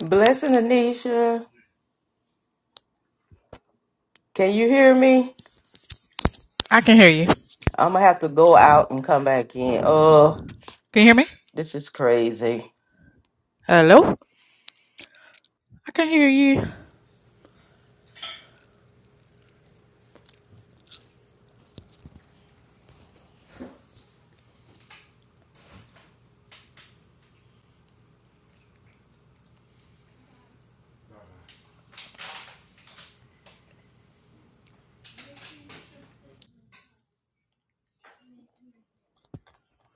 Blessing Anisha, can you hear me? I can hear you. Can I'm gonna have to go out and come back in. Oh, you hear me? this is crazy. Hello? I can hear you.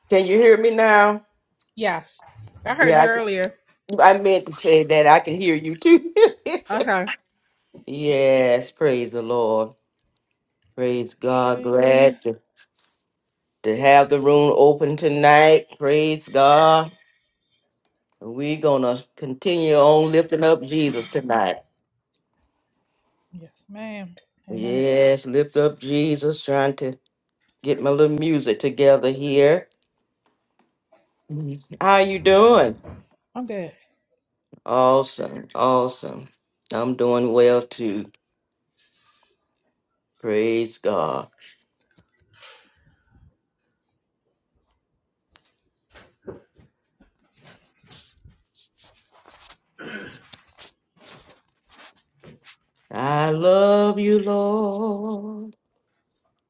Can you hear me now? Yes. I heard Yeah, you I, can- earlier. I meant to say that I can hear you too. Okay. yes, praise the Lord. Praise Can God. you hear me? Glad to, to have the room open tonight. Praise God. We're gonna continue on lifting up Jesus tonight. Yes, ma'am. Amen. Yes, lift up Jesus, trying to get my little music together here. Mhm. How you doing? I'm good. Awesome, awesome. I'm doing well too. Praise God. I love you, Lord,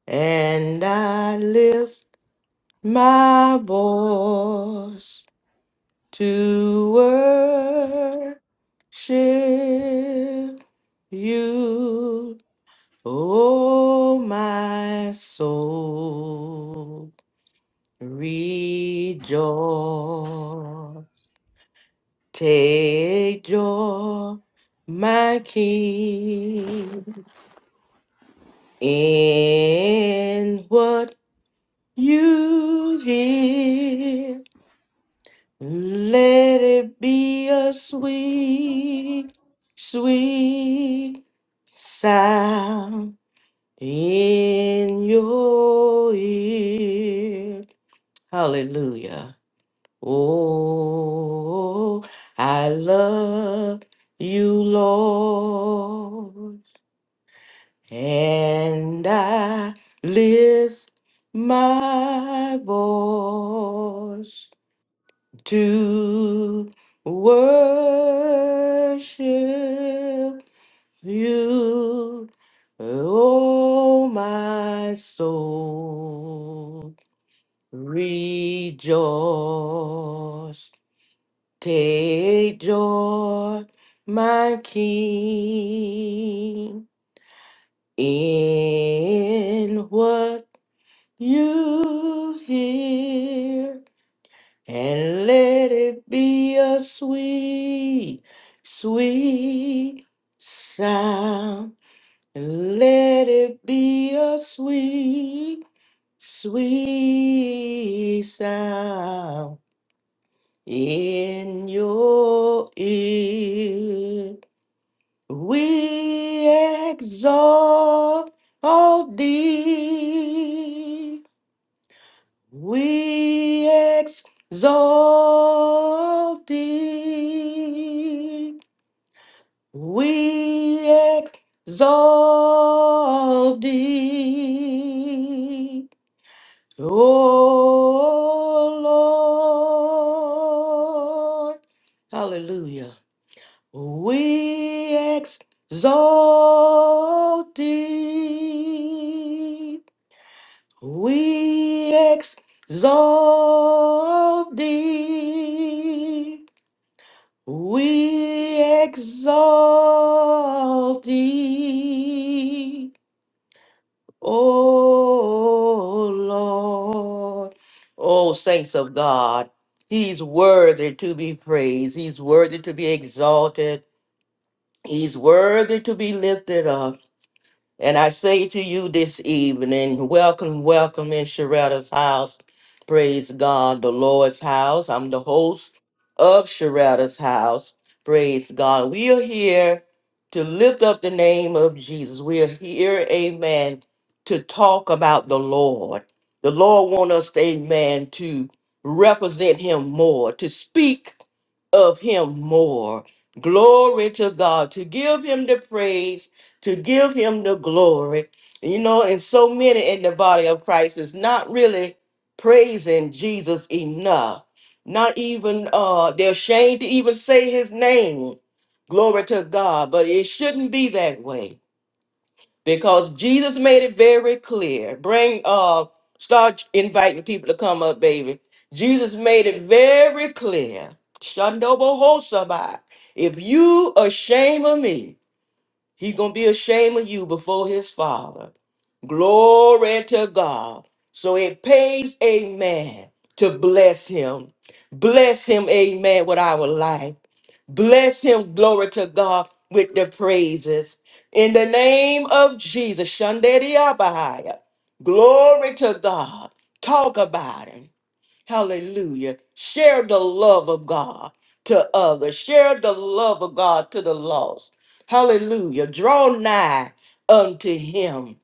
and I lift my voice to worship you, oh my soul. Rejoice Take joy, my King, in what you hear. Let it be a sweet, sweet sound in your ear. Hallelujah. Oh, I love you, Lord, and I lift my voice to worship you, oh, my soul, rejoice Take joy, my King, in what you hear, and let it be a sweet, sweet sound. let it be a sweet, sweet sound in your ear. We exalt thee. We exalt thee. We exalt thee. O Lord. Hallelujah. We exalt thee. We exalt thee. We exalt thee. O Lord. O saints of God, He's worthy to be praised. He's worthy to be exalted. He's worthy to be lifted up. And I say to you this evening, welcome, welcome in Sharetta's house. Praise God, the Lord's house. I'm the host of Sharetta's house. Praise God. We are here to lift up the name of Jesus. We are here, amen, to talk about the Lord. The Lord wants us, amen, to represent him more, to speak of him more. Glory to God, to give him the praise to give him the glory. You know, and so many in the body of Christ is not really praising Jesus enough. Not even uh they're ashamed to even say his name. Glory to God. But it shouldn't be that way. Because Jesus made it very clear. Bring uh start inviting people to come up, baby. Jesus made it very clear. Shandobo Hosabai. If you ashamed of me, he gonna be ashamed of you before his father. Glory to God. So it pays a man to bless him. Bless him, amen, with our life. Bless him, glory to God, with the praises. In the name of Jesus, Shandedi Abahaya. Glory to God. Talk about him. Hallelujah. Share the love of God to others. Share the love of God to the lost. Hallelujah. Draw nigh unto him.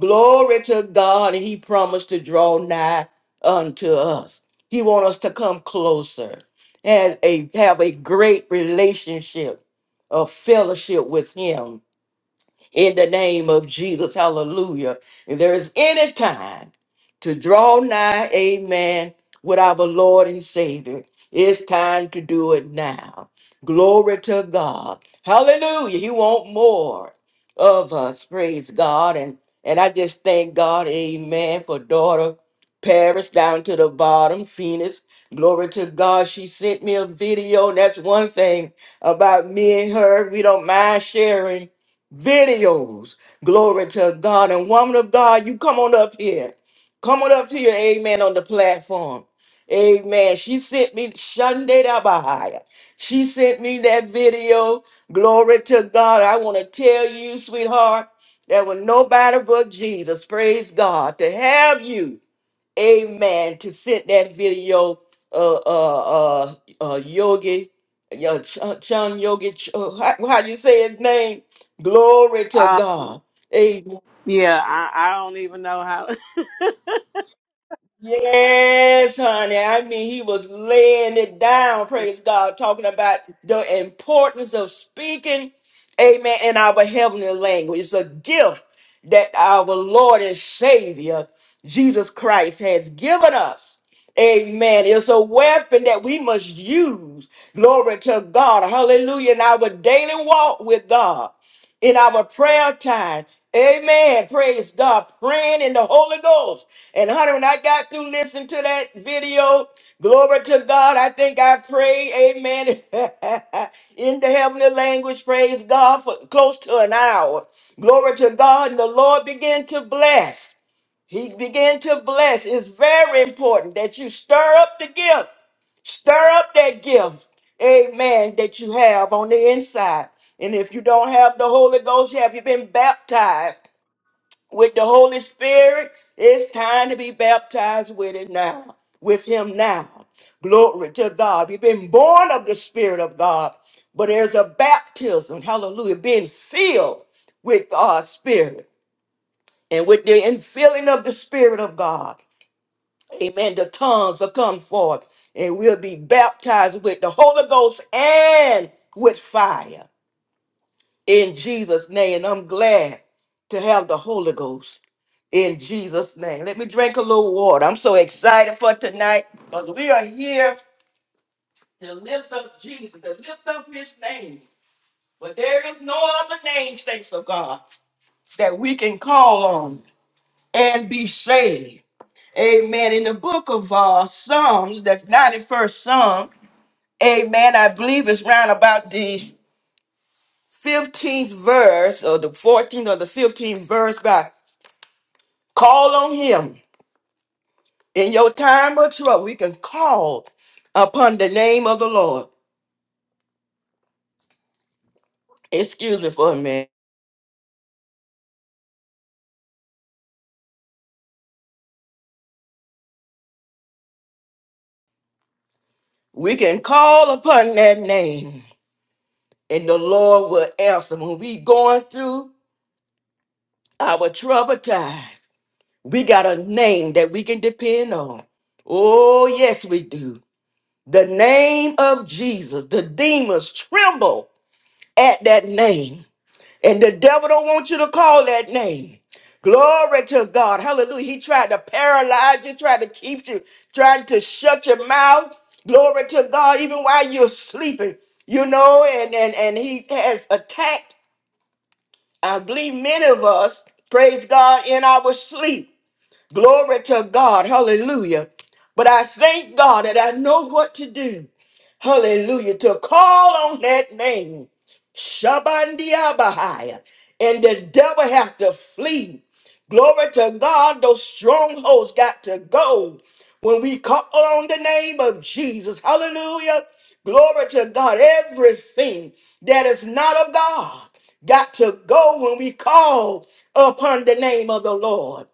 Glory to God. And he promised to draw nigh unto us. He wants us to come closer and a, have a great relationship, a fellowship with him in the name of Jesus. Hallelujah. If there is any time to draw nigh, amen, with our Lord and Savior, it's time to do it now. Glory to God. Hallelujah. He wants more of us. Praise God. And and I just thank God, amen, for daughter Paris down to the bottom, Phoenix. Glory to God. She sent me a video. And that's one thing about me and her. We don't mind sharing videos. Glory to God. And woman of God, you come on up here. Come on up here, amen, on the platform. Amen. She sent me Sunday Bahaya. She sent me that video. Glory to God. I want to tell you, sweetheart, there was nobody but Jesus. Praise God. To have you amen, to send that video, uh, uh, uh, uh Yogi, your Chun Yogi, Ch- uh, how, how you say his name? Glory to Um, God. yeah, I, I don't even know how. Yes, honey. I mean, he was laying it down, praise God, talking about the importance of speaking, amen, in our heavenly language. It's a gift that our Lord and Savior, Jesus Christ, has given us. Amen. It's a weapon that we must use. Glory to God. Hallelujah. In our daily walk with God in our prayer time. Amen. Praise God. Praying in the Holy Ghost. And honey, when I got to listen to that video, glory to God, I think I prayed, amen, in the heavenly language, praise God, for close to an hour. Glory to God. And the Lord began to bless. He began to bless. It's very important that you stir up the gift. Stir up that gift, amen, that you have on the inside. And if you don't have the Holy Ghost, have you been baptized with the Holy Spirit? It's time to be baptized with it now, with Him now. Glory to God. You've been born of the Spirit of God, but there's a baptism, hallelujah, being filled with God's Spirit and with the infilling of the Spirit of God. Amen. The tongues will come forth and we'll be baptized with the Holy Ghost and with fire in Jesus' name. And I'm glad to have the Holy Ghost in Jesus' name. Let me drink a little water. I'm so excited for tonight because we are here to lift up Jesus, to lift up his name. But there is no other name, thanks of God, that we can call on and be saved. Amen. In the book of uh, Psalms, the 91st Psalm, Amen. I believe it's round about the 15th verse or the 14th or the 15th verse by call on him in your time of trouble. We can call upon the name of the Lord. Excuse me for a minute. We can call upon that name and the Lord will answer. When we going through our trouble times, we got a name that we can depend on. Oh, yes, we do. The name of Jesus, the demons tremble at that name. And the devil don't want you to call that name. Glory to God. Hallelujah. He tried to paralyze you, tried to keep you, trying to shut your mouth. Glory to God, even while you're sleeping, you know, and and, and he has attacked, I believe, many of us, praise God, in our sleep. Glory to God. Hallelujah. But I thank God that I know what to do. Hallelujah. To call on that name. Shabandiabahaya. And the devil have to flee. Glory to God. Those strongholds got to go. When we call on the name of Jesus. Hallelujah. Glory to God. Everything that is not of God got to go when we call upon the name of the Lord.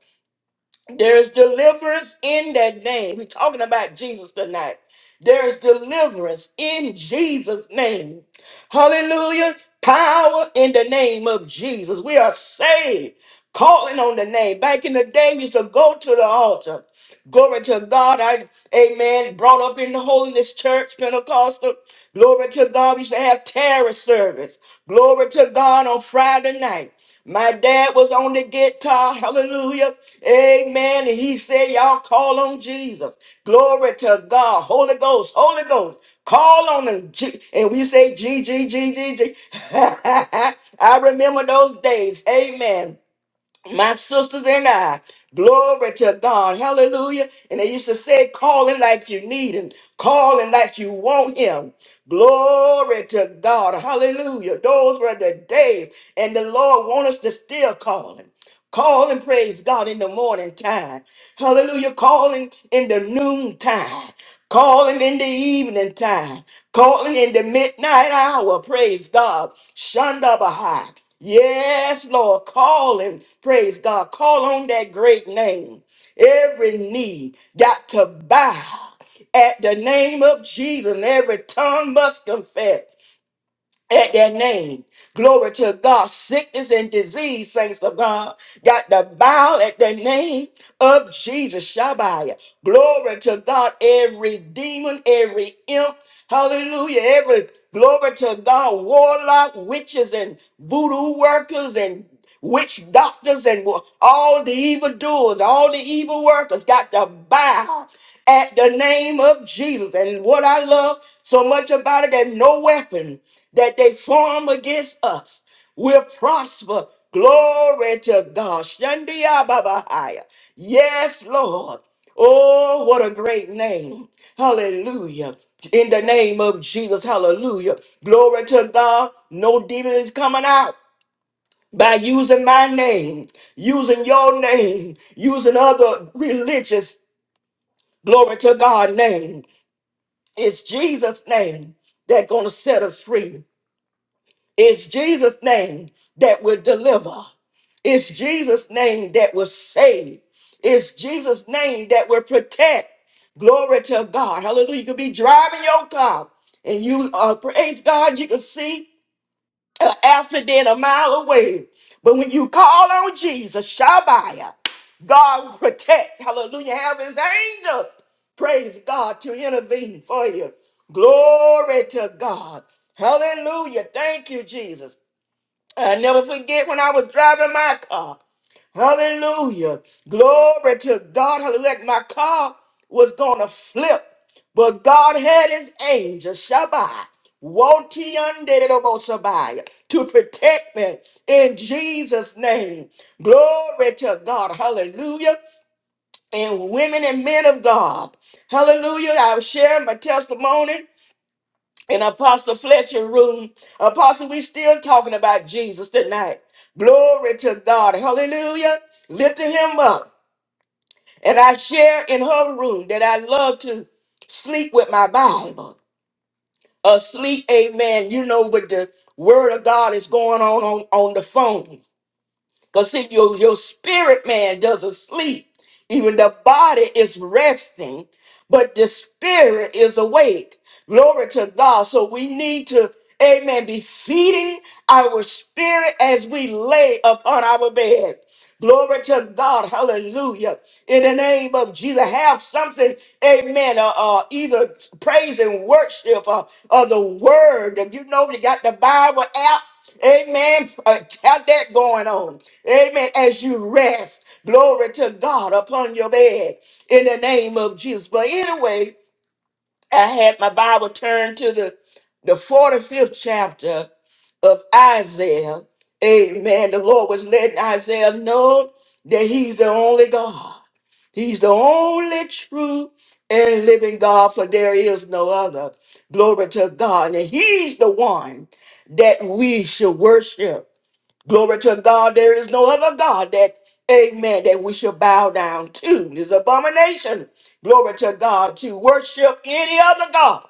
There is deliverance in that name. We're talking about Jesus tonight. There is deliverance in Jesus' name. Hallelujah. Power in the name of Jesus. We are saved, calling on the name. Back in the day, we used to go to the altar. Glory to God. I, amen. Brought up in the Holiness Church, Pentecostal. Glory to God. We used to have terror service. Glory to God on Friday night. My dad was on the guitar, hallelujah, amen. And he said, Y'all call on Jesus. Glory to God, Holy Ghost, Holy Ghost, call on him. G- And we say, G, G, G, G, G. I remember those days, amen my sisters and I. Glory to God. Hallelujah. And they used to say, calling like you need him, calling like you want him. Glory to God. Hallelujah. Those were the days. And the Lord wants us to still call him. Call and praise God in the morning time. Hallelujah. Calling in the noon time. Calling in the evening time. Calling in the midnight hour. Praise God. Shanda Yes, Lord. Call and praise God. Call on that great name. Every knee got to bow at the name of Jesus. And every tongue must confess at that name. Glory to God. Sickness and disease, saints of God, got to bow at the name of Jesus. Shabbat. Glory to God. Every demon, every imp, hallelujah. Every glory to God. Warlock, witches, and voodoo workers, and witch doctors and all the evildoers, all the evil workers got to bow at the name of Jesus. And what I love so much about it that no weapon that they form against us will prosper. Glory to God. Shandiababahaya. Yes, Lord. Oh, what a great name. Hallelujah. In the name of Jesus. Hallelujah. Glory to God. No demon is coming out by using my name, using your name, using other religious glory to God name. It's Jesus' name that's gonna set us free. It's Jesus' name that will deliver. It's Jesus' name that will save. It's Jesus' name that will protect. Glory to God. Hallelujah. You can be driving your car and you uh, praise God. You can see an accident a mile away. But when you call on Jesus, Shabbat, God will protect. Hallelujah. Have his angels. Praise God to intervene for you. Glory to God. Hallelujah. Thank you, Jesus. I never forget when I was driving my car. Hallelujah. Glory to God. Hallelujah. Like My car was going to flip, but God had his angel, Shabbat, Wotiandedobosabaya, to protect me in Jesus' name. Glory to God. Hallelujah. And women and men of God. Hallelujah. i was sharing my testimony in Apostle Fletcher room. Apostle, we still talking about Jesus tonight. Glory to God. Hallelujah. Lifting him up. And I share in her room that I love to sleep with my Bible. Asleep, amen. You know, with the word of God is going on on, on the phone. Because see, your, your spirit man doesn't sleep. Even the body is resting, but the spirit is awake. Glory to God. So we need to, amen, be feeding our spirit as we lay upon our bed. Glory to God. Hallelujah. In the name of Jesus, have something, amen, uh, uh, either praise and worship or, or the word. You know, you got the Bible app. Amen. Uh, Have that going on. Amen. As you rest, glory to God upon your bed in the name of Jesus. But anyway, I had my Bible turned to the, the 45th chapter of Isaiah. Amen. The Lord was letting Isaiah know that he's the only God. He's the only true and living God, for there is no other. Glory to God. And he's the one that we should worship. Glory to God. There is no other God that, amen, that we should bow down to. It's abomination. Glory to God to worship any other God.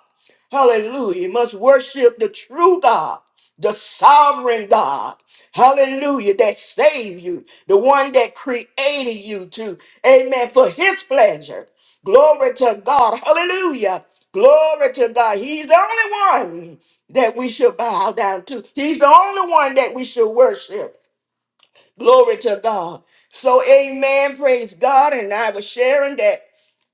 Hallelujah. You must worship the true God, the sovereign God. Hallelujah. That saved you, the one that created you to, amen, for his pleasure. Glory to God. Hallelujah. Glory to God. He's the only one that we should bow down to. He's the only one that we should worship. Glory to God. So, amen. Praise God. And I was sharing that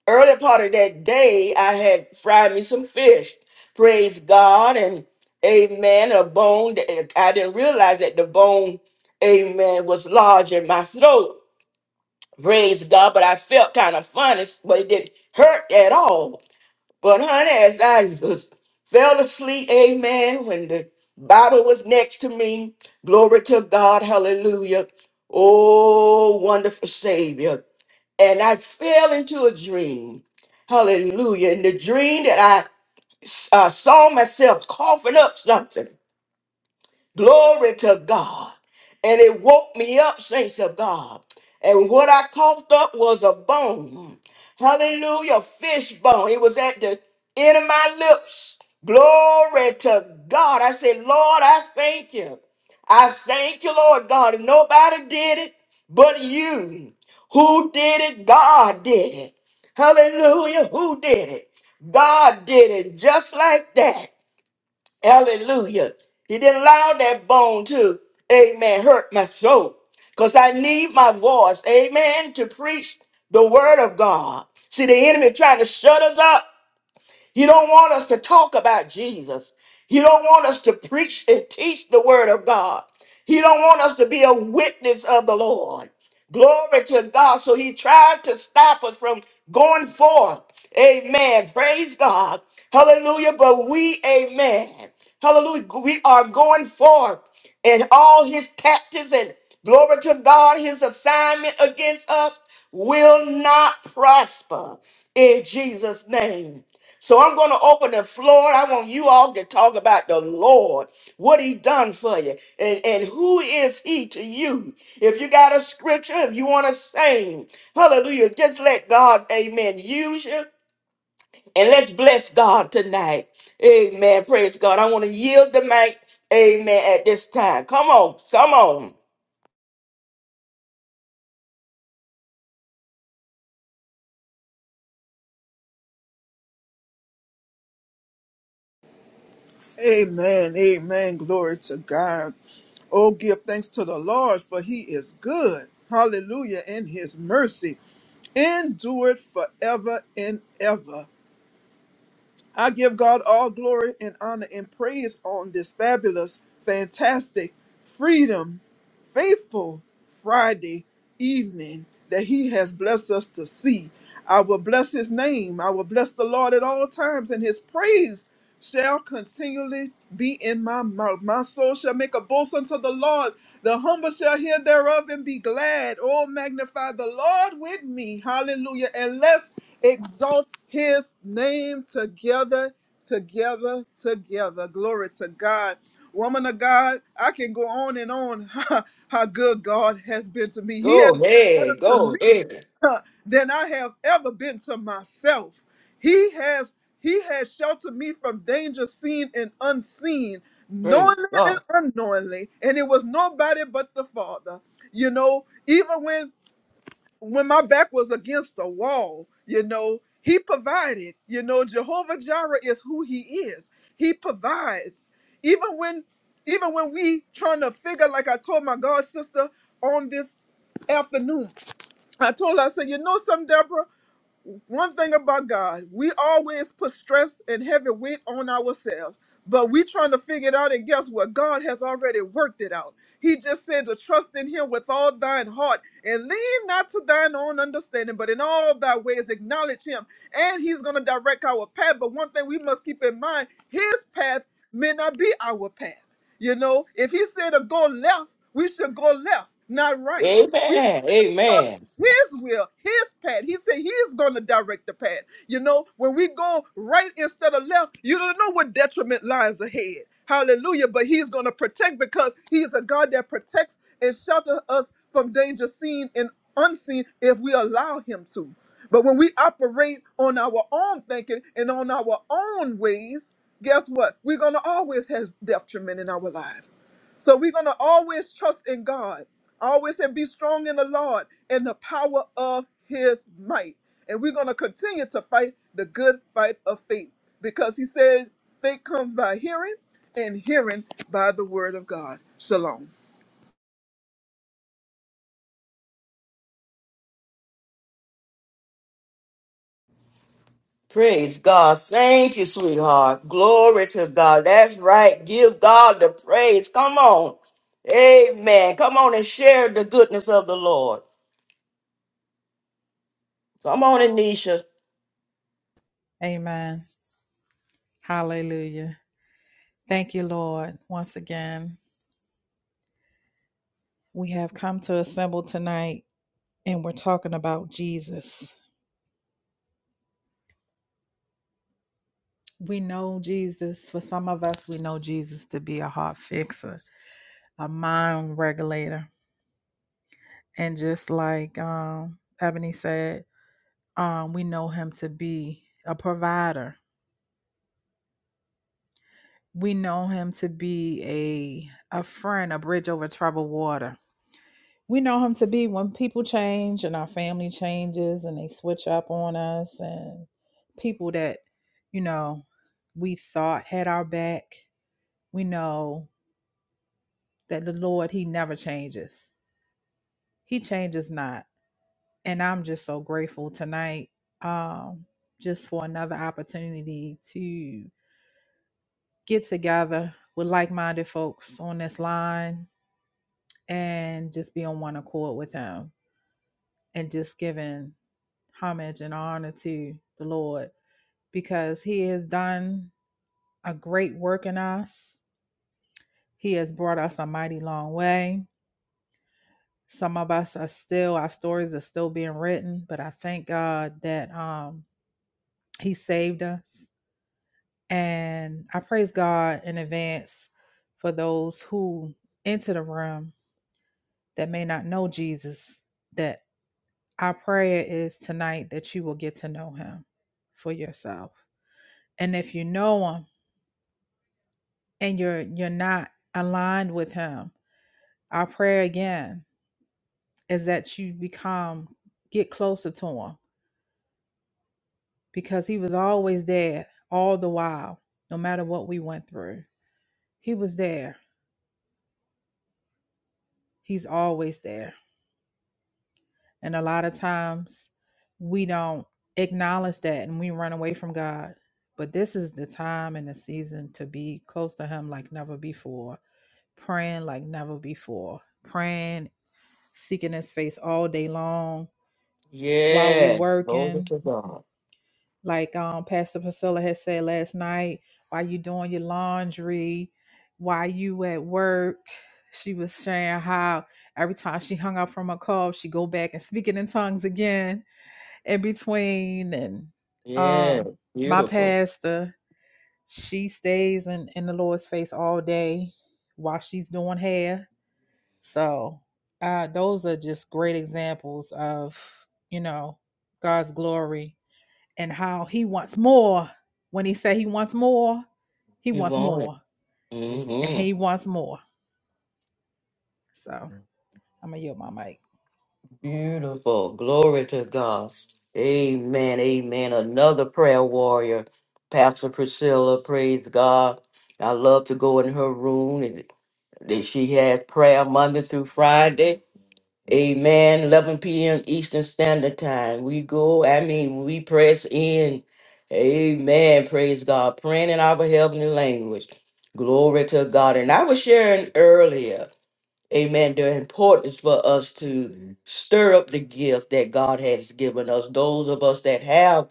early part of that day, I had fried me some fish. Praise God. And amen. A bone that I didn't realize that the bone, amen, was large in my throat. Praise God. But I felt kind of funny, but it didn't hurt at all. But honey, as I was, fell asleep, amen, when the Bible was next to me, glory to God, hallelujah. Oh, wonderful Savior. And I fell into a dream. Hallelujah. In the dream that I uh, saw myself coughing up something. Glory to God. And it woke me up, saints of God. And what I coughed up was a bone. Hallelujah, fish bone. It was at the end of my lips. Glory to God. I said, Lord, I thank you. I thank you, Lord God. And nobody did it but you. Who did it? God did it. Hallelujah. Who did it? God did it just like that. Hallelujah. He didn't allow that bone to, amen, hurt my soul. Because I need my voice, amen, to preach the word of God. See, the enemy trying to shut us up he don't want us to talk about Jesus. He don't want us to preach and teach the word of God. He don't want us to be a witness of the Lord. Glory to God. So he tried to stop us from going forth. Amen. Praise God. Hallelujah. But we, amen. Hallelujah. We are going forth and all his tactics and glory to God, his assignment against us will not prosper in Jesus' name. So I'm going to open the floor. I want you all to talk about the Lord, what he done for you, and, and who is he to you. If you got a scripture, if you want to sing, hallelujah, just let God, amen, use you. And let's bless God tonight. Amen. Praise God. I want to yield the mic. Amen. At this time. Come on. Come on. Amen. Amen. Glory to God. Oh, give thanks to the Lord, for he is good. Hallelujah. And his mercy endured forever and ever. I give God all glory and honor and praise on this fabulous, fantastic, freedom, faithful Friday evening that He has blessed us to see. I will bless His name. I will bless the Lord at all times, and His praise shall continually be in my mouth. My soul shall make a boast unto the Lord. The humble shall hear thereof and be glad. Oh, magnify the Lord with me. Hallelujah. And let's exalt his name together, together, together. Glory to God. Woman of God, I can go on and on how, good God has been to me. He Go has been better ahead. to Go me ahead. huh, than I have ever been to myself. He has he has sheltered me from danger seen and unseen, Praise knowingly and God. unknowingly, and it was nobody but the Father. You know, even when when my back was against the wall, you know, he provided. You know, Jehovah Jireh is who he is. He provides. Even when even when we trying to figure, like I told my God sister on this afternoon, I told her, I said, you know something, Deborah? one thing about God, we always put stress and heavy weight on ourselves, but we trying to figure it out. And guess what? God has already worked it out. He just said to trust in Him with all thine heart and lean not to thine own understanding, but in all thy ways acknowledge Him, and He's going to direct our path. But one thing we must keep in mind: His path may not be our path. You know, if He said to go left, we should go left, not right Amen. trust Amen. his will, his path. He said he's going to direct the path. You know, when we go right instead of left, you don't know what detriment lies ahead. Hallelujah. But he's going to protect because he's a God that protects and shelters us from danger seen and unseen if we allow him to. But when we operate on our own thinking and on our own ways, guess what? We're going to always have detriment in our lives. So we're going to always trust in God. Always say, be strong in the Lord and the power of his might. And we're going to continue to fight the good fight of faith because he said, faith comes by hearing and hearing by the word of God. Shalom. Praise God. Thank you, sweetheart. Glory to God. That's right. Give God the praise. Come on. Amen. Come on and share the goodness of the Lord. Come on, Anisha. Amen. Hallelujah. Thank you, Lord. Once again, we have come to assemble tonight and we're talking about Jesus. We know Jesus. For some of us, we know Jesus to be a heart fixer, a mind regulator. And just like um, Ebony said, Um, we know him to be a provider. We know him to be a a friend, a bridge over troubled water. We know him to be when people change and our family changes and they switch up on us and people that, you know, we thought had our back. We know that the Lord, he never changes. He changes not. And I'm just so grateful tonight um just for another opportunity to. get together with like-minded folks on this line and just be on one accord with him and just giving homage and honor to the Lord because he has done a great work in us. He has brought us a mighty long way. Some of us are still our stories are still being written, but I thank God that um he saved us and I praise God in advance for those who enter the room that may not know Jesus, that our prayer is tonight that you will get to know him for yourself. And if you know him and you're you're not aligned with him, our prayer again is that you become get closer to him because he was always there all the while, no matter what we went through. He was there. He's always there. And a lot of times we don't acknowledge that and we run away from God. But this is the time and the season to be close to Him like never before, praying like never before, praying, seeking His face all day long while we Yes. Glory working. to God. Like um, Pastor Priscilla had said last night, while you doing your laundry, while you at work, she was sharing how every time she hung up from a call, she go back and speak it in tongues again in between and Yes. um my Beautiful. pastor she stays in in the lord's face all day while she's doing hair so uh those are just great examples of you know god's glory and how he wants more when he said he wants more he You wants want it. more and hmm he wants more so I'm gonna yield my mic. Beautiful. Glory to God. Amen. Amen. Another prayer warrior. Pastor Priscilla. Praise God. I love to go in her room. that she has prayer Monday through Friday. Amen. 11 p.m. Eastern Standard Time. We go, I mean, we press in. Amen. Praise God. Praying in our heavenly language. Glory to God. And I was sharing earlier, amen, the importance for us to stir up the gift that God has given us. Those of us that have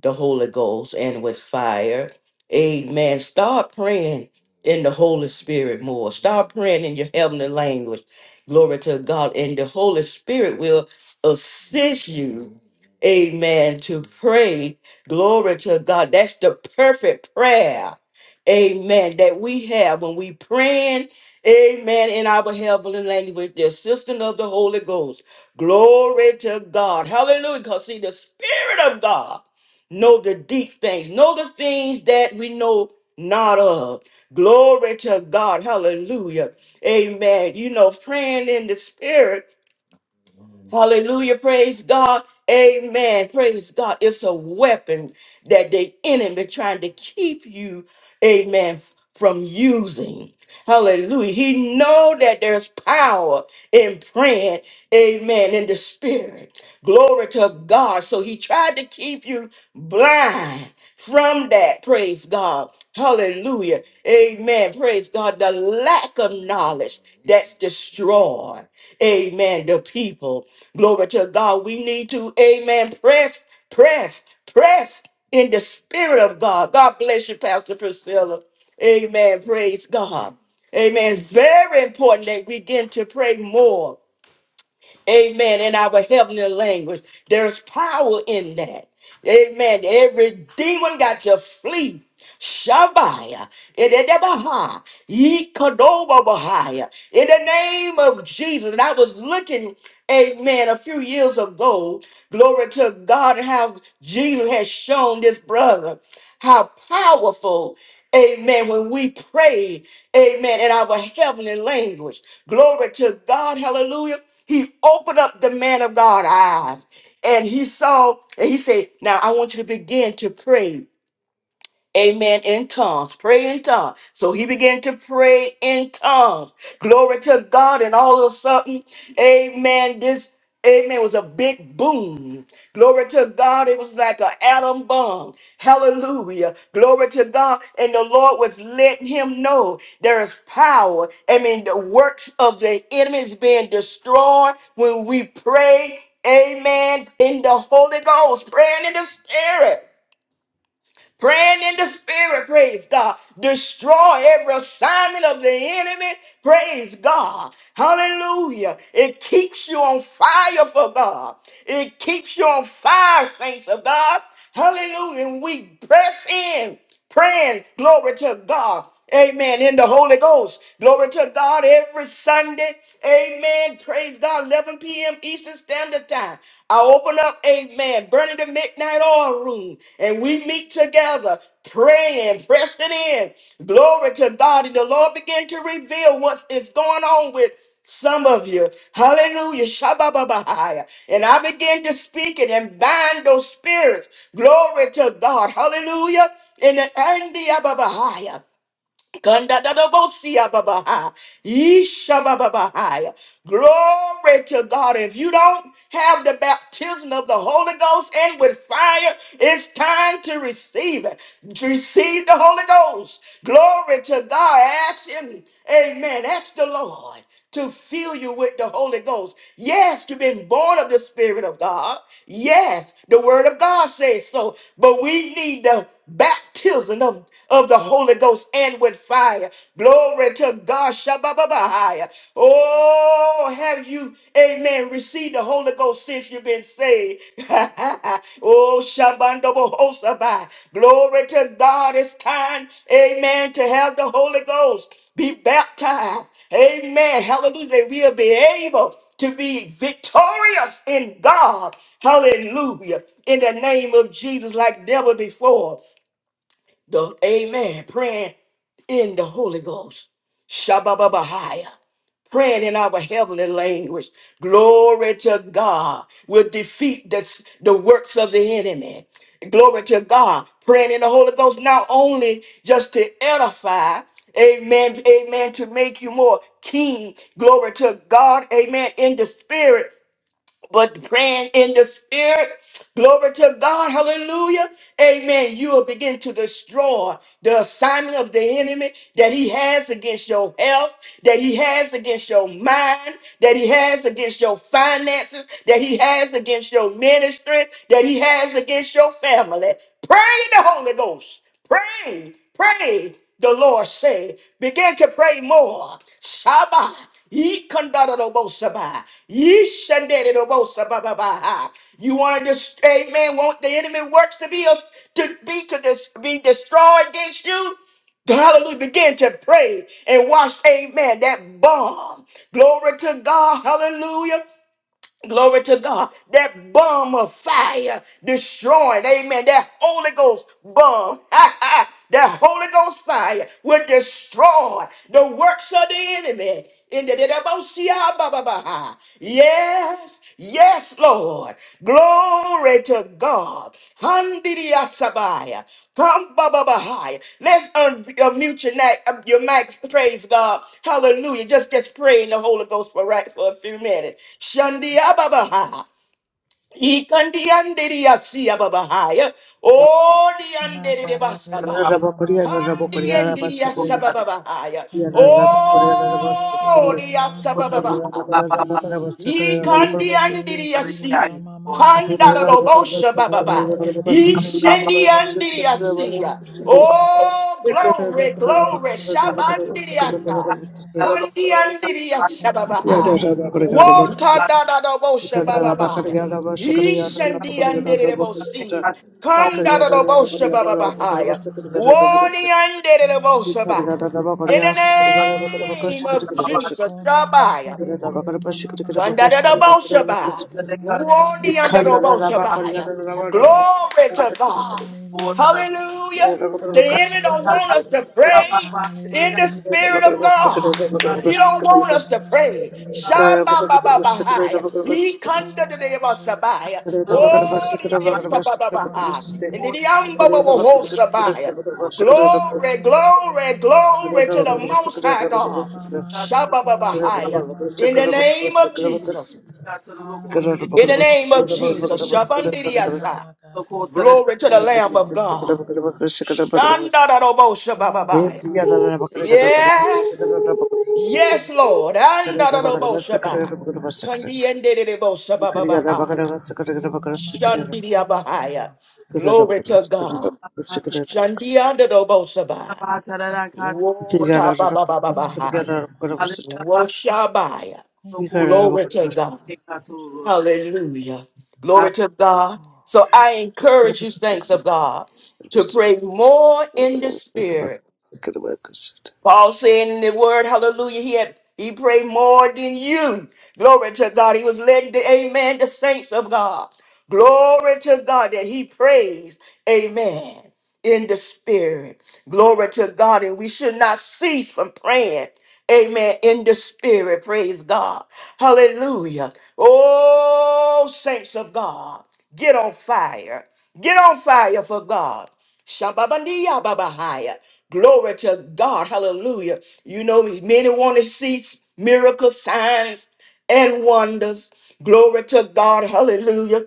the Holy Ghost and with fire. Amen. Start praying in the Holy Spirit more. Start praying in your heavenly language. Glory to God. And the Holy Spirit will assist you. Amen. To pray. Glory to God. That's the perfect prayer. Amen. That we have when we praying. Amen. In our heavenly language, with the assistance of the Holy Ghost. Glory to God. Hallelujah. Because see, the Spirit of God know the deep things, know the things that we know not of. Glory to God. Hallelujah. Amen. You know, praying in the spirit. Hallelujah. Praise God. Amen. Praise God. It's a weapon that the enemy trying to keep you, amen, from using. Hallelujah. He know that there's power in praying, amen, in the spirit. Glory to God. So he tried to keep you blind from that. Praise God. Hallelujah. Amen. Praise God. The lack of knowledge that's destroyed. Amen. The people. Glory to God. We need to, amen, press, press, press in the spirit of God. God bless you, Pastor Priscilla. Amen. Praise God. Amen. It's very important that we begin to pray more. Amen. In our heavenly language, there's power in that. Amen. Every demon got to flee. Shabaya. Ededebaha. Yikadobabahaya. In the name of Jesus. And I was looking, amen, a few years ago. Glory to God, how Jesus has shown this brother how powerful Amen. When we pray, amen, in our heavenly language. Glory to God. Hallelujah he opened up the man of God eyes and he saw and he said, Now I want you to begin to pray Amen. In tongues. Pray in tongues. So he began to pray in tongues. Glory to God. And all of a sudden, amen. This, amen, was a big boom. Glory to God. It was like an atom bomb. Hallelujah. Glory to God. And the Lord was letting him know there is power. I mean, the works of the enemy is being destroyed when we pray. Amen. In the Holy Ghost, praying in the Spirit. Praying in the spirit, praise God. Destroy every assignment of the enemy, praise God. Hallelujah. It keeps you on fire for God. It keeps you on fire, saints of God. Hallelujah. And we press in, praying, glory to God. Amen. In the Holy Ghost. Glory to God every Sunday. Amen. Praise God. 11 p.m. Eastern Standard Time. I open up, amen, burning the midnight oil room. And we meet together, praying, pressing in. Glory to God. And the Lord begin to reveal what is going on with some of you. Hallelujah. Shabbat. And I begin to speak it and bind those spirits. Glory to God. Hallelujah. In the Andi Ababahaya. Kandadadabosia-babaha. Ishabababahaya. Glory to God. If you don't have the baptism of the Holy Ghost and with fire, it's time to receive it. To receive the Holy Ghost. Glory to God. Ask Him. Amen. Ask the Lord to fill you with the Holy Ghost. Yes, you've been born of the Spirit of God. Yes, the Word of God says so. But we need the baptism of, of the Holy Ghost and with fire. Glory to God. Shabbat. Oh, have you, amen, received the Holy Ghost since you've been saved? oh, Shabbat. Glory to God. It's time, amen, to have the Holy Ghost be baptized. Amen. Hallelujah. That we'll be able to be victorious in God. Hallelujah. In the name of Jesus, like never before. The Amen. Praying in the Holy Ghost. Shabbat praying in our heavenly language. Glory to God will defeat the, the works of the enemy. Glory to God. Praying in the Holy Ghost, not only just to edify, amen, amen, to make you more keen. Glory to God, amen, in the spirit but praying in the spirit. Glory to God. Hallelujah. Amen. You will begin to destroy the assignment of the enemy that he has against your health, that he has against your mind, that he has against your finances, that he has against your ministry, that he has against your family. Pray in the Holy Ghost. Pray, pray, the Lord said. Begin to pray more. Shaba. Ye kondadadobosaba. Ye shandadadobosabababa. You want to just, amen, want the enemy works to be, to be, to dis, be destroyed against you? Hallelujah. Begin to pray and watch, amen, that bomb. Glory to God. Hallelujah. Glory to God. That bomb of fire destroying. Amen. That Holy Ghost bomb. that Holy Ghost fire will destroy the works of the enemy. In the Yes, yes, Yes, Lord. Glory to God. Handidiyasabaya. Kambababahaya. Let's un- unmute your, neck, um, your mic. Praise God. Hallelujah. Just just pray in the Holy Ghost for right for a few minutes. Shandiyababaha. Ikandiyandidiyasiyababahaya. Oh, Ma kara Thank you. kere diyandidiyabasaba. kero mama maya, Kandiyandidiyasababahaya. kono mama mana kere kero Oh, mama haya, diyasabababaha. kono Ikandi mama andiri re kere ka yasi. mama Handara maya, robosha bababa. kono mama ma Ishendi kere andiri kero mama yasi. maya. Oh, glory, Kona mama glory. ma gere gere Shabandiri mama yasa. haya. Kandi andiri Ho yasa kona bababa. mama ma haya. Wota da da robosha Kona bababa. mama ma gere gere Ishendi mama ma andiri haya. robosi. Kona Kandara mama robosha re bababa. gere mama ma haya. Woli andiri Kona Thank you. robosa mama ba. ma gere In the gere mama name haya. of Jesus, Kona ma Rabbi. gere gere mama ma haya. Kandadadabosheba. Kona mama ma Worthy under the gere gere Bosheba. mama haya. Glory to God. Hallelujah. Hallelujah. The enemy don't Hallelujah. want us to praise in the Hallelujah. spirit of God. Hallelujah, mama, He mama, don't na want na us na to na na, pray. kiri ko mama haya, Shabba-ba-ba-ba-hi. He kanda kono de ma de ba kiri kiri sabaya. mama Oh, haya, de de kono sabba-ba-ba-hi. ma And the kiri de kiri amba ba mama ba ho haya, sabaya. kono ma Glory, kiri kiri glory, mama glory to haya, the Most High kono mama God. ma kiri kiri ko Shabababahaya. mama In the haya. name of Jesus. Jesus, In the Hallelujah. name of Jesus. Thank you, Shabandiriasa. nama kara, Glory to the Lamb of kono God. mama, Shandadadabo oh kono Shabababaya. mana. Yes. Thank you, Yes, Jesus. Lord. Andadadabo Shabbat. Oh mama, Kandiendedebo Shabababahaya. kono mama mana kiri kiri Shandiriabahaya. mama, Glory to God. Shandiandadabo Shabbat. kono mama. Wotababababahaya. Woshabaya. Oh, no, mama. Glory to God. Thank you, Jesus. Hallelujah. Glory to God. Oh, So I encourage you, saints of God, to pray more in the spirit. Paul said in the word, hallelujah, he had he prayed more than you. Glory to God. He was letting the amen, the saints of God. Glory to God that he prays. Amen in the spirit. Glory to God. And we should not cease from praying. Amen. In the spirit. Praise God. Hallelujah. Oh, saints of God, get on fire. Get on fire for God. Shababandia babahaya. Glory to God. Hallelujah. You know, many want to see miracles, signs, and wonders. Glory to God. Hallelujah.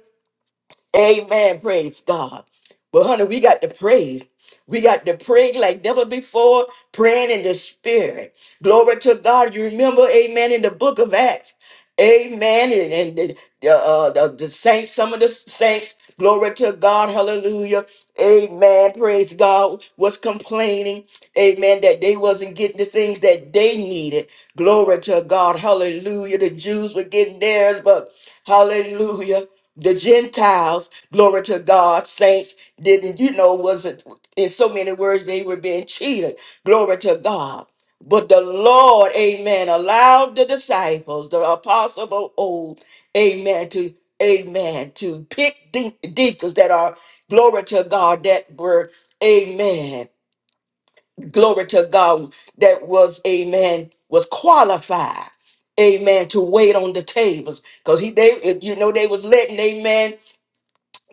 Amen. Praise God. But honey, we got to pray. We got to pray like never before, praying in the spirit. Glory to God. You remember, amen, in the book of Acts. Amen. And, and the, the, uh, the, the saints, some of the saints, glory to God, hallelujah. Amen. Praise God. Was complaining, amen, that they wasn't getting the things that they needed. Glory to God. Hallelujah. The Jews were getting theirs, but hallelujah the Gentiles, glory to God, saints, didn't, you know, was it in so many words, they were being cheated. Glory to God. But the Lord, amen, allowed the disciples, the apostles of old, amen, to, amen, to pick de- deacons that are, glory to God, that were, amen, glory to God, that was, amen, was qualified amen, to wait on the tables. Because he they you know they was letting amen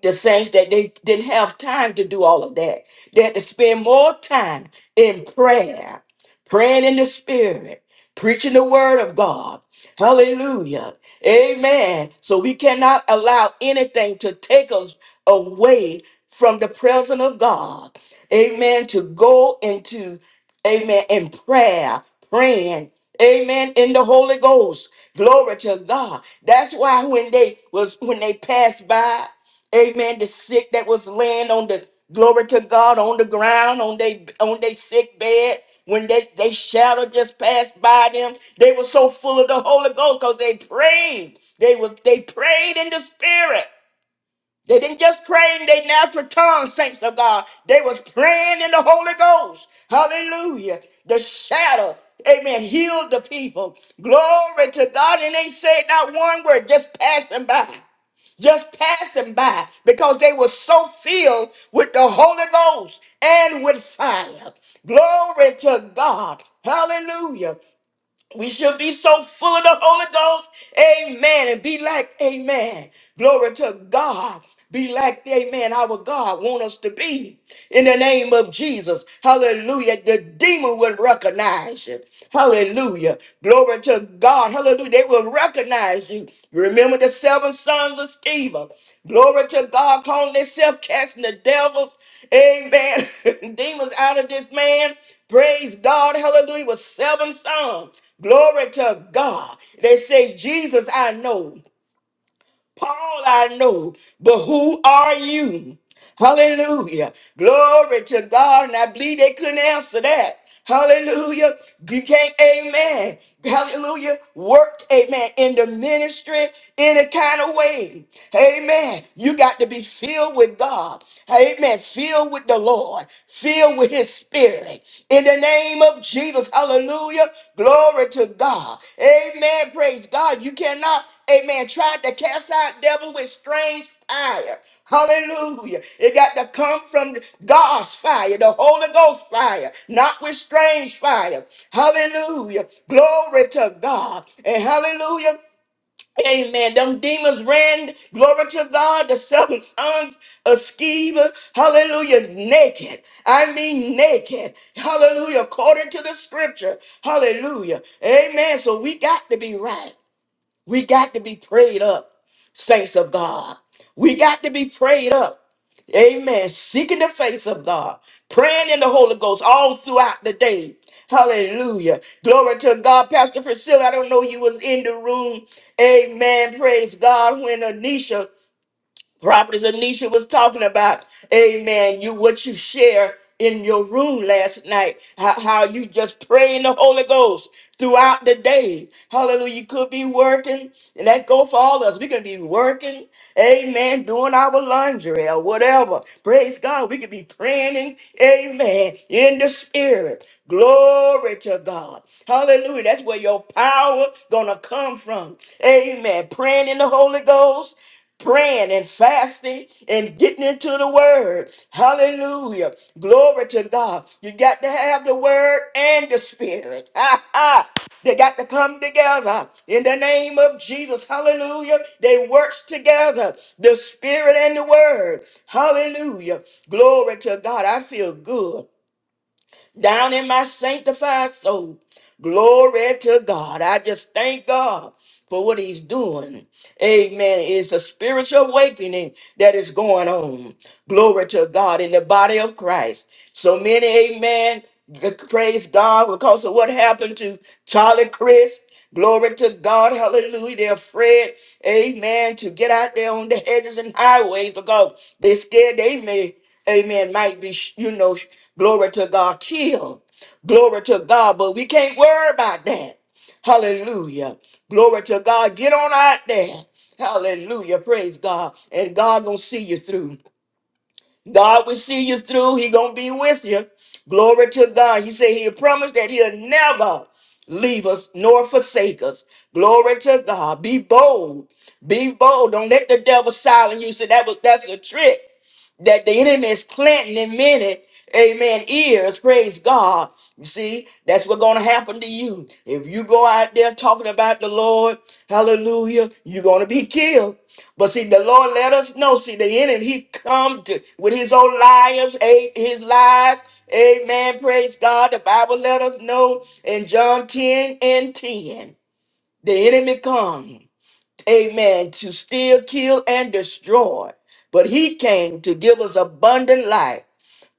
the saints that they didn't have time to do all of that. They had to spend more time in prayer, praying in the spirit, preaching the word of God. Hallelujah. Amen. So we cannot allow anything to take us away from the presence of God. Amen. To go into, amen, in prayer, praying. Amen. In the Holy Ghost. Glory to God. That's why when they was when they passed by. Amen. The sick that was laying on the glory to God on the ground, on they on they sick bed, when they, they shadow just passed by them. They were so full of the Holy Ghost because they prayed. They was they prayed in the spirit. They didn't just pray in their natural tongue, saints of God. They was praying in the Holy Ghost. Hallelujah. The shadow, amen, healed the people. Glory to God. And they said not one word, just passing by. Just passing by because they were so filled with the Holy Ghost and with fire. Glory to God. Hallelujah. We should be so full of the Holy Ghost. Amen. And be like, amen. Glory to God. Be like, amen, our God want us to be in the name of Jesus. Hallelujah. The demon will recognize you. Hallelujah. Glory to God. Hallelujah. They will recognize you. Remember the seven sons of Sceva. Glory to God. Calling themselves casting the devils. Amen. demons out of this man. Praise God. Hallelujah. With seven sons. Glory to God. They say, Jesus, I know. Paul, I know. But who are you? Hallelujah. Glory to God. And I believe they couldn't answer that. Hallelujah. You can't, amen. Hallelujah. Work, amen, in the ministry, any kind of way. Amen. You got to be filled with God. Amen. Filled with the Lord. Filled with His his spirit. In the name of Jesus, hallelujah. Glory to God. Amen. Praise God. You cannot, amen, try to cast out devil with strange fire. Hallelujah. It got to come from God's fire, the Holy Ghost fire, not with strange fire. Hallelujah. Glory to God. And hallelujah. Amen. Them demons ran, glory to God, the seven sons of Sceva, hallelujah, naked. I mean naked. Hallelujah, according to the scripture. Hallelujah. Amen. So we got to be right. We got to be prayed up, saints of God. We got to be prayed up. Amen. Seeking the face of God, praying in the Holy Ghost all throughout the day. Hallelujah. Glory to God. Pastor Priscilla, I don't know you was in the room. Amen. Praise God. When Anisha Prophetess Anisha was talking about, amen, you what you share in your room last night, how, how you just pray in the Holy Ghost throughout the day. Hallelujah. You could be working, and that go for all of us. We can be working, amen, doing our laundry or whatever. Praise God. We could be praying, in, amen, in the spirit. Glory to God. Hallelujah. That's where your power gonna come from. Amen. Praying in the Holy Ghost praying and fasting and getting into the word. Hallelujah. Glory to God. You got to have the word and the spirit. Ha ha. They got to come together in the name of Jesus. Hallelujah. They works together, the spirit and the word. Hallelujah. Glory to God. I feel good down in my sanctified soul. Glory to God. I just thank God for what he's doing. Amen. It's a spiritual awakening that is going on. Glory to God in the body of Christ. So many, amen, g- praise God because of what happened to Charlie Chris. Glory to God. Hallelujah. They're afraid, amen, to get out there on the hedges and highways because they're scared they may amen, might be, you know, glory to God, killed. Glory to God, but we can't worry about that. Hallelujah. Glory to God. Get on out there. Hallelujah. Praise God. And God gonna see you through. God will see you through. He gonna be with you. Glory to God. He said he promised that he'll never leave us nor forsake us. Glory to God. Be bold. Be bold. Don't let the devil silence you. Say that was that's a trick that the enemy is planting in many, amen, ears, praise God. You see, that's what's going to happen to you. If you go out there talking about the Lord, hallelujah, you're going to be killed. But see, the Lord let us know, see, the enemy, he come to, with his own liars, a- his lies, amen, praise God. The Bible let us know in John 10 and 10, the enemy come amen, to steal, kill, and destroy. But he came to give us abundant life,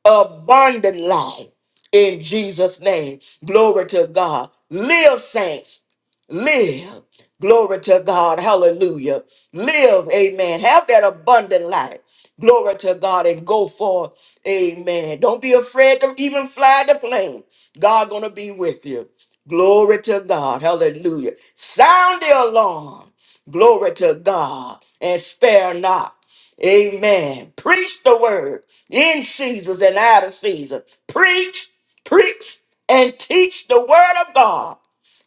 abundant life in Jesus' name. Glory to God. Live, saints. Live. Glory to God. Hallelujah. Live, amen. Have that abundant life. Glory to God and go forth. Amen. Don't be afraid to even fly the plane. God gonna be with you. Glory to God. Hallelujah. Sound the alarm. Glory to God and spare not. Amen. Preach the word in seasons and out of season. Preach, preach, and teach the word of God.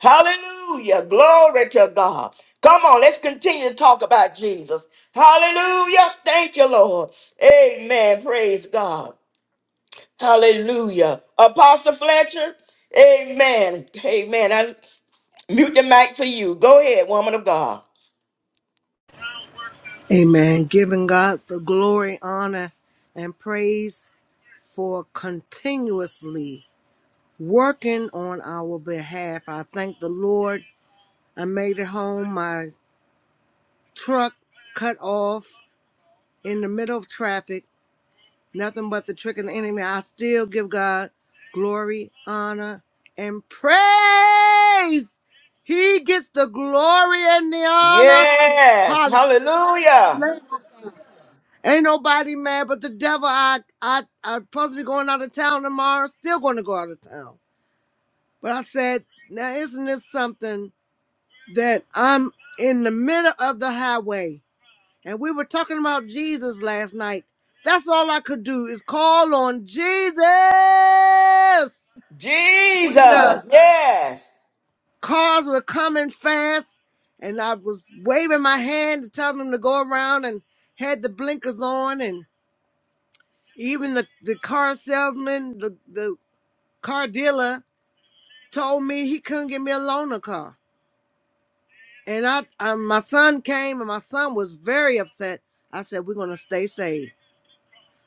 Hallelujah. Glory to God. Come on, let's continue to talk about Jesus. Hallelujah. Thank you, Lord. Amen. Praise God. Hallelujah. Apostle Fletcher, amen. Amen. I mute the mic for you. Go ahead, woman of God. Amen. Giving God the glory, honor, and praise for continuously. working on our behalf. I thank the Lord. I made it home. My truck cut off in the middle of traffic. Nothing but the trick of the enemy. I still give God glory, honor, and praise. He gets the glory and the honor. Yes. Hallelujah. Hallelujah. Ain't nobody mad but the devil. I I I'm supposed to be going out of town tomorrow. Still going to go out of town. But I said, now isn't this something? that I'm in the middle of the highway. And we were talking about Jesus last night. That's all I could do is call on Jesus. Jesus. Yes. Cars were coming fast, and I was waving my hand to tell them to go around and had the blinkers on. And even the, the car salesman, the, the car dealer, told me he couldn't get me a loaner car. And I, I, my son came, and my son was very upset. I said, We're going to stay safe.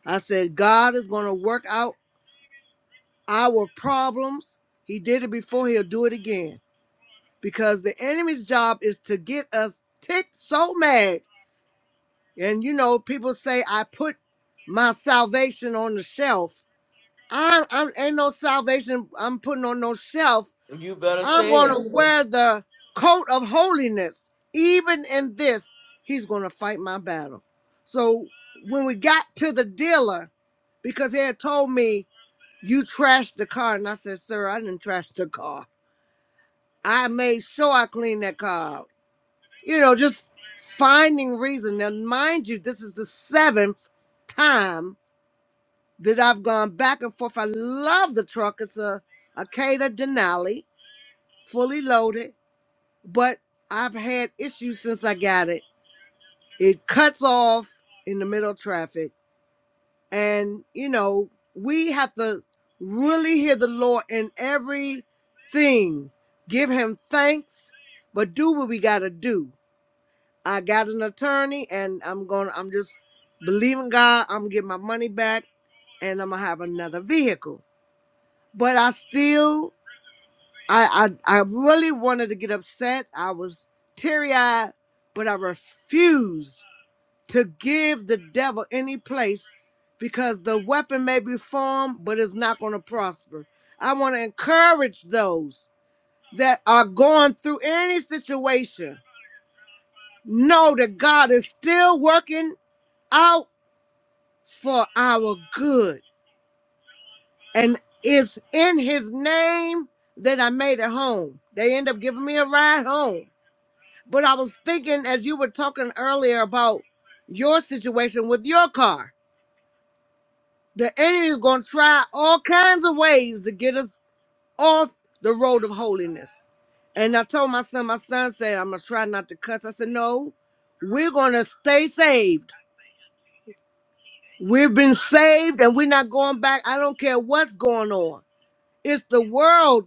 I said, God is going to work out our problems. He did it before, he'll do it again. Because the enemy's job is to get us ticked so mad. And you know, people say, I put my salvation on the shelf. I, I ain't no salvation I'm putting on no shelf. You better I'm say going it. to wear the coat of holiness. Even in this, he's going to fight my battle. So when we got to the dealer, because he had told me You trashed the car. And I said, Sir, I didn't trash the car. I made sure I cleaned that car out. You know, just finding reason. Now, mind you, this is the seventh time that I've gone back and forth. I love the truck. It's a, a Cater Denali, fully loaded, but I've had issues since I got it. It cuts off in the middle of traffic and you know we have to really hear the lord in everything give him thanks but do what we gotta do i got an attorney and i'm gonna i'm just believing god i'm getting my money back and i'm gonna have another vehicle but i still i i, I really wanted to get upset i was teary-eyed but i refused to give the devil any place because the weapon may be formed, but it's not going to prosper. I want to encourage those that are going through any situation. Know that God is still working out for our good. And it's in his name that I made it home. They end up giving me a ride home. But I was thinking as you were talking earlier about your situation with your car. The enemy is going to try all kinds of ways to get us off the road of holiness. And I told my son, my son said, I'm going to try not to cuss. I said, no, we're going to stay saved. We've been saved and we're not going back. I don't care what's going on. It's the world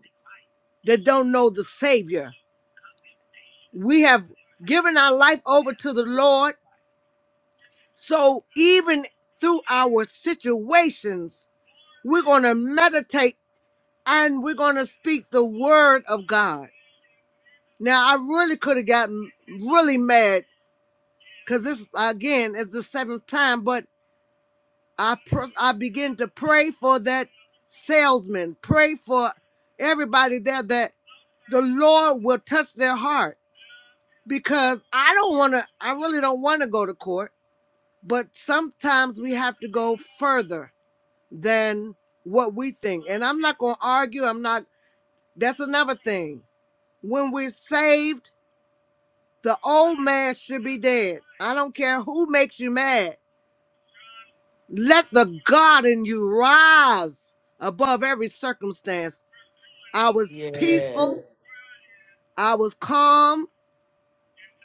that don't know the Savior. We have given our life over to the Lord. So even through our situations, we're going to meditate and we're going to speak the word of God. Now, I really could have gotten really mad because this, again, is the seventh time, but I, pr- I begin to pray for that salesman, pray for everybody there that the Lord will touch their heart because I don't want to, I really don't want to go to court, but sometimes we have to go further than what we think. And I'm not going to argue. I'm not, that's another thing. When we're saved, The old man should be dead. I don't care who makes you mad. Let the God in you rise above every circumstance. I was Yes. peaceful. I was calm.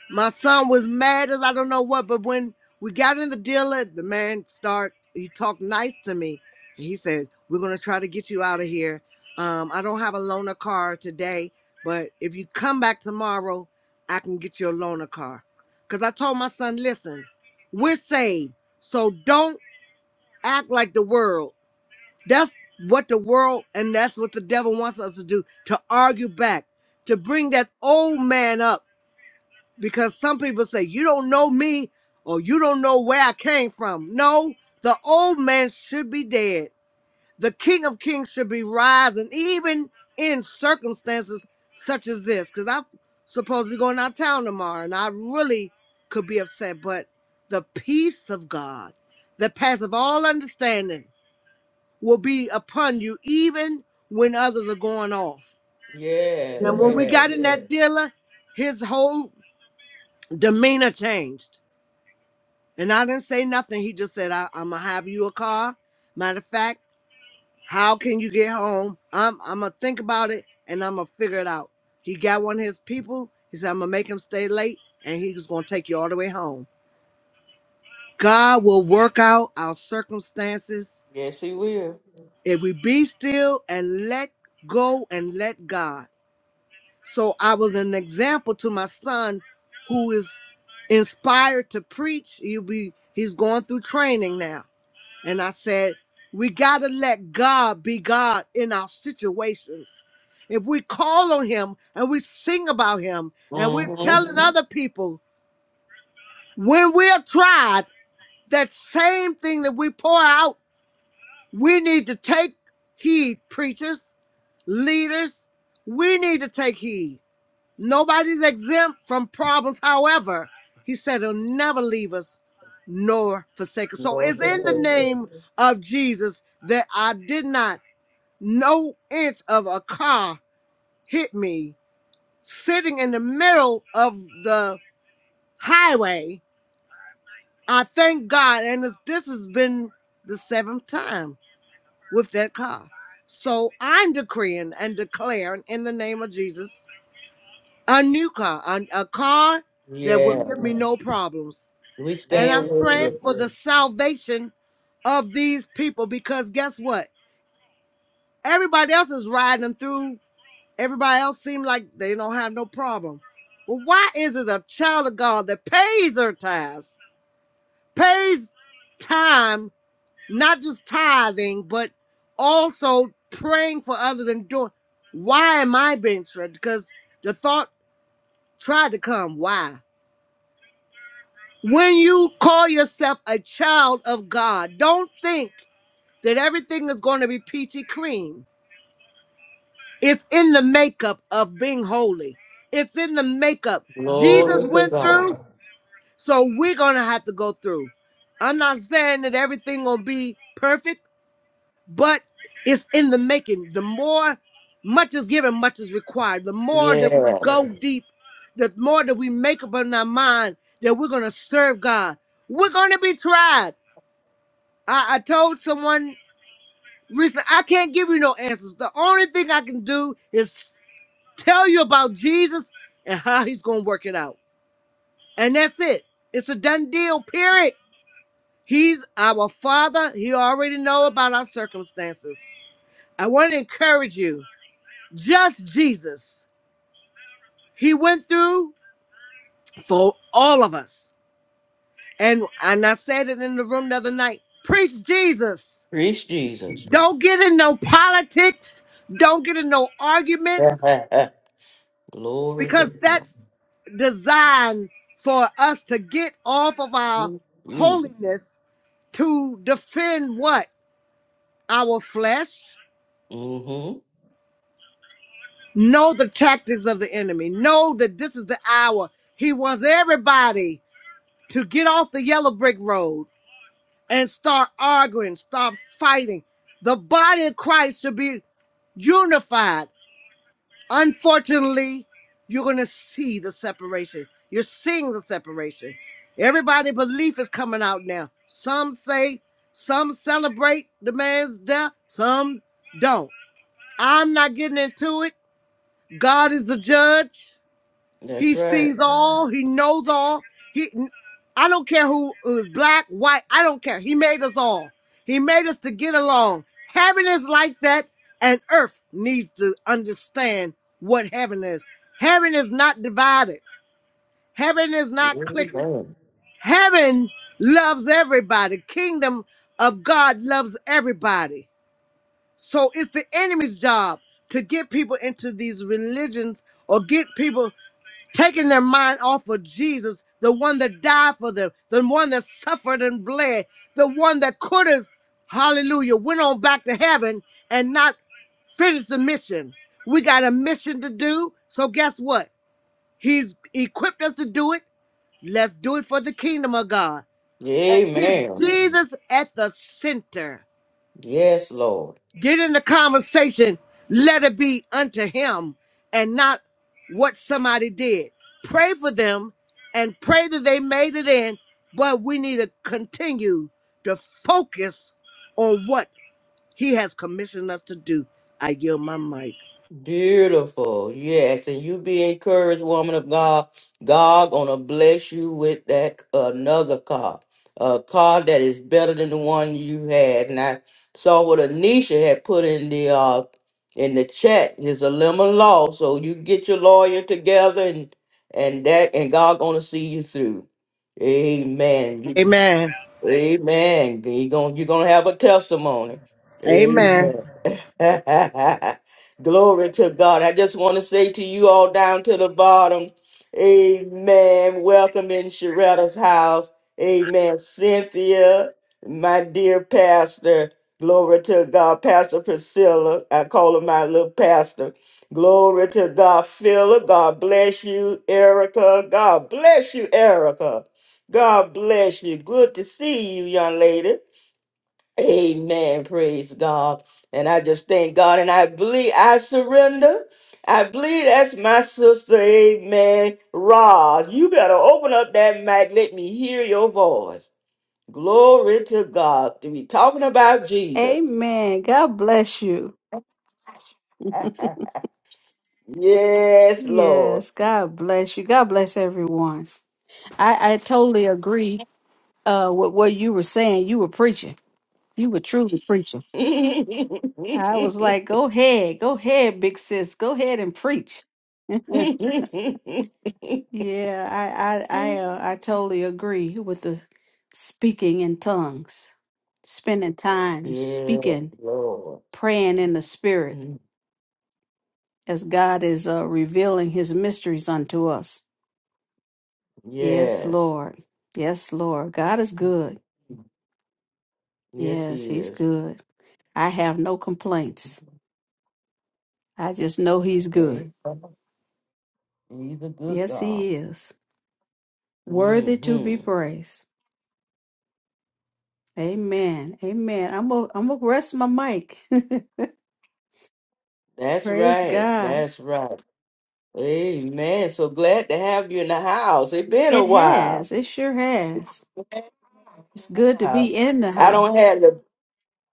My son was mad as I don't know what, but when we got in the dealer, the man start he talked nice to me. And he said, We're gonna try to get you out of here. Um, I don't have a loaner car today, but if you come back tomorrow, I can get you a loaner car. Cause I told my son, listen, we're saved, so don't act like the world. That's what the world and that's what the devil wants us to do, to argue back, to bring that old man up because some people say you don't know me or you don't know where I came from. No, the old man should be dead. The King of Kings should be rising, even in circumstances such as this. Because I'm supposed to be going out of town tomorrow, and I really could be upset. But the peace of God that passeth all understanding will be upon you, even when others are going off. Yes. And when we Yes. got in that dealer, his whole demeanor changed And I didn't say nothing. He just said, I, I'm gonna have you a car. Matter of fact, how can you get home? I'm I'm gonna think about it and I'm gonna figure it out. He got one of his people. He said, I'm gonna make him stay late and he was gonna take you all the way home. God will work out our circumstances Yes, he will. if we be still and let go and let God. So I was an example to my son who is inspired to preach. He'll be he's going through training now And I said, we got to let God be God in our situations. If we call on Him and we sing about Him and we're Mm-hmm. telling other people when we are tried, that same thing that we pour out, we need to take heed, preachers, leaders. We need to take heed. Nobody's exempt from problems. However, he said he'll never leave us nor forsake us. So Lord, it's for in the safety. name of Jesus that I did not, no inch of a car hit me sitting in the middle of the highway. I thank God. And this this has been the seventh time with that car. So I'm decreeing and declaring in the name of Jesus a new car, a, a car that will yeah. give me no problems. We And stand I'm with praying you. for the salvation of these people because guess what? Everybody else is riding through. Everybody else seems like they don't have no problem. Well, why is it a child of God that pays their tithes, pays time, not just tithing, but also praying for others and doing? Why am I being tried? Because the thought tried to come. Why? When you call yourself a child of God, don't think that everything is going to be peachy clean. It's in the makeup of being holy, it's in the makeup. Jesus Glory to went God. through, so we're going to have to go through. I'm not saying that everything going to be perfect, but it's in the making. The more much is given, much is required. The more that we Yes. go deep, the more that we make up in our mind that we're going to serve God, we're going to be tried. I, I told someone recently, I can't give you no answers. The only thing I can do is tell you about Jesus and how he's going to work it out. And that's it. It's a done deal, period. He's our father. He already know about our circumstances. I want to encourage you. Just Jesus. He went through for all of us. And, and I said it in the room the other night. Preach Jesus. Preach Jesus. Don't get in no politics. Don't get in no arguments. Glory to because God. that's designed for us to get off of our Jesus. holiness to defend what our flesh Mm-hmm. know the tactics of the enemy know that this is the hour he wants everybody to get off the yellow brick road and start arguing start fighting the body of christ should be unified unfortunately, you're going to see the separation. You're seeing the separation. Everybody' belief is coming out now. Some say, some celebrate the man's death, some don't. I'm not getting into it. God is the judge. That's He right. sees all. He knows all. He, I don't care who is black, white. I don't care. He made us all. He made us to get along. Heaven is like that, and earth needs to understand what heaven is. Heaven is not divided. Heaven is not cliquish. Amen. Heaven loves everybody. Kingdom of God loves everybody. So it's the enemy's job to get people into these religions or get people taking their mind off of Jesus, the one that died for them, the one that suffered and bled, the one that could have, hallelujah, went on back to heaven and not finished the mission. We got a mission to do. So guess what? He's equipped us to do it. Let's do it for the kingdom of God. And keep Amen. Jesus at the center. Yes, Lord. Get in the conversation. Let it be unto him and not what somebody did. Pray for them and pray that they made it in, but we need to continue to focus on what he has commissioned us to do. I yield my mic. Beautiful. Yes. And you be encouraged, woman of God. God gonna bless you with that another car. A car that is better than the one you had. And I saw what Anisha had put in the uh in the chat It's a lemon law. So you get your lawyer together and and that and God gonna see you through. Amen. And Amen. You gonna you're gonna have a testimony. Amen. Glory to God. I just want to say to you all down to the bottom, amen. Welcome in Sharetta's house. Amen. Cynthia, my dear pastor. Glory to God. Pastor Priscilla. I call her my little pastor. Glory to God. Philip, God bless you. Erica, God bless you, Erica. God bless you. Good to see you, young lady. Amen. Praise God. And I just thank God. And I believe I surrender. I believe that's my sister. Amen. Rod, you better open up that mic. Let me hear your voice. Glory to God. To be talking about Jesus. Amen. God bless you. Yes, Lord. Yes, God bless you. God bless everyone. I, I totally agree uh with what you were saying. You were preaching. You were truly preaching. yeah, I was like, go ahead, go ahead, big sis. Go ahead and preach. yeah, I I I uh, I totally agree with the speaking in tongues, spending time speaking, Lord. praying in the spirit Mm, as God is uh revealing his mysteries unto us. Yes, Yes. Lord. Yes, Lord. God is Mm, good. Yes, Yes, He He's is. good. I have no complaints. I just know He's good. Praise God. He's a good Yes, God. He is. Worthy to hmm be praised. Amen. Amen. I'm going I'm to rest my mic. That's Praise right. God. That's right. Amen. So glad to have you in the house. It's been a It while. has. It sure has. Glad to have you It's in good the to house. be in the I don't house. have the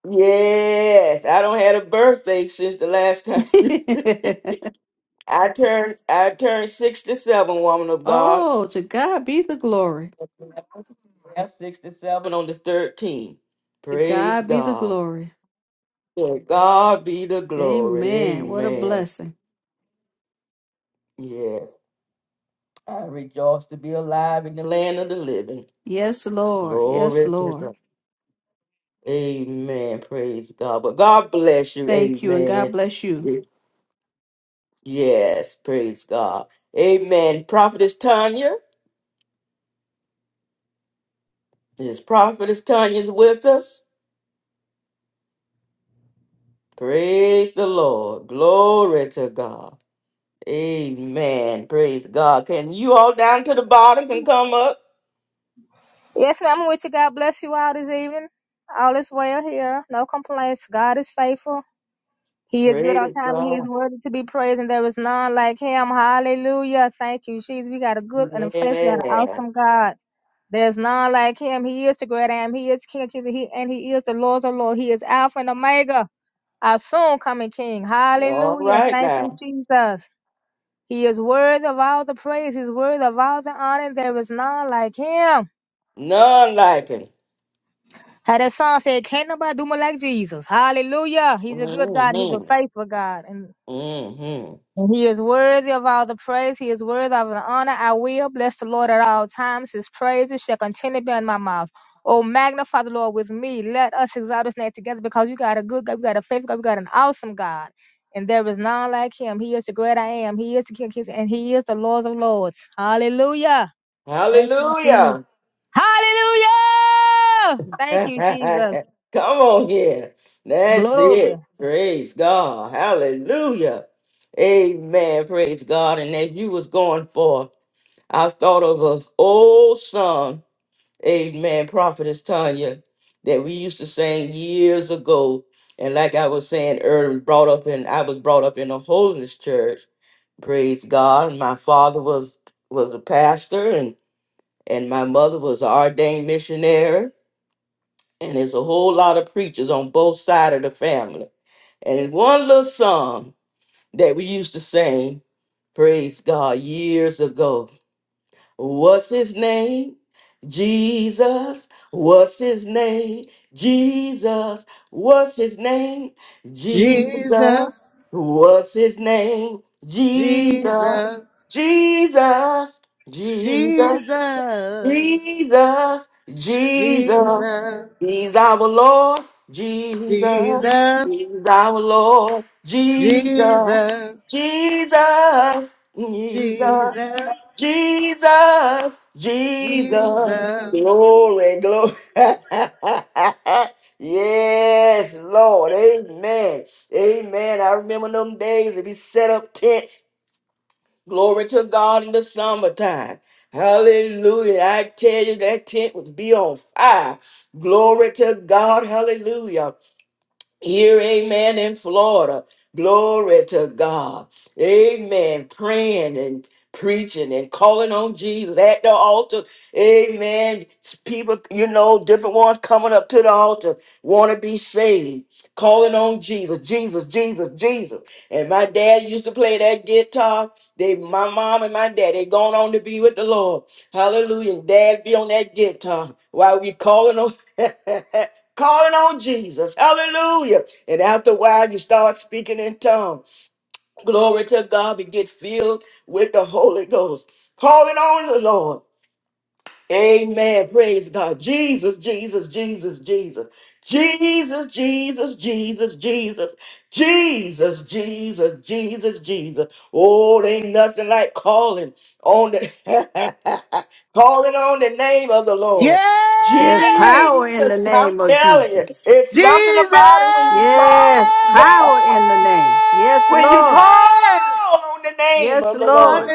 yes. I don't had a birthday since the last time. I turned I turned sixty seven, woman of God. oh, to God be the glory. Yeah, sixty seven on the thirteenth. To Praise God be the God. glory. To God be the glory. Amen. What a Amen. blessing. Yeah. I rejoice to be alive in the land of the living. Yes, Lord. Yes, Glory to Lord. God. Amen. Praise God. But God bless you. Thank you, and God Amen. bless you. Yes. Praise God. Amen. Prophetess Tanya. This prophetess Tanya's with us. Praise the Lord. Glory to God. Amen. Praise God. Can you all down to the bottom can come up? Yes, ma'am, I'm with you. God bless you all this evening. All is well here. No complaints. God is faithful. He is good all Praise the time and he is God. worthy to be praised, and there is none like him. Hallelujah. Thank you, Jesus. We got a good and a faithful, got an Yeah. awesome God. There's none like him. He is the great I am. He is King of Kings and he, and he is the Lord of Lord. He is Alpha and Omega, our soon coming King. All Hallelujah. right Thank you, now. Jesus. He is worthy of all the praise. He's worthy of all the honor. There is none like him. None like him. How that song said, can't nobody do me like Jesus. Hallelujah. He's a good God. He's a Mhm. faithful God. And, Mhm. and he is worthy of all the praise. He is worthy of the honor. I will bless the Lord at all times. His praises shall continue to be in my mouth. Oh, magnify the Lord with me. Let us exalt his name together because we got a good God. We got a faithful God. We got an awesome God. And there is none like him. He is the great I am. He is the King of kings and he is the Lord of lords. Hallelujah. Thank you, Jesus. Hallelujah. Hallelujah. Thank you, Jesus. Come on here. That's Glory. it. Praise God. Hallelujah. Amen. Praise God. And as you was going for, I thought of an old song, Amen, Prophetess Tanya, that we used to sing years ago. And like I was saying earlier, brought up in I was brought up in a holiness church. Praise God. My father was was a pastor and my mother was an ordained missionary, and there's a whole lot of preachers on both sides of the family. And in one little song that we used to sing, praise God, years ago, what's his name? Jesus, what's his name? Jesus, what's his name? Jesus, Jesus, what's his name? Jesus, Jesus, Jesus, Jesus. Jesus, Jesus, Jesus, Jesus, He's our Lord, Jesus, Jesus, He's our Lord, Jesus, Jesus, Jesus, Jesus, Jesus, Jesus, Jesus, Jesus. glory, glory. yes, Lord, amen, amen. I remember them days if you set up tents. Glory to God in the summertime. Hallelujah. I tell you, that tent would be on fire. Glory to God. Hallelujah. Here, amen, in Florida. Glory to God. Amen. Praying and preaching and calling on Jesus at the altar. Amen. People, you know, different ones coming up to the altar want to be saved, calling on Jesus, Jesus, Jesus, Jesus. And my dad used to play that guitar. They, my mom and my dad, they gone on to be with the Lord. Hallelujah. And dad be on that guitar while we calling on, calling on Jesus. Hallelujah. And after a while, you start speaking in tongues. Glory to God. We get filled with the Holy Ghost. Calling on the Lord. Amen. Praise God. Jesus, Jesus, Jesus, Jesus. Jesus, Jesus, Jesus, Jesus. Jesus, Jesus, Jesus, Jesus. Oh, there ain't nothing like calling on the calling on the name of the Lord. There's Yeah! power in the Jesus, I'm name of telling you, Jesus. it's something Jesus! about it when you Yes, power call. in the name. Yes, When you Lord. call on the name Yes, of the Lord, Lord.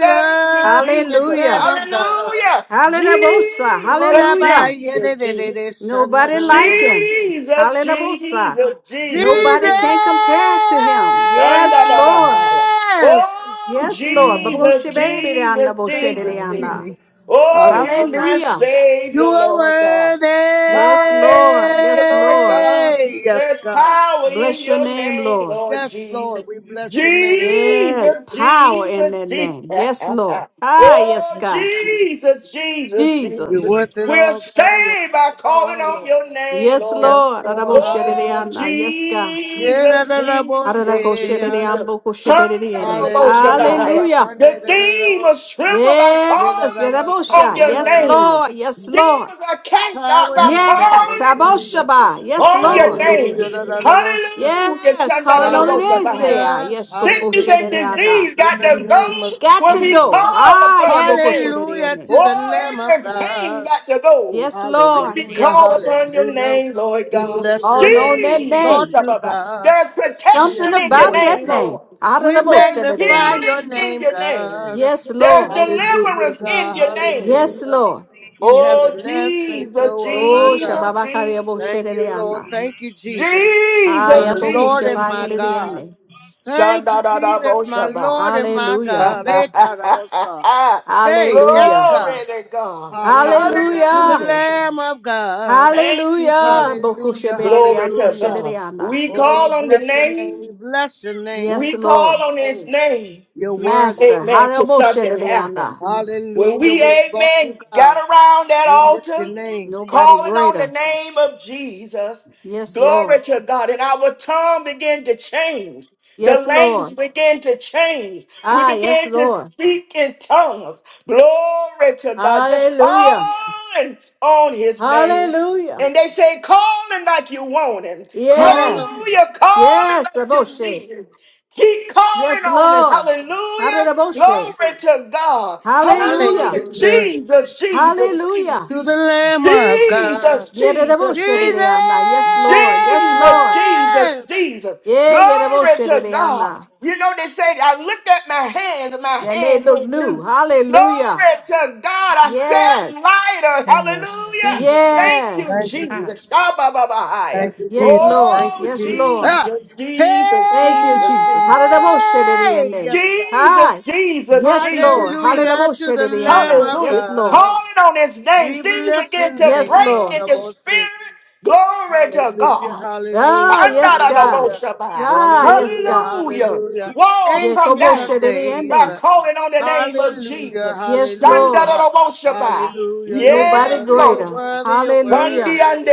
thank you, to the Jesus. Lamb Hallelujah. of God. Hallelujah. Hallelujah. What Jesus, Hallelujah. about you, the- Jesus, the- the- Jesus. the Nobody like him. Jesus, Hallelujah. Jesus, Jesus! Jesus, Nobody Jesus. can compare to him. Yes, Lord. Shandababahaya. Oh, Yes, Lord. yes, Jesus, God. Jesus, Thank Jesus, you, Jesus. Hallelujah. Jesus. Oh, you're Hallelujah. my Hallelujah. You Savior, are Lord God. worthy. Yes, Lord. Hallelujah, Yes, Lord Lord. God. Yes, There's God. power in Bless your your name, name, Lord. Lord Yes, Jesus. Lord. We bless your name. Jesus, Yes, Hallelujah. power in Jesus, that Jesus. name. Yes, Lord. Ah, yes, Oh, Thank you, God. Jesus. Jesus, Jesus, Jesus. You're Jesus. worth it We are all, God. You're saved by worth it calling all, on Lord. your name, Yes, Yes, Lord. Lord. Lord. Oh, Araboshededeana. Hallelujah. Yes, God. Yeah, da, Jesus, da, da, bo, Jesus, she, ya, da, da. Jesus. Araboshededeambokosheberediene. Hallelujah. Da, Handaraboshabai. ba, Hallelujah. kan, ya, The da, da, da, bo. demons tremble by Yeah, da, Yes. da, calling ba, on son, Arabosha. da, your da, Yes, da, bo. name. Lord. Yes, Lord. Demons are cast out Power by in the name Yes. of calling Jesus. Aboshaba. Yes, on your Lord. Hallelujah. name. Da, da, da, bo, she. Hallelujah. Yes. Calling on it is. Say, Shandarabosabahaya. ah, Hallelujah. yes, go. Sickness and Hallelujah. Boshedereana. disease In got the to go name of Got when to we Jesus. go. call Ah, yeah, upon your name. Hallelujah bokoshededeene. to the Oh, Lamb of every pain God. got to go Yes, when Lord. we Hallelujah, call upon your hallelujah. name, Lord We God. bless your Calling on name, we that exalt Jesus. name. you, Shabbat. God. There's We Something protection in your adore about you, that name, God. name. Lord. Out of We the most of There's the damn magnify name. healing your in name, your name. God. Yes, There's Lord. Hallelujah, deliverance in God, your name. Yes, hallelujah. Lord. You have the Oh, last say Jesus, so, oh my Oh, Jesus, God. Jesus, Shababakariabo Thank you, Lord. Shedeana. Thank you, Jesus. Jesus, My Ayaboku Lord and Jesus, my Jesus. God. Shabakariane. Thank Shanda you, da da Jesus, bo my shaba. Lord and my Hallelujah. God. Hey, God, I must stop. Hey, yes, Hallelujah. Glory God. to God. Hallelujah to the Hallelujah. Hallelujah. Lamb of God. Thank you, Hallelujah. Jesus. Boku Hallelujah, Glory Shebedian to hallelujah. God. Boshediana. We Oh, we call on the bless your name. name. We bless your name. Yes, We We bless call Lord. on your his name. name. You're worthy Master. to. Amen. To Harabo something happen. Shediana. When Hallelujah. we, We exalt you, amen, got God. around that We lift your altar. name. Nobody calling on the greater. name of Jesus. Yes, Glory Lord. to God. And our tongue began to change. The Yes, language Lord. began to change. We Ah, yes, began to Lord. speak in tongues. Glory to God. Just Hallelujah. calling on his name. Hallelujah. And they say, calling like you want him. Call him. Yes. Hallelujah. Calling Yes, like you Aboshe. need him. Keep calling Yes, on him. Lord. Hallelujah. Hadadaboshe. Glory to God. Hallelujah. Hallelujah. Hallelujah. Jesus, Jesus, Jesus. Hallelujah. To the Lamb of God. Jesus, Jesus, Yedadaboshe Jesus. Jesus. dedeana. Yes, Lord. Yes, Jesus, Lord. Jesus, Jesus. Yeah, Glory yedaboshe to God. dedeana. You know, they said, I looked at my hands and my And they hands look were new. new. Hallelujah. Glory to God. I felt Yes. lighter. And your Hallelujah. Thank you, feet. Jesus. Thank you, Thank you, Yes. Ah. Jesus. Jesus. Ah, bah, bah, bah, hi. Thank you, Yes, Jesus. Lord. Thank Oh, you, Yes, Jesus. Lord. Ah! Jesus, Hey! Jesus, Thank you, Jesus, Jesus. Jesus. Hallelujah. Yes, God. Jesus, Hi. Jesus, Yes, Jesus, Lord. Jesus. Hallelujah to the Lamb Hallelujah. of Hallelujah. Yes, Lord. God. Calling on his name, We things bless begin your to Yes, name, break Lord. in Mother the Bossy. spirit. Glory to Hallelujah, God. hallelujah, Ah, yes, God. hallelujah, Shandarababosheba. Oh, Ah, yes, hallelujah, God. Hallelujah. hallelujah, Walls come ancient of down days. by Yekoboshedidiyene. calling on the name of Hallelujah, Jesus. Yes, Lord. hallelujah, Shandarababosheba. hallelujah, you're Nobody Yes, worthy, you're Lord. greater. worthy, you're Hallelujah. worthy.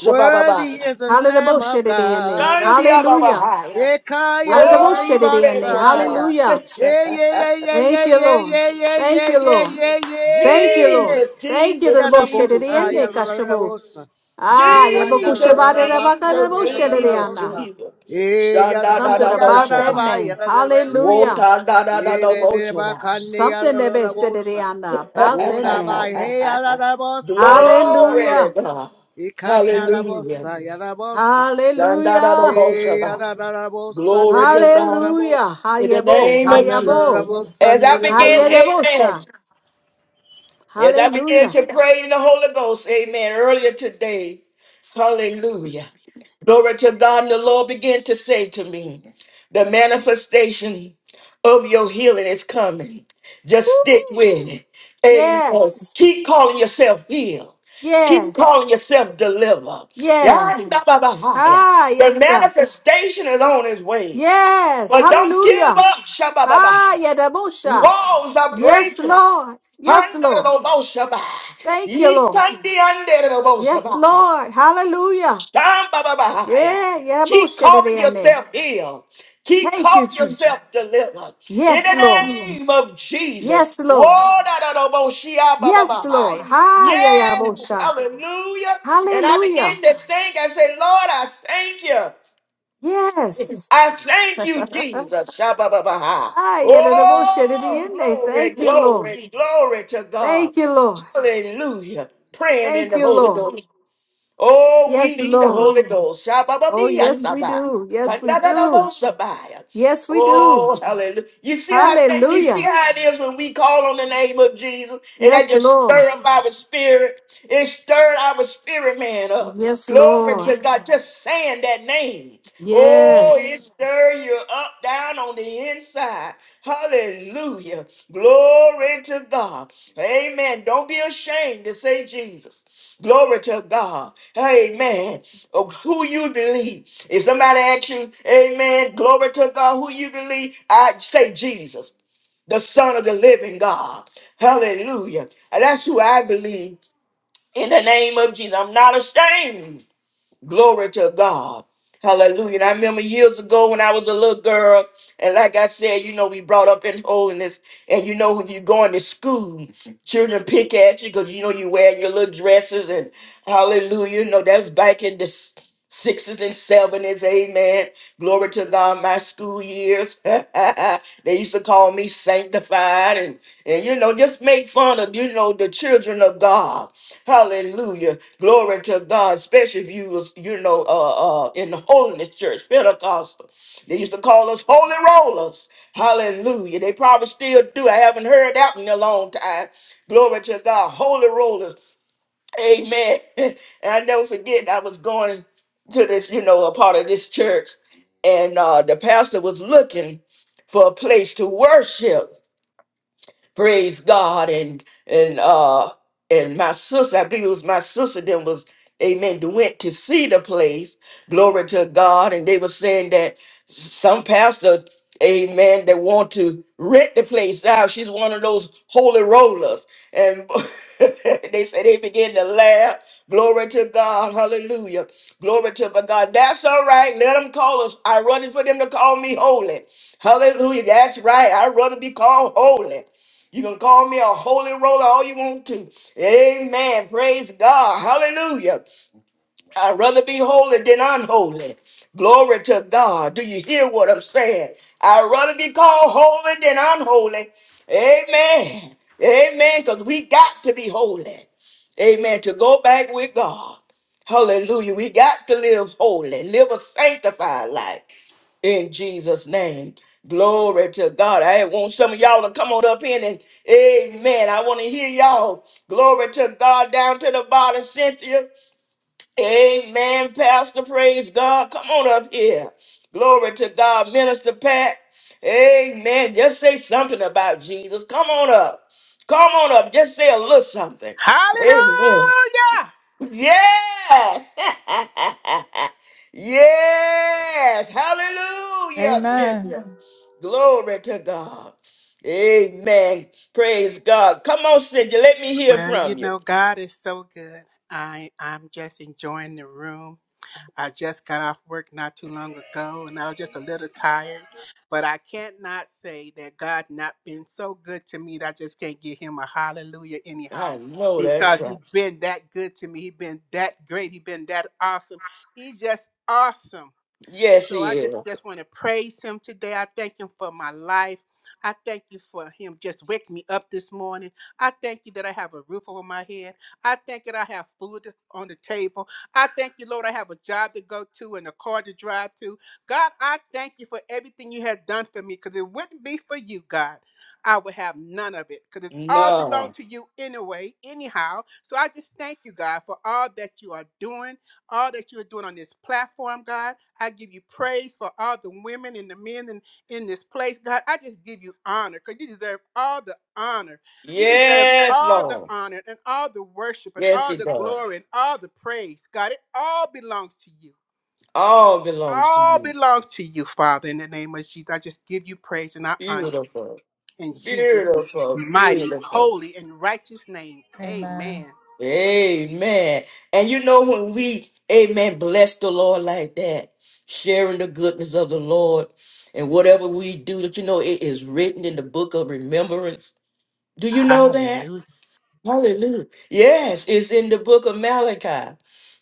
Worthy is the Hallelujah. Lamb of Shediriene. God. Hallelujah. Shandiababahaya. Ekaya Hallelujah. Glory Shediriene. to God. Ribasaya. Hallelujah. Yeah, yeah, yeah, Thank yeah, you, yeah, Lord. yeah, yeah, Thank yeah, you, yeah, Lord. yeah, Thank you, yeah. Lord. Jesus, Thank you, Jesus, Yada Lord. Jesus, bossa, Jesus. Thank you, yada Lord. bossa. Ah, Ekana Jesus, rabasa, Jesus, yada Jesus, Yabakushabadabakadaboshedeana. bossa. Jesus. E yada Shanda da bo, Something da bo yada about that shaba. raba, name. yada bossa. Hallelujah. Wota da da da E da de bo de ba shaba. kani, Something yada that they said bossa. about that Oda name. ba he, yada bossa, yada Glory to Hallelujah. bossa. God. Ekana Hallelujah. bossa, yada bossa. Shanda da da Hallelujah. bo shaba. Yada da da Yadadadabos, Glory Sunday, to yada da God. Hallelujah. In the Hayabo. name of Hayabo. Jesus. Hanadadabos, As I Sunday, da begin, da boss, amen. Hayedebosha. Yes, I began Hallelujah. to pray in the Holy Ghost. Amen. Earlier today. Hallelujah. Glory to God. And the Lord began to say to me, the manifestation of your healing is coming. Just stick Woo. with it. Amen. Yes. Keep calling yourself healed. Keep Yes. calling yourself delivered. Yes. Yadababahaya. Ah, The yes, God. manifestation is on its way. Yes. But don't give Hallelujah. up. Ah, Shabababah. Yadabusha. Walls are Yes, breaking. Lord. Yes, Lord. Handarabosaba. Thank you, Lord. Yes, Yitandianderabosaba. Lord. Hallelujah. Shambababahaya. Yeah, Keep Yadabusha. calling dedene. yourself healed. Keep Thank you, calling yourself Jesus. delivered. In Yes, the Lord. name of Jesus. Yes, Lord. Yes, Lord. Wodaraboshiabababahaya. Hi, Yes, Yadabusha. hallelujah. And I begin Hallelujah. to think, I say, Lord, I thank you. Yes. I thank you, Jesus. Shabbababaha. Ah, Yadabusha. Oh, dedene. glory, Thank you, Lord. glory, glory to God. Thank you, Lord. Hallelujah. Praying in Thank the you, Holy Lord. Ghost. Oh, we Yes, need the Lord. Holy Ghost. shabba ba Oh, dee ya yes, ka we do. Yes, we do. Ka-da-da-da-bo-shabba. Yes, we do. Oh, hallelujah. You see how that- you see Hallelujah. how it is when we call on the name of Jesus and that Yes, just Lord. stir up our spirit. It stirred our spirit man up. Yes, Glory to Lord. God. Just saying that name. Oh, it Yes. stir you up down on the inside. Hallelujah. Glory to God. Amen. Don't be ashamed to say Jesus. Glory to God. Amen. Of who you believe. If somebody asks you, Amen, glory to God, who you believe, I say Jesus, the Son of the living God. Hallelujah. And that's who I believe in the name of Jesus. I'm not ashamed Glory to God. Hallelujah. And I remember years ago when I was a little girl, and like I said, you know, we brought up in holiness. And you know, when you're going to school, children pick at you because you know you wearing your little dresses and hallelujah. You know, that was back in this. Sixes and seven amen. Glory to God, my school years. they used to call me sanctified and, and you know, just make fun of, you know, the children of God. Hallelujah. Glory to God, especially if you was, you know, uh, uh, in the holiness church, Pentecostal. They used to call us holy rollers. Hallelujah. They probably still do. I haven't heard that in a long time. Glory to God. Holy rollers. Amen. And I never forget, I was going to this, you know, a part of this church, and uh, the pastor was looking for a place to worship praise God and and uh and my sister, I believe it was my sister then was amen that went to see the place. Glory to God. And they were saying that some pastor, amen, that want to rent the place out. She's one of those holy rollers. And they said they began to laugh. Glory to God. Hallelujah. Glory to my God. That's all right. Let them call us. I running for them to call me holy. Hallelujah. That's right. I'd rather be called holy. You can call me a holy roller all you want to. Amen. Praise God. Hallelujah. I'd rather be holy than unholy. Glory to God. Do you hear what I'm saying? I'd rather be called holy than unholy. Amen. Amen. Because we got to be holy. Amen. To go back with God. Hallelujah. We got to live holy, live a sanctified life in Jesus' name. Glory to God. I want some of y'all to come on up in and amen. I want to hear y'all. Glory to God down to the bottom, Cynthia. Amen, Pastor. Praise God. Come on up here. Glory to God, Minister Pat. Amen. Just say something about Jesus. Come on up. Come on up. Just say a little something. Amen. Hallelujah! Yeah. yes. Hallelujah. Amen. Cynthia. Amen. Glory to God. Amen. Praise God. Come on, Cynthia. Let me hear Well, you from you. know, God is so good. I I'm just enjoying the room. I just got off work not too long ago, and I was just a little tired. But I can't not say that God not been so good to me that I just can't give Him a hallelujah anyhow. I know that's Because right. he's been that good to me. He's been that great. He's been that awesome. He's just awesome. Yes, So he I is. just just want to praise him today. I thank him for my life. I thank you for him just waking me up this morning. I thank you that I have a roof over my head. I thank you that I have food on the table. I thank you, Lord, I have a job to go to and a car to drive to. God, I thank you for everything you have done for me because it wouldn't be for you, God. I would have none of it because it all belonged No. to you anyway, anyhow. So I just thank you, God, for all that you are doing all that you are doing on this platform, God. I give you praise for all the women and the men in, in this place, God. I just give you honor because you deserve all the honor. You deserve Yes, all the Lord. honor and all the worship and Yes, all it the does. glory and all the praise, God. It all belongs to you. All belongs to All you. belongs to you, Father, in the name of Jesus. I just give you praise and I honor you Beautiful. in Jesus' Beautiful. mighty, Beautiful. holy, and righteous name. Amen. Amen. Amen. And you know when we, amen, bless the Lord like that, sharing the goodness of the Lord and whatever we do, that you know it is written in the book of remembrance. Do you know that? Hallelujah. Hallelujah. Yes, it's in the book of Malachi.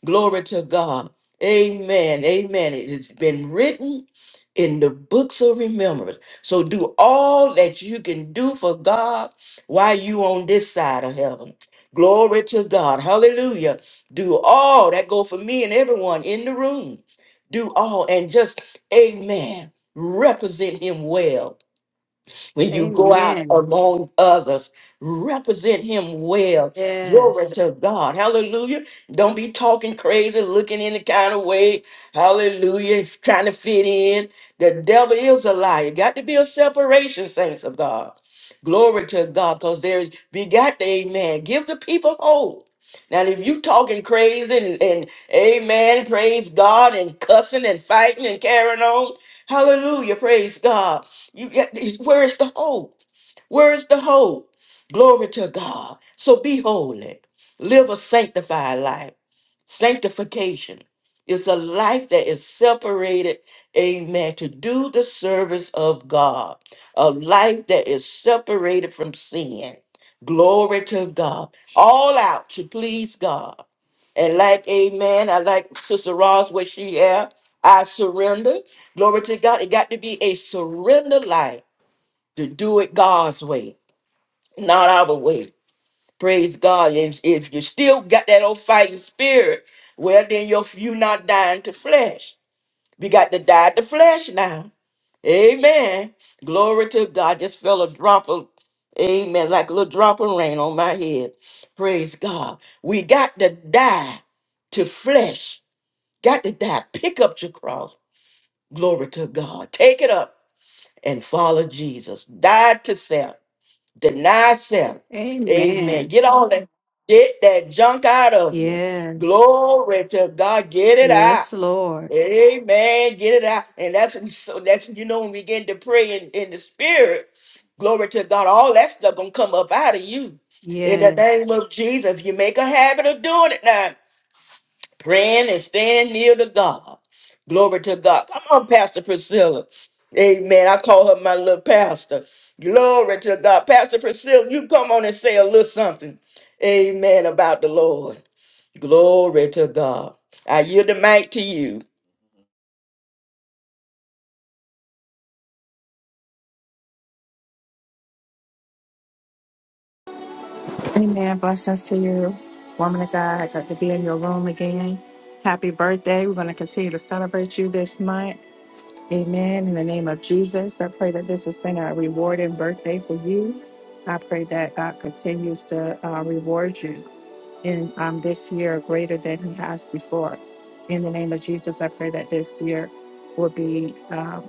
Glory to God. Amen. Amen. It has been written in the books of remembrance. So do all that you can do for God while you on this side of heaven. Glory to God. Hallelujah. Do all that go for me and everyone in the room. Do all and just amen. Represent him well. When you go out Amen. among others, represent him well. Glory Yes. to God. Hallelujah. Don't be talking crazy, looking any kind of way. Hallelujah. Trying to fit in. The devil is a liar. Got to be a separation, saints of God. Glory to God, because there we got the amen. Give the people hope. Now, if you talking crazy and, and amen, praise God, and cussing and fighting and carrying on, hallelujah, praise God. You, where is the hope? Where is the hope? Glory to God. So be holy. Live a sanctified life. Sanctification is a life that is separated, amen, to do the service of God. A life that is separated from sin. Glory to God. All out to please God. And like, amen, I like Sister Ross, where she at. I surrender. Glory to God. It got to be a surrender life to do it God's way, not our way. Praise God. And if you still got that old fighting spirit, well, then you're, you're not dying to flesh. We got to die to flesh now. Amen. Glory to God. Just fell a drop of, amen, like a little drop of rain on my head. Praise God. We got to die to flesh. Got to die. Pick up your cross. Glory to God. Take it up and follow Jesus. Die to self Deny self. Amen. Amen. Get all that, get that junk out of you. Yes. Glory to God. Get it out. Yes, Lord. Amen. Get it out. And that's what we so that's what you know when we begin to pray in, in the spirit. Glory to God. All that stuff gonna come up out of you. In the name Yes. of Jesus. If you make a habit of doing it now praying and staying near to God. Glory to God. Come on, Pastor Priscilla. Amen. I call her my little pastor. Glory to God. Pastor Priscilla, you come on and say a little something. Amen about the Lord. Glory to God. I yield the mic to you. Amen. Blessings to you, woman of God. Good to be in your room again. Happy birthday. We're going to continue to celebrate you this month. Amen. In the name of Jesus, I pray that this has been a rewarding birthday for you. I pray that God continues to uh, reward you in um, this year greater than He has before. In the name of Jesus, I pray that this year will be um,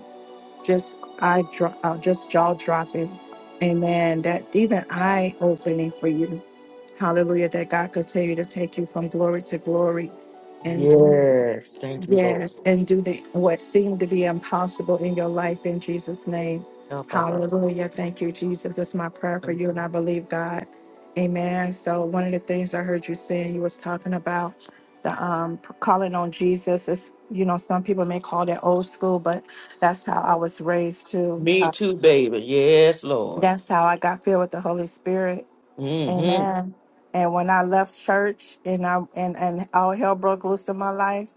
just eye dro- uh, just jaw dropping. Amen. That even eye opening for you Hallelujah, that God continue to take you from glory to glory and do- Yes. Thank you, Lord. yes, and do the what seemed to be impossible in your life in Jesus' name. Oh, Papa. Hallelujah. Thank you, Jesus. That's my prayer for you, and I believe God. Amen. So one of the things I heard you saying, you was talking about the um calling on Jesus is you know, some people may call that old school, but that's how I was raised too. Me Uh, too, baby. Yes, Lord. that's how I got filled with the Holy Spirit Mm-hmm. Amen. And when I left church and I and, and all hell broke loose in my life,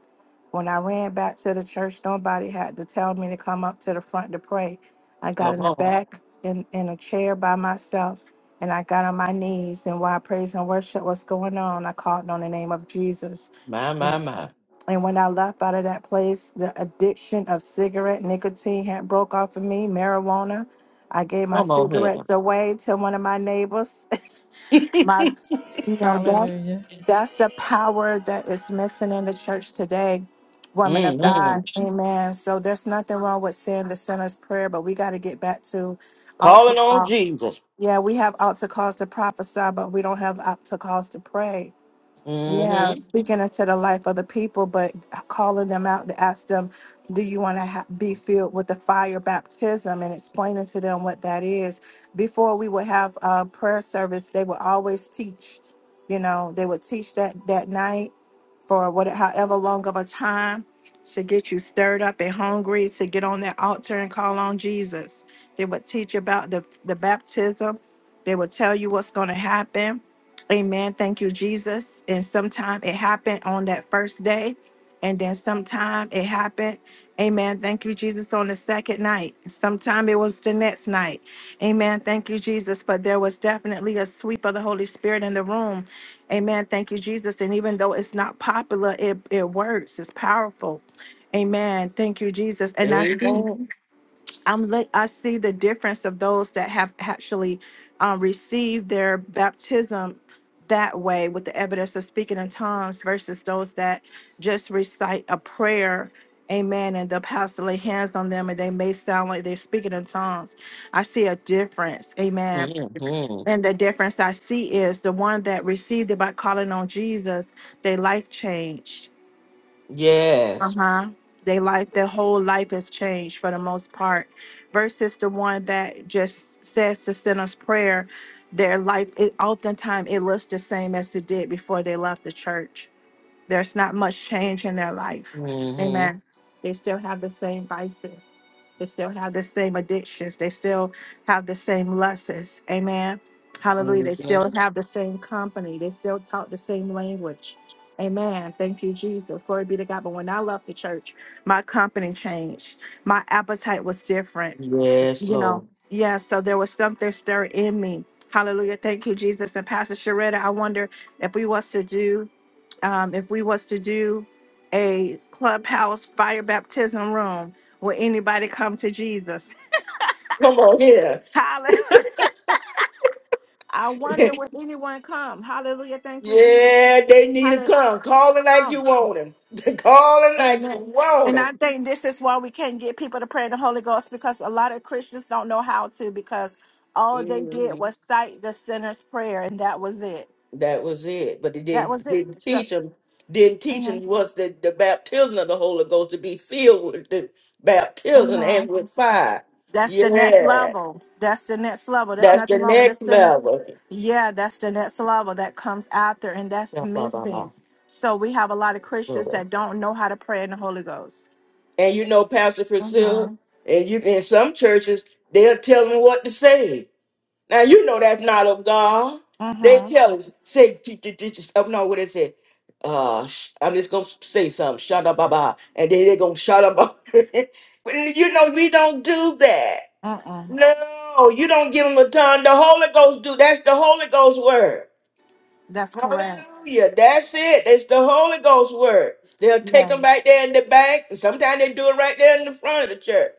when I ran back to the church, nobody had to tell me to come up to the front to pray. I got Come in the on. back in, in a chair by myself and I got on my knees and while praise and worship was going on, I called on the name of Jesus. My, my, my. And when I left out of that place, the addiction of cigarette nicotine had broke off of me, marijuana. I gave my Come on here. cigarettes away to one of my neighbors my you know that's Hallelujah. that's the power that is missing in the church today woman of Mm-hmm. god amen so there's nothing wrong with saying the sinner's prayer but we got to get back to altar Calling on call Jesus. yeah we have altar calls to prophesy but we don't have altar calls to pray Mm-hmm. yeah, speaking into the life of the people, but calling them out to ask them, do you want to ha- be filled with the fire baptism and explaining to them what that is. Before we would have a prayer service, they would always teach, you know, they would teach that that night for what, however long of a time to get you stirred up and hungry to get on that altar and call on Jesus. They would teach about the, the baptism. They would tell you what's going to happen. Amen. Thank you, Jesus. And sometime it happened on that first day. And then sometime it happened. Amen. Thank you, Jesus, on the second night. Sometime it was the next night. Amen. Thank you, Jesus. But there was definitely a sweep of the Holy Spirit in the room Amen. Thank you, Jesus. And even though it's not popular, it, it works. It's powerful. Amen. Thank you, Jesus. And I see, Amen. I'm li- I see the difference of those that have actually um, received their baptism that way with the evidence of speaking in tongues versus those that just recite a prayer. Amen. And the pastor lay hands on them and they may sound like they're speaking in tongues. I see a difference. Amen. hmm And the difference I see is the one that received it by calling on Jesus, their life changed. Uh Yes. huh. Their life, their whole life has changed for the most part, versus the one that just says the sinner's prayer. Their life, it oftentimes it looks the same as it did before they left the church. There's not much change in their life. hmm Amen. They still have the same vices. They still have the same addictions. They still have the same lusts. Amen. Hallelujah. They still have the same company. They still talk the same language. Amen. Thank you, Jesus. Glory be to God. But when I left the church, my company changed. My appetite was different. Yes, You know, Lord. yeah, so there was something stirring in me. Hallelujah. Thank you, Jesus. And Pastor Sharetta, I wonder if we was to do um, if we was to do a clubhouse fire baptism room, will anybody come to Jesus? Come on here. Hallelujah. I wonder yeah, will anyone come. Hallelujah. Thank you, Jesus. they need to Hallelujah. come. Call it Come like you on. want him. Call it like you Amen. want And him. I think this is why we can't get people to pray in the Holy Ghost because a lot of Christians don't know how to because all they did hmm was cite the sinner's prayer and that was it. That was it. But it That was didn't, it. didn't So, teach them. Didn't teach mhm, them what's the, the baptism of the Holy Ghost to be filled with the baptism and mhm. with fire. That's the next Yeah, level. That's the next level. There's that's the nothing wrong with the next sinners. level. Yeah, that's the next level that comes after, and that's Yeah, blah, blah, missing. So we have a lot of Christians blah. that don't know how to pray in the Holy Ghost. And you know, Pastor Priscilla, Mm-hmm. and you in some churches, they'll tell them what to say. Now you know that's not of God. They Mm-hmm. tell us, say, t- t- t- t- oh, no, what they say. Uh, sh- I'm just gonna say something, shut up, baba, and then they're gonna shut up. But you know, we don't do that. Mm-mm. No, you don't give them a tongue. The Holy Ghost do that's the Holy Ghost word. That's correct. Hallelujah. That's it. It's the Holy Ghost word. They'll take Yeah. them right there in the back. Sometimes they do it right there in the front of the church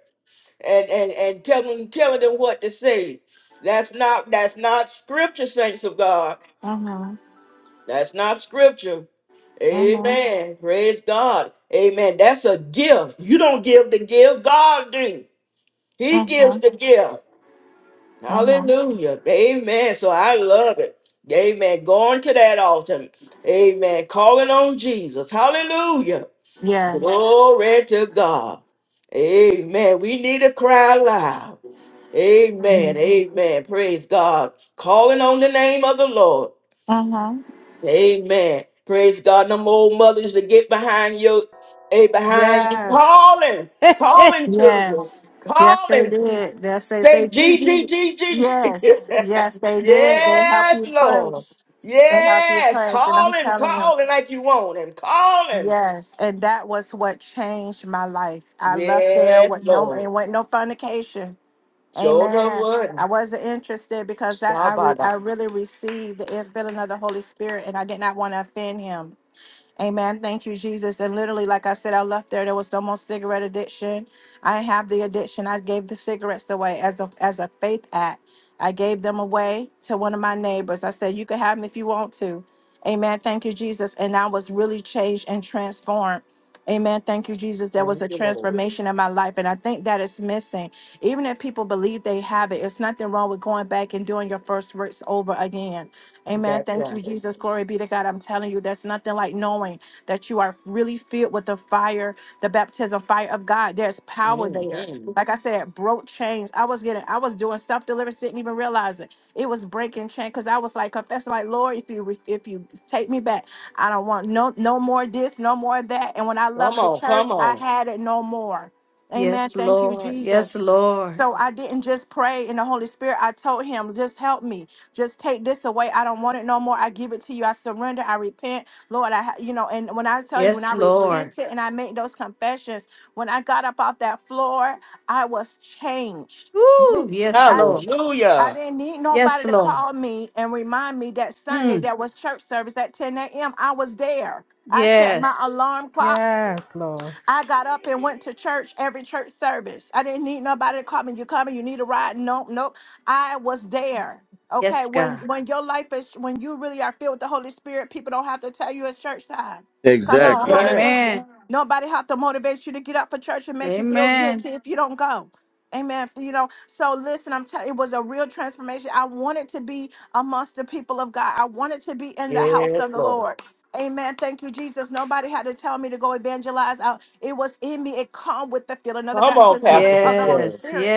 and, and, and tell them, telling them what to say. That's not that's not scripture, saints of God. Mm-hmm. That's not scripture. Mm-hmm. Amen. Praise God. Amen. That's a gift. You don't give the gift. God do. He gives Mm-hmm. the gift. Mm-hmm. Hallelujah. Amen. So I love it. Amen. Going to that altar. Amen. Calling on Jesus. Hallelujah. Yes. Glory to God. Amen. We need to cry loud. Mm-hmm. Amen. Amen. Praise God. Calling on the name of the Lord. Mm-hmm. Amen. Praise God. Them old mothers to get behind you. a behind you. Yes. Calling. Calling children. Yes. Yes, they Calling. did. Yes, they Say say G G Jesus. G G G. Yes. Yes, they did. They help you yes, push. Lord. They help you Yes, push. And I'm calling, telling you, calling like you want and calling. yes. And that was what changed my life. I left there Yes, with no it Lord. went no fornication. Show the Amen. I word. wasn't interested because that I re, Shabada. I really received the infilling of the Holy Spirit and I did not want to offend him. Amen. Thank you, Jesus. And literally, like I said, I left there. There was no more cigarette addiction. I didn't have the addiction. I gave the cigarettes away as a as a faith act. I gave them away to one of my neighbors. I said, "You can have them if you want to." Amen. Thank you, Jesus. And I was really changed and transformed. Amen. Thank you, Jesus. There was Thank a you, Lord. transformation in my life, and I think that is missing. Even if people believe they have it, it's nothing wrong with going back and doing your first works over again. Amen. That's Thank you, right. Jesus. Glory be to God. I'm telling you, there's nothing like knowing that you are really filled with the fire, the baptism fire of God. There's power Mm there. hmm Like I said, broke chains. I was getting, I was doing self deliverance, didn't even realize it. It was breaking chain because I was like confessing, like Lord, if you if you take me back, I don't want no no more this, no more that. And when I Come left the on, church, come I on. had it no more. Amen. Yes, Thank you, Lord. Yes, Jesus. Lord. So I didn't just pray in the Holy Spirit. I told him, just help me. Just take this away. I don't want it no more. I give it to you. I surrender. I repent. Lord, I, ha- you know, and when I tell you, when Yes, I Lord. repented and I made those confessions, when I got up off that floor, I was changed. You Woo! didn't, Yes, I Lord. didn't. I Hallelujah. didn't need Yes, nobody to Lord. call me and remind me that Sunday Mm. that was church service at 10 a.m. I was there. I set my Yes. alarm clock. yes, Lord. I got up and went to church every church service. I didn't need nobody to call me. You coming? You need a ride? Nope, nope. I was there. Okay, Yes, when God. when your life is when you really are filled with the Holy Spirit, people don't have to tell you it's church time. Come That's on, Exactly. right. Amen. hallelujah. Nobody have to motivate you to get up for church and make you feel Amen. guilty if you don't go. Amen. You know, so listen, I'm telling it was a real transformation. I wanted to be amongst the people of God. I wanted to be in the house Yes, of the Lord. Lord. Amen. Thank you, Jesus. Nobody had to tell me to go evangelize out. It was in me. It come with the feeling of the Come on, baptism of the, Pastor of the Holy Patel. Yes. Spirit.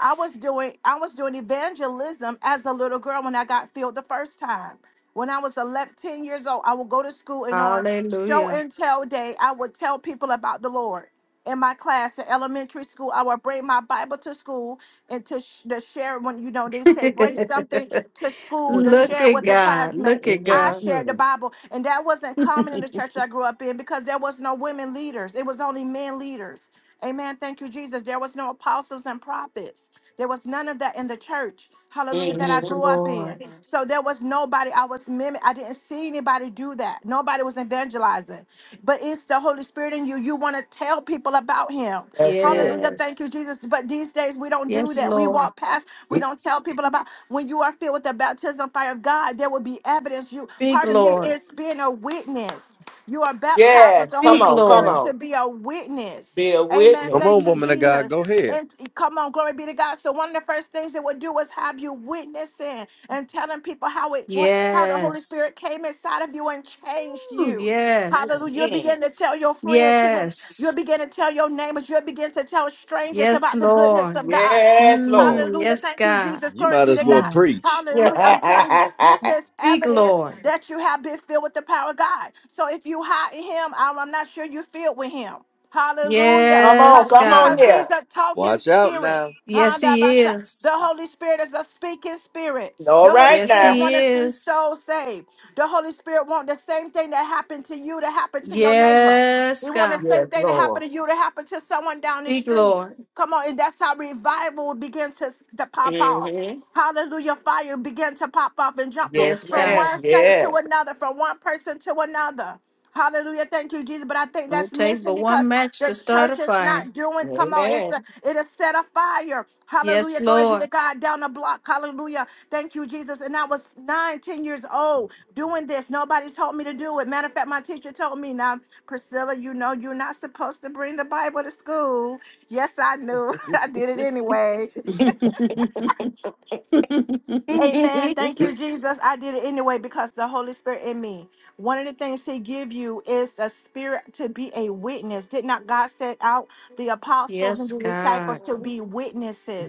I was doing I was doing evangelism as a little girl when I got filled the first time. When I was 11, ten years old, I would go to school and on show Hallelujah. and tell day, I would tell people about the Lord. In my class in elementary school, I would bring my Bible to school and to, sh- to share when you know they say bring something to school to Look share at with the God. classmate Look at I God. Mm-hmm. shared the Bible, and that wasn't common in the church I grew up in because there was no women leaders. It was only men leaders. Amen. Thank you, Jesus. There was no apostles and prophets. There was none of that in the church. Hallelujah. That Mm I hmm Yes, grew up Lord. in. So there was nobody. I was mimic. I didn't see anybody do that. Nobody was evangelizing. But it's the Holy Spirit in you. You want to tell people about Him. That's it. Hallelujah. Thank you, Yes. Jesus. But these days we don't do Yes, that. We Lord. walk past. We don't tell people about. When you are filled with the baptism fire of God, there will be evidence. You Speak, part of it Lord. is being a witness. You are baptized Yes, with the come Speak, Holy on, come Spirit Lord. to on. be a witness. Be a Amen. witness. Come Thank on, you, woman of God, Jesus. go ahead. And come on, glory be to God. So one of the first things it would do was have you witnessing and telling people how it what, how the Holy Yes. Spirit came inside of you and changed Ooh, you. Hallelujah. yes. You'll Mm. begin to tell your friends, people, you'll Yes. begin to tell your neighbors, you'll begin to tell strangers Yes, about the goodness Lord. of God. Yes, Lord. Mm, Hallelujah. yes, Thank you, God. Jesus. You Glory might be as to well God. Mm. preach. come Hallelujah. I'm telling you, this Mm, is Speak, evidence Lord. that you have been filled with the power of God. So if you hide in him, I'm I'm not sure you're filled with him. Hallelujah. on, Ha- Yes, come on Because God. here. he's a talking Watch out spirit. now. Yes, He Handabasa. The is. Holy Spirit is a speaking spirit. All The Holy right Yes, Spirit now. He want to see is. souls saved. The Holy Spirit want the same thing that happened to you to happen to your neighbor. Yes, We want the God. same Yes, thing to happen Lord. to you to happen to someone down the Speak, street. Lord. Come on, and that's how revival begins to, to pop out. hmm Hallelujah. Fire began to pop off and jump on- Yes, Yes, from God. ma'am. one saint to Yes. another, from one person to another. Hallelujah. Thank you, Jesus. But I think Don't that's take missing but because one match to the start a church is fire. not doing. Come on, it's Amen. the it is set afire. Yes, Hallelujah. Glory be to Lord. God down the block. Hallelujah. Thank you, Jesus. And I was nine, ten years old doing this. Nobody told me to do it. Matter of fact, my teacher told me, now, Priscilla, you know you're not supposed to bring the Bible to school. Yes, I knew. I did it anyway. Amen. Thank you, Jesus. I did it anyway because the Holy Spirit in me. One of the things He give you is a spirit to be a witness. Did not God set out the apostles and yes, the God. disciples to be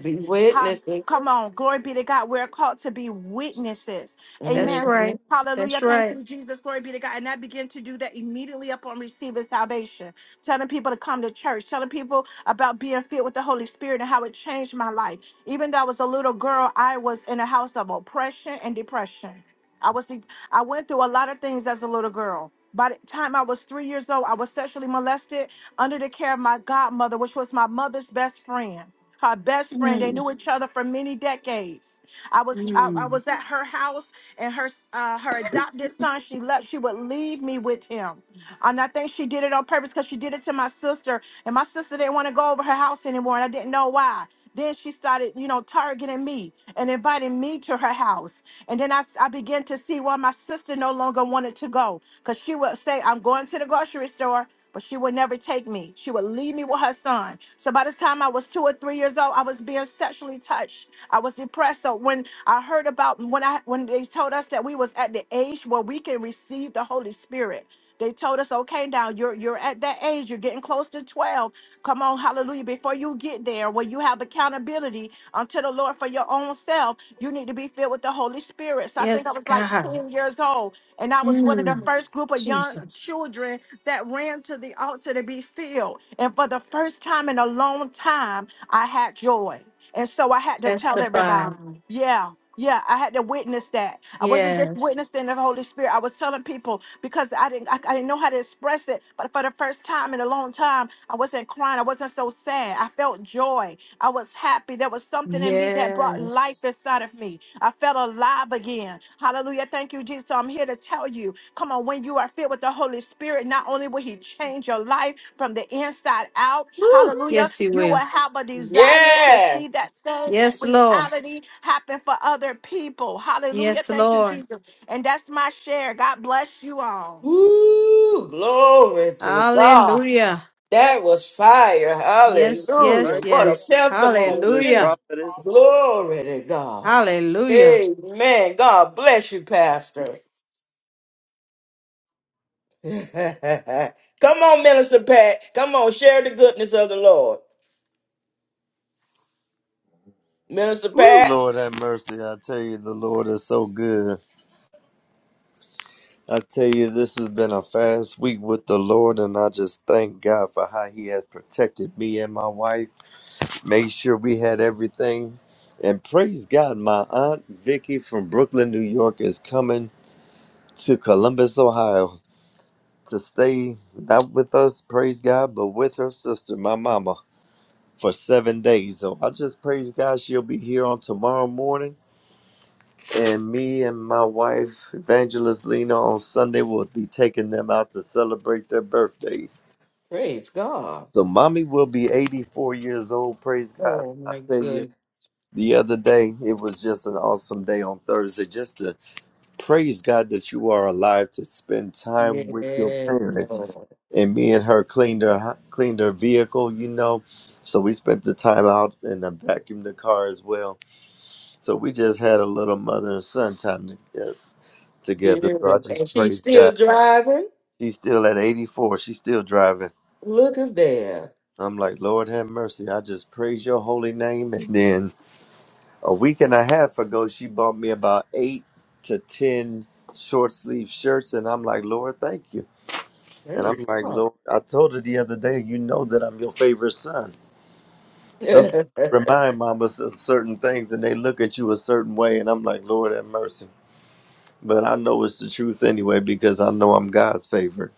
Be How, witnesses. come on, glory be to God. We're called to be witnesses. That's Amen. hmm right. That's Hallelujah. Thank right. you, Jesus. Glory be to God. And I begin to do that immediately upon receiving salvation, telling people to come to church, telling people about being filled with the Holy Spirit and how it changed my life. Even though I was a little girl, I was in a house of oppression and depression. I was de- I went through a lot of things as a little girl. By the time I was three years old, I was sexually molested under the care of my godmother, which was my mother's best friend. Her best friend. They Mm, knew each other for many decades. I was I, I mm. was at her house, and her uh, her adopted son. She left. She would leave me with him. And I think she did it on purpose because she did it to my sister. And my sister didn't want to go over her house anymore. And I didn't know why. Then she started, you know, targeting me and inviting me to her house. And then I I began to see why my sister no longer wanted to go because she would say, I'm going to the grocery store, but she would never take me. She would leave me with her son. So by the time I was two or three years old, I was being sexually touched. I was depressed. So when I heard about when I when they told us that we was at the age where we can receive the Holy Spirit, they told us, okay, now you're you're at that age, you're getting close to 12. Come on, hallelujah. Before you get there, where you have accountability unto the Lord for your own self, you need to be filled with the Holy Spirit. So I think I Yes, was like God. 10 years old. And I was one of the Mm. first group of young Jesus. children that ran to the altar to be filled. And for the first time in a long time, I had joy. And so I had to tell Testify. everybody, yeah. Yeah, I had to witness that. I wasn't just Yes. witnessing the Holy Spirit. I was telling people because I didn't, I, I didn't know how to express it. But for the first time in a long time time, I wasn't crying. I wasn't so sad. I felt joy. I was happy. There was something in me that brought life Yes. inside of me. I felt alive again. Hallelujah. Thank you, Jesus. So I'm here to tell you come on, when you are filled with the Holy Spirit, not only will He change your life from the inside out, Woo. hallelujah, Yes, He you will. will have a desire to Yeah. see that same Yes, Lord. reality happen for other people. Hallelujah. Yes, Thank you, Lord. Jesus. And that's my share. God bless you all. Woo! Glory to God. Hallelujah. That was fire. Yes, All Hallelujah. yes, right, What preach, a yes. testimony, evangelist, too. Hallelujah. prophetess. Glory to God. Hallelujah. Amen. God bless you, Pastor. Come on, Minister Pat. Come on, share the goodness of the Lord. Minister Ooh, Pat, Lord have mercy. I tell you, the Lord is so good. I tell you, this has been a fast week with the Lord, and I just thank God for how He has protected me and my wife, made sure we had everything. And praise God, my aunt Vicky from Brooklyn, New York is coming to Columbus, Ohio to stay not with us, praise God, but with her sister, my mama, for seven days. So I just praise God she'll be here on tomorrow morning. And me and my wife, Evangelist Lena, on Sunday will be taking them out to celebrate their birthdays. praise God. So mommy will be 84 years old, praise God. Oh, I my tell you, goodness. the other day, it was just an awesome day on Thursday just to Praise God that you are alive to spend time with your Yes, parents. Lord. And me and her cleaned her hou- cleaned her vehicle, you know. So we spent the time out and I vacuumed the car as well. So we just had a little mother and son time to- uh, together. So I Beautiful. And just she's praise still God. driving. She's still at 84. She's still driving. Look at there. I'm like, Lord have mercy. I just praise your holy name. And then a week and a half ago, she bought me about eight to 10 short sleeve shirts. And I'm like, Lord, thank you. And I'm Praise like, God. Lord, I told her the other day, you know that I'm your favorite son. Sometimes you remind mamas of certain things and they look at you a certain way. And I'm like, Lord, have mercy. But I know it's the truth anyway because I know I'm God's favorite.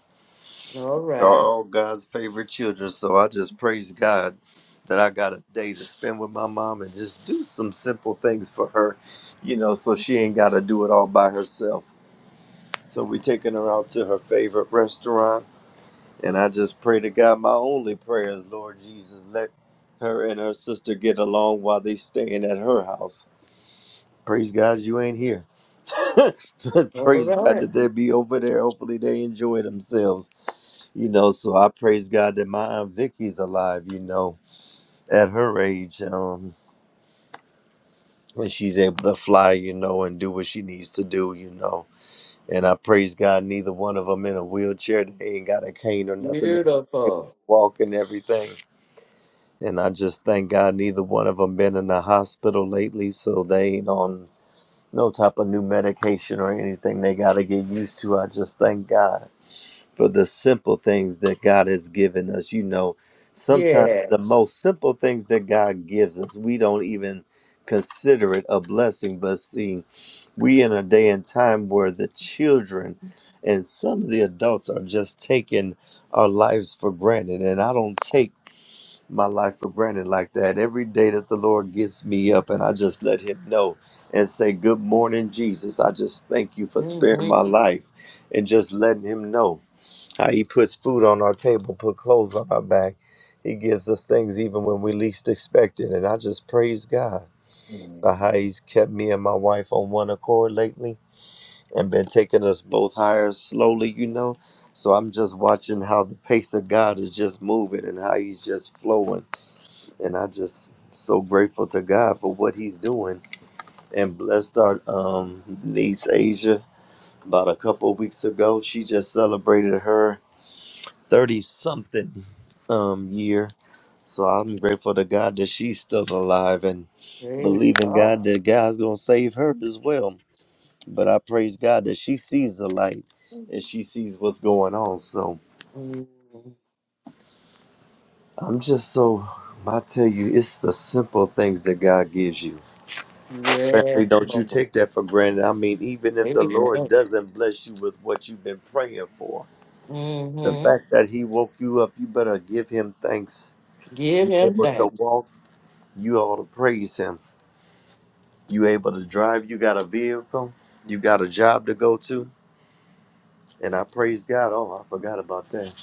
All We're right. all God's favorite children. So I just praise God that I got a day to spend with my mom and just do some simple things for her, you know, so she ain't got to do it all by herself. So we taking her out to her favorite restaurant And I just pray to God, my only prayer is, Lord Jesus, let her and her sister get along while they staying at her house. Praise God, you ain't here. But All praise God right. that they be over there. Hopefully they enjoy themselves. You know, so I praise God that my Aunt Vicky's alive, you know, at her age. Um, when she's able to fly, you know, and do what she needs to do, you know. And I praise God, neither one of them in a wheelchair. They ain't got a cane or nothing. they able Beautiful. to walk and everything. And I just thank God neither one of them been in the hospital lately, so they ain't on no type of new medication or anything they got to get used to. I just thank God for the simple things that God has given us. You know, sometimes the Yes. most simple things that God gives us, we don't even consider it a blessing. But see, we in a day and time where the children and some of the adults are just taking our lives for granted. And I don't take my life for granted like that. Every day that the Lord gets me up and I just let Him know and say, Good morning, Jesus. I just thank you for sparing hmm my life and just letting Him know how He puts food on our table, put clothes on our back. He gives us things even when we least expect it. And I just praise God for how He's kept me and my wife on one accord lately and been taking us both higher slowly, you know. So I'm just watching how the pace of God is just moving and how He's just flowing and I just so grateful to God for what He's doing. And blessed our um, niece Asia about a couple of weeks ago. She just celebrated her thirty something um, year. So I'm grateful to God that she's still alive and Praise believing God. God that God's gonna save her as well. But I praise God that she sees the light and she sees what's going on. So Mhm. I'm just so I tell you, it's the simple things that God gives you Yes, Family, don't you Lord. take that for granted. I mean, even if the Amen. Lord doesn't bless you with what you've been praying for, the Mm-hmm. fact that He woke you up, you better give Him thanks. Give You him able to thanks. walk, you ought to praise Him. You able to drive, you got a vehicle, you got a job to go to. And I praise God. Oh, I forgot about that.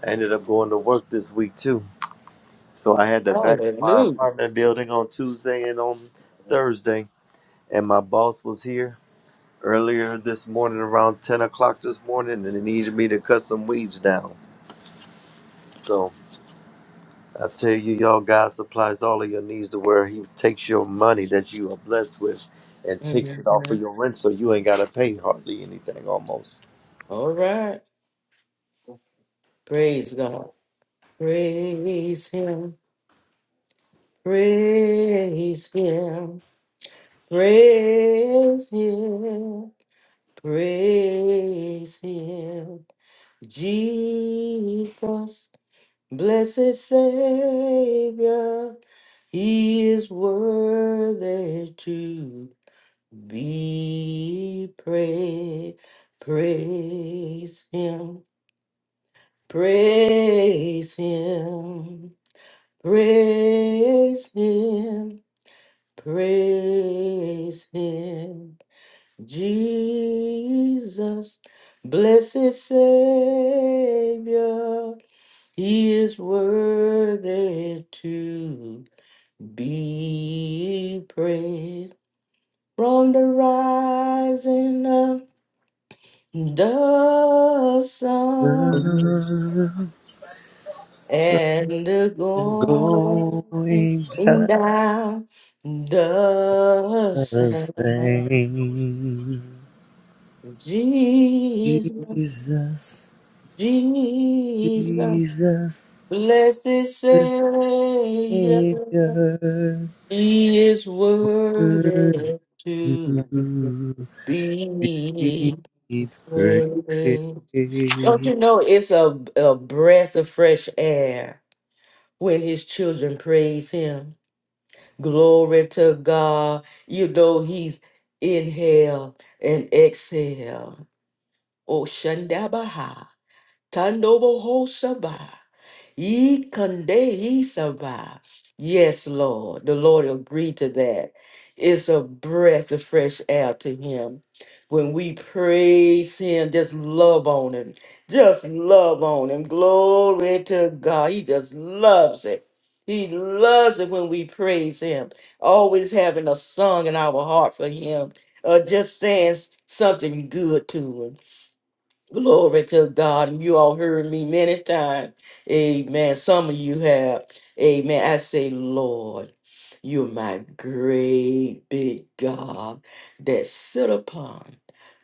I ended up going to work this week too. So I had to vacuum my Hallelujah. apartment building on Tuesday and on Thursday. And my boss was here earlier this morning around 10 o'clock this morning and they needed me to cut some weeds down. So I tell you, y'all, God supplies all of your needs to where He takes your money that you are blessed with and takes it off of Mhm. your rent so you ain't got to pay hardly anything almost. All right. Praise God. Praise him. Praise him. Praise him. Praise him. Jesus, blessed Savior, he is worthy to Be praised, praise him, praise him, praise him, praise him. Jesus, blessed Savior, he is worthy to be praised from the rising up The sun I'm and the going going down the to sun. say, Jesus, Jesus, Jesus, Jesus, blessed the Savior, Savior. He is Worthy worthy to to be be praised. praised. Don't you know it's a, a breath of fresh air? when his children praise him. Glory to God. You know he's inhale and exhale. Oh Shandabaha. Tandobo Hosaba. Ye conde ye saba. Yes, Lord. The Lord agreed to that. It's a breath of fresh air to him. When we praise him, just love on him. Just love on him. Glory to God. He just loves it. He loves it when we praise him. Always having a song in our heart for him. Or just saying s- something good to him. Glory to God. And you all heard me many times. Amen. Some of you have. Amen. I say, Lord, you're my great big God that sit upon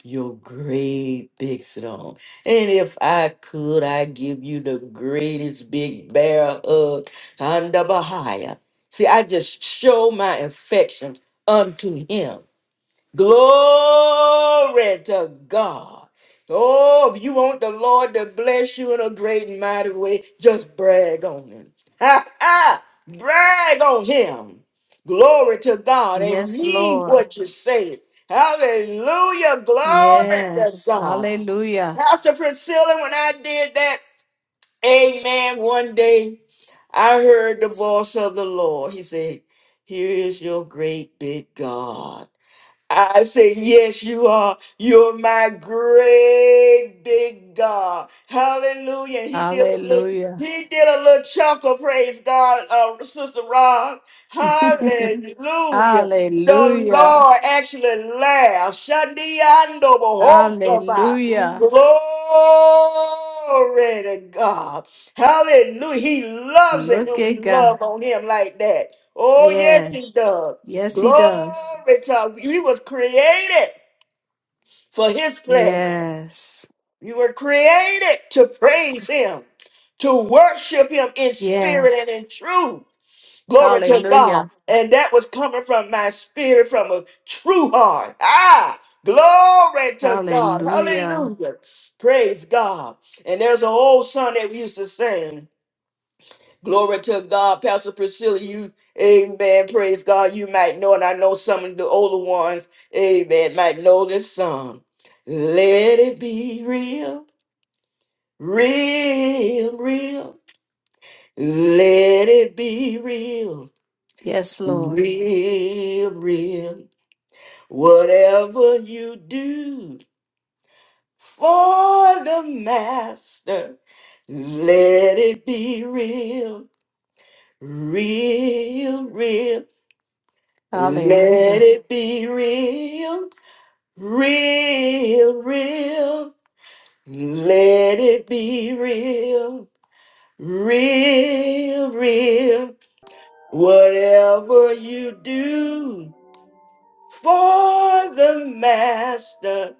your great big throne. And if I could, I give you the greatest big bear hug under Bahia. See, I just show my affection unto him. Glory to God. Oh, if you want the Lord to bless you in a great and mighty way, just brag on him. Ha ha! Brag on him. Glory to God and Yes, mean Lord. what you say. Hallelujah. Glory to Yes. God. Hallelujah. Pastor Priscilla, when I did that, amen, one day I heard the voice of the Lord. He said, Here is your great big God. I say, Yes, you are. You're my great big God. Hallelujah. He did a little. Hallelujah. He did a little chuckle, praise God, uh, Sister Rod. Hallelujah. The Hallelujah. Lord actually laughed. Shandiando bohosaba. Hallelujah. Glory to God. Hallelujah. He loves it Look when we at God. love on him like that. Oh, yes, he Yes. does. Yes, He Glory does. to you was created for his plan. Yes. You were created to praise him, to worship him in spirit and Yes. in truth. Glory to God. Hallelujah. And that was coming from my spirit, from a true heart. Ah, glory to God. Hallelujah. Hallelujah. Praise God. And there's an old song that we used to sing. Glory to God, Pastor Priscilla. You, amen. Praise God. You might know, and I know some of the older ones, amen, might know this song. Let it be real, real, real. Let it be real, Yes, Lord. real, real. Whatever you do for the master, let it be real, real, real. Let Hallelujah. it be real, real, real. Let it be real, real, real. Whatever you do for the master,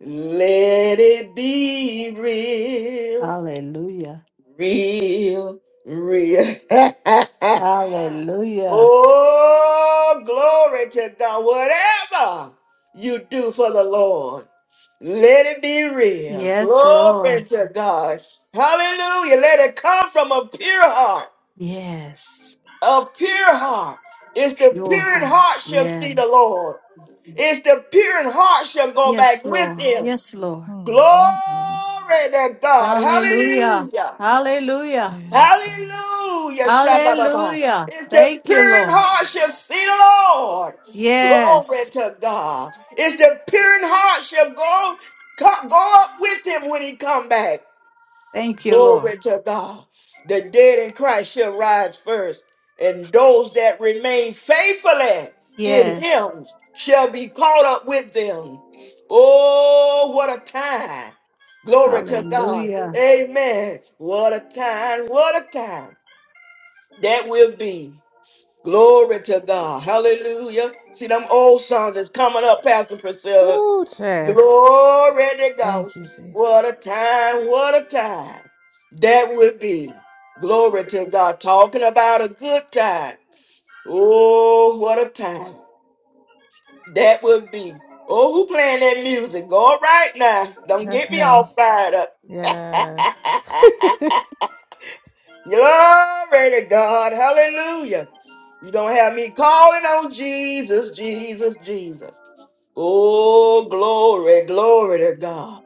let it be real. Hallelujah. Real, real. Hallelujah. oh, glory to God. Whatever you do for the Lord, let it be real. Yes, Glory Lord. to God. Hallelujah. Let it come from a pure heart. Yes. A pure heart. It's the Pure pure in heart. heart shall see the Yes. Lord. It's the pure in heart shall go Yes, back with Lord. him. Yes, Lord. mm, mm. Glory to God. Hallelujah. Hallelujah. Hallelujah. Yes, God. Hallelujah. Shabba-ba-ba. Hallelujah. It's the Thank you, pure in Lord. heart shall see the Lord. Glory Yes. to God. It's the pure in heart shall go, co- go up with him when he come back. Thank you, Lord. Glory to God. The dead in Christ shall rise first, and those that remain faithfully in Yes. him shall be caught up with them. Oh, what a time. Glory to God. Hallelujah. Amen. What a time. What a time that will be. Glory to God. Hallelujah. See, them old songs is coming up, Pastor Priscilla. Ooh, child. Glory to God. Thank you, What a Jesus. time, what a time that would be. Glory to God. Talking about a good time. Oh, what a time that would be. Oh, who playing that music? Go right now. Don't That's get me me. all fired up. Yes. Glory to God. Hallelujah. You don't have me calling on Jesus, Jesus, Jesus. Oh, glory, glory to God.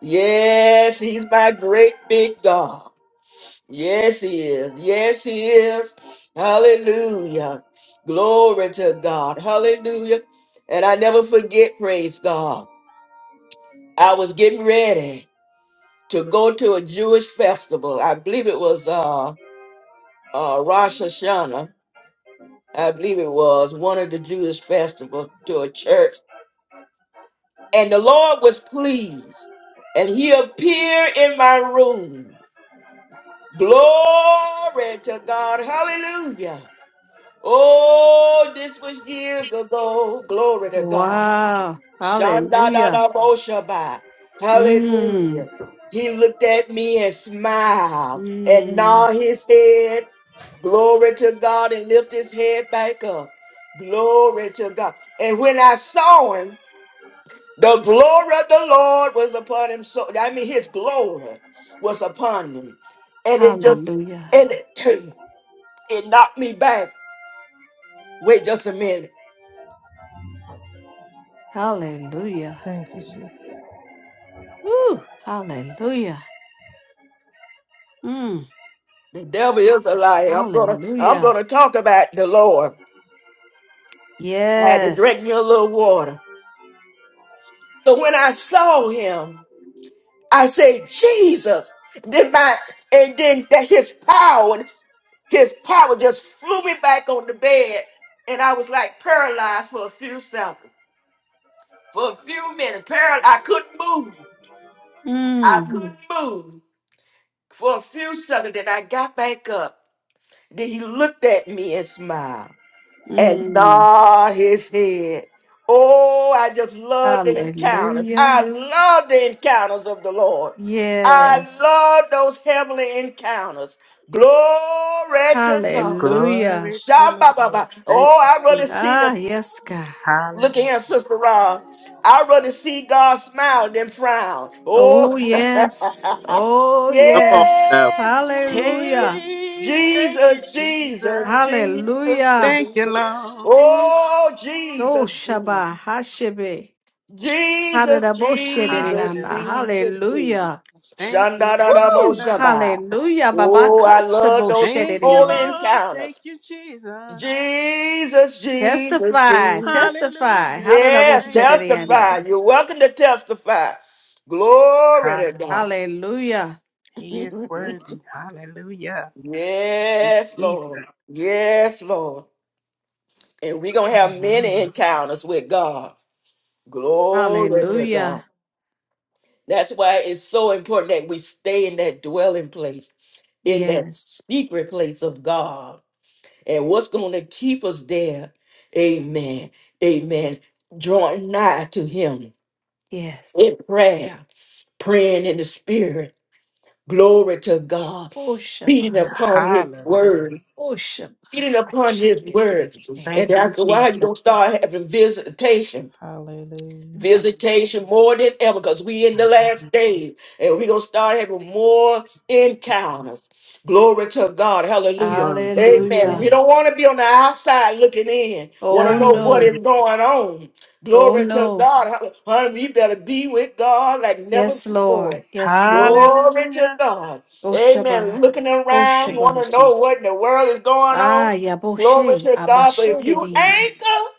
Yes, he's my great big God. Yes, he is. Yes, he is. Hallelujah. Glory to God. Hallelujah. And I never forget, praise God. I was getting ready to go to a Jewish festival. I believe it was uh, uh, Rosh Hashanah. I believe it was one of the Jewish festivals to a church And the Lord was pleased, and he appeared in my room. Glory to God. Hallelujah. Oh, this was years ago. Glory to God. Wow. Hallelujah. Shandadadaboshabai. Hallelujah. Mm. He looked at me and smiled and Mm. gnawed his head. Glory to God and lift his head back up. Glory to God. And when I saw him, the glory of the Lord was upon him. So I mean, his glory was upon him, and it just Hallelujah. and it, it knocked me back. Wait just a minute. Hallelujah. Thank you, Jesus. Woo. Hallelujah. Mm. The devil is a liar. I'm gonna I'm Hallelujah. gonna talk about the Lord. I had to drink me Yes. a little water. So when I saw him, I said, Jesus. Then my and then that his power, his power just flew me back on the bed, and I was like paralyzed for a few seconds. for a few minutes. Apparently, I couldn't move. I Mm. couldn't move for a few seconds. Then I got back up. Then he looked at me and smiled and Mm. nod his head. Oh, I just love the encounters. I Hallelujah. love the encounters of the Lord. I Yes. love those heavenly encounters. Glory to God. Hallelujah. Glory to the Lord. Shabba-ba-ba. Thank Oh, you, I rather Jesus. see Ah, the yes, God. Look Hallelujah. here, Sister Ra. I'd rather see God smile than frown. Oh, Oh, yes. Oh, Come on yes. now. son. yes, Jesus. Hallelujah. Hey, thank you, Jesus, Jesus, Jesus. Jesus, Hallelujah. Thank you, Jesus. Lord. Oh, Oh, Jesus, Jesus. Shaba Hashebe. Jesus, Jesus, Haradaboshererianda. Hallelujah. Jesus, Jesus. Hallelujah. Thank you, Shandarabo Woo! Jesus. Shabbat. Hallelujah. Baba Oh, I love those Thank you, holy Kashaboshereriane. Lord. Thank encounters. you, Jesus. Jesus, Jesus, Testify. Jesus, Testify. Hallelujah. Yes, Thank you, testify. Haradaboshereriane. Jesus. You're welcome to testify. Glory to Hallelujah. God. Hallelujah. He is worthy. Hallelujah. Yes, Jesus. Lord. Yes, Lord. And we're going to have many Hallelujah. encounters with God. Glory to God. Hallelujah. That's why it's so important that we stay in that dwelling place, in that Yes. secret place of God. And what's going to keep us there? Amen. Amen. Drawing nigh to Him Yes. in prayer, praying in the Spirit Glory to God. Oh, Shabbat. Feeding upon his Hallelujah. word. Oh, Shema, Feeding upon his Shema. word. And Thank you, that's why you Jesus. don't start having visitation Hallelujah. Visitation more than ever because we in the last Hallelujah. days and we're going to start having more encounters. Glory to God. Hallelujah. Glory to his Amen. Hallelujah. We name. don't want to be on the outside looking in. Want Oh, to know what no. Hallelujah. is going on. Oh, Glory to no. God. Hall- Honey, we better be with God like never Yes, before. Lord. Yes, Lord. Glory to Hallelujah. God. Oh, Amen. Shabbat. Looking Oh, around, Thank Shabbat. you, want to know Jesus. what in the world is going on. Ah, Glory Yaboshe. to God. But Abashe if de you diende. anchor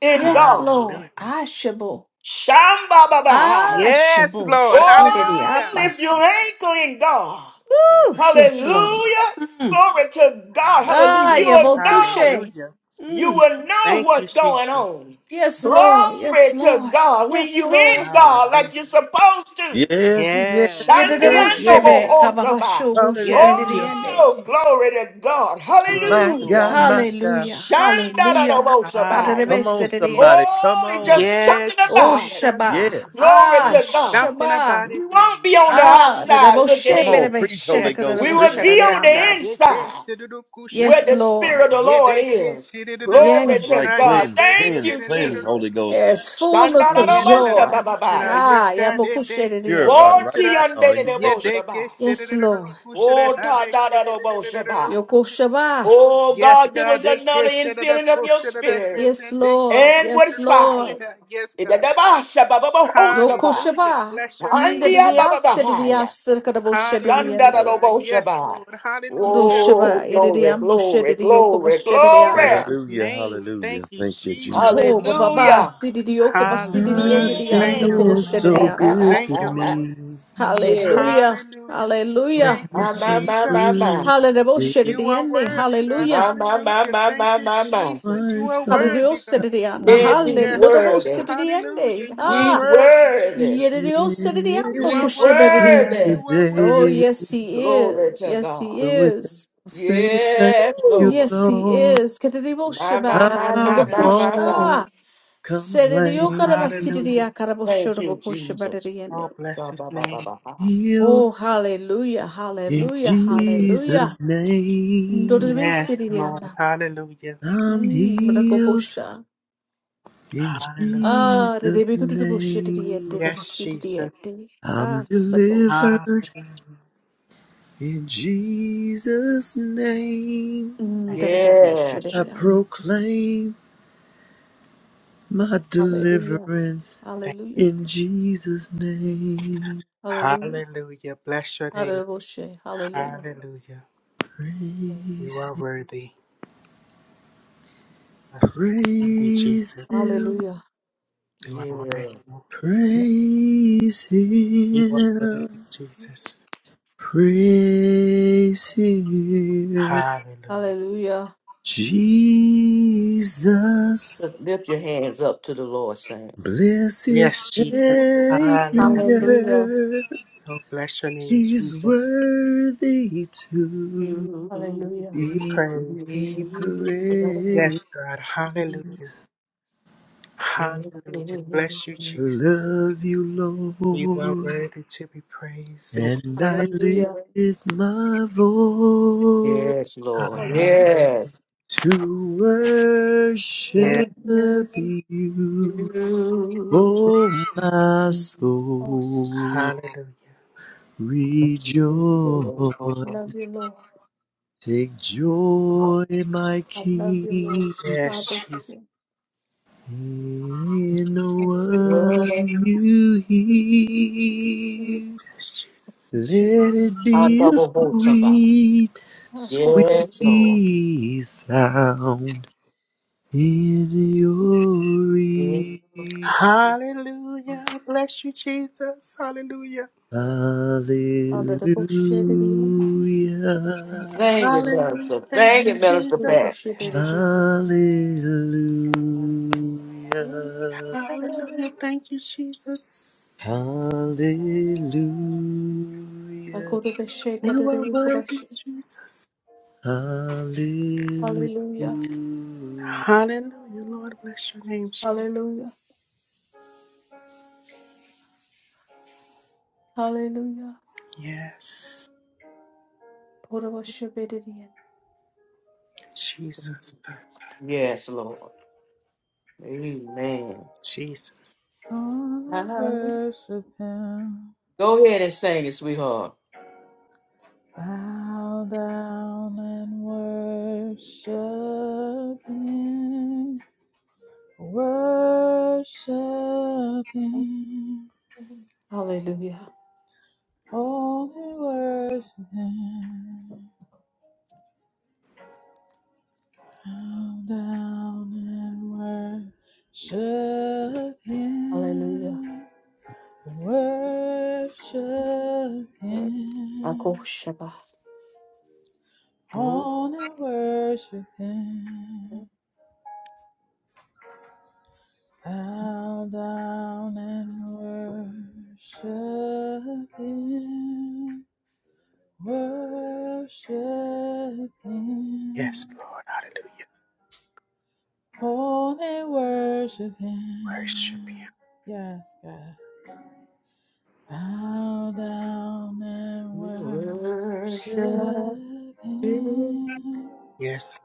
in Yes, God. Lord. Hallelujah. Ah, Shabo. Shamba Babahaya. Ah, Yes, Shabo. Lord. Shede de Oh, Hallelujah. if you Abasi. anchor in God, Yes. Oh, Jesus. yes, Lord. hallelujah. Mm. Glory to God, hallelujah. Ah, You Hallelujah. will know, Yabofushe. Hallelujah. you Mm. will know Thank you, what's going Jesus. on. Yes, Lord. Yes, Glory to Lord. God. When Yes, you Lord. in God Hallelujah. like you're supposed to. Yes, yes, Yes. Sunday yes, and yes. Yededeboshebe, Hallelujah. Yes, Hallelujah. Jesus. kababashobosheberediende. Oh, glory to God. Glory My to his God, Hallelujah. my name. God. Hallelujah. Hallelujah. Shandadadobosabaya. Come on, Hallelujah. Tadedebesedidiende. somebody. Come Oh, it's on. just Yes, something Oh about it. Jesus. Shaba. Yes. Glory Ah to There's God. something Shaba. about We his won't name. be on the Ah Hallelujah. outside looking Come on. in. Preach, Holy Yes, Ghost. We Preach. will Jesus. be on Yes, the God. dedeboshebedebeshedekadedeboshedadianda. Yes, they inside said it, oh, where kushada. Yes, the Spirit Lord. of the Yeah, Lord they can is. see it, oh, Glory That's Yes. to right. kushada. Yeah, God. Cleanse, they can, Thank cleanse, you, cleanse, oh, Jesus. Holy Ghost. kushada. There's fullness of Yes, God, joy. Shandarabosababai. Ah, that day, sit it, Purify yabokushedidiende. push right now in the Yeah, name of they can Wotiyandeleboshabai. sit it, Yes, Lord. push it They can Wotadadadoboshabai. Yoko push Shaba. Oh, Yes, God, give God, us they can another sit it, infilling of your push They spirit can Yes, Lord. sit and with Yes, it, push fire. Lord. Yes, God. Do Idadabashabababosabai. Hallelujah. koshaba. Bless your name, Jesus. Ndedidiyas, Andiabababahaya. sedidiyas, sirkada Hallelujah, boshedidiyende. God. Yes, Shandadadoboshabai. Lord. Do Hallelujah. Oh, shaba, glory, yedidiyam glory, boshedidiyoko glory, Oh, glory. bless boshedidiyanda. his Hallelujah. name. Hallelujah. Thank you, Thank you, Jesus. Jesus. Do Mama, bababa, Hallelujah. mama. sididiyoko No mama God Hallelujah. kariki no Thank boshedidiyedidiyato Mm. you, Lord mama feels so Jesus. boshedidiyanda. good Thank to you, Lord. me. no mama. yes. Hallelujah, Hallelujah. Oh, hallelujah. Thank that you, My, is my, Thank so you, my, my, Jesus. blue. my. Jesus. Hallelujah, it You are Boshediyende. worthy, God. My, hallelujah. my, my, Hallelujah. my, Thank my, you, my, my. Jesus. You are Wipes all Hallelujah, worthy, God. my Cool Sediyanda. tears. no Yes, he's mama. Yes, hallelujah. God. worthy. Hallelujah. Boshediyende. You are He's Ah, worthy, worthy. Jesus. Turn yedidiyosedidiyan You He's are This worthy, God. bokoshebedidiyende. worthy. You are Oh, today. worthy. yes, he Glory is. to Yes, he God. So with that, is. I say thank Yes, Oh, you, Lord. yes, he Lord. is. My, my, I my, my, my, Yes. my, my. won't Kedidiboshiba-adidibokosha. complain. Hallelujah. Thank you, Jesus. Sedidiokarabasididiakaraboshodobokoshabadidiyane. Oh, bless Ba, his ba, ba, name. ba, ba. Healed Oh, hallelujah, in Thank you, hallelujah, Jesus. hallelujah. Jesus' name. Yes, Lord. Ndodibisididiana. Hallelujah. I'm Mm, healed mrakobosha. in Hallelujah. Ah, Jesus' name. Yes, Jesus. didibikudidiboshididiyadidibasididiadi. I'm Ah, sabosha. Hallelujah. delivered In Jesus' name, Mm, Thank you, Jesus. Yes, I dadakaraboshadidiyana. proclaim my Hallelujah, deliverance. Thank you. hallelujah, In Jesus' name, hallelujah. Hallelujah. Bless your name, Adidiboshe, Hallelujah, Hallelujah. You praise, are Him, worthy. Yes, worthy praise Jesus. Him, hallelujah. You are yes. worthy. praise You are worthy, Him, Jesus. praise Him. Hallelujah. Hallelujah. Jesus, Just lift your hands up to the Lord, Saint. blessed Yes, Jesus. Hallelujah. Hallelujah. Savior, Oh, bless your name, He's Jesus. worthy to Hallelujah. Be be praised. praised. Yes, God. Hallelujah. Hallelujah. Bless you, I Jesus. love you, You are Lord, worthy to be praised and and glorified. I Hallelujah. lift my voice Yes, Lord. Hallelujah. Hallelujah. Yes. to Yes. worship Hallelujah. you. Oh, my Awesome. soul, Hallelujah. I rejoice. love you, Lord. Take joy, my I love you, Lord. King, I Yes, bless Jesus. you. in I praise what you hear. Let you. it And be a double votes about. sweet, I worship sweet you. Yes, Lord. sound in your ear. Hallelujah. Bless you, Jesus. Hallelujah. I love the worship of you. Thank Hallelujah, you, Thank you, Jesus. Hallelujah. Minister. Thank Thank you, you, Mm, I love the Jesus. Minister worship of you. Yes. hallelujah, Hallelujah. Thank you, Jesus. I go hallelujah, to the shake of You are the worthy, worship. Jesus. Hallelujah. hallelujah. Hallelujah. Lord, bless your name, Jesus. Hallelujah. Hallelujah. Yes, Pour the worship of you. Jesus. Yes, Lord. Amen. Jesus. Gonna worship him. Go ahead and sing it, sweetheart. Bow down and worship him. Worship him. Hallelujah. Only worship him. Bow down and worship Hallelujah. Him. Worship I go Him. Shabbat. Oh, On and worship Him. Bow down and worship Him. Worship Yes, Him. Lord. Hallelujah. On and worship Him. Worship him. Yes, God. Bow down and we worship worship you, Him. Yes,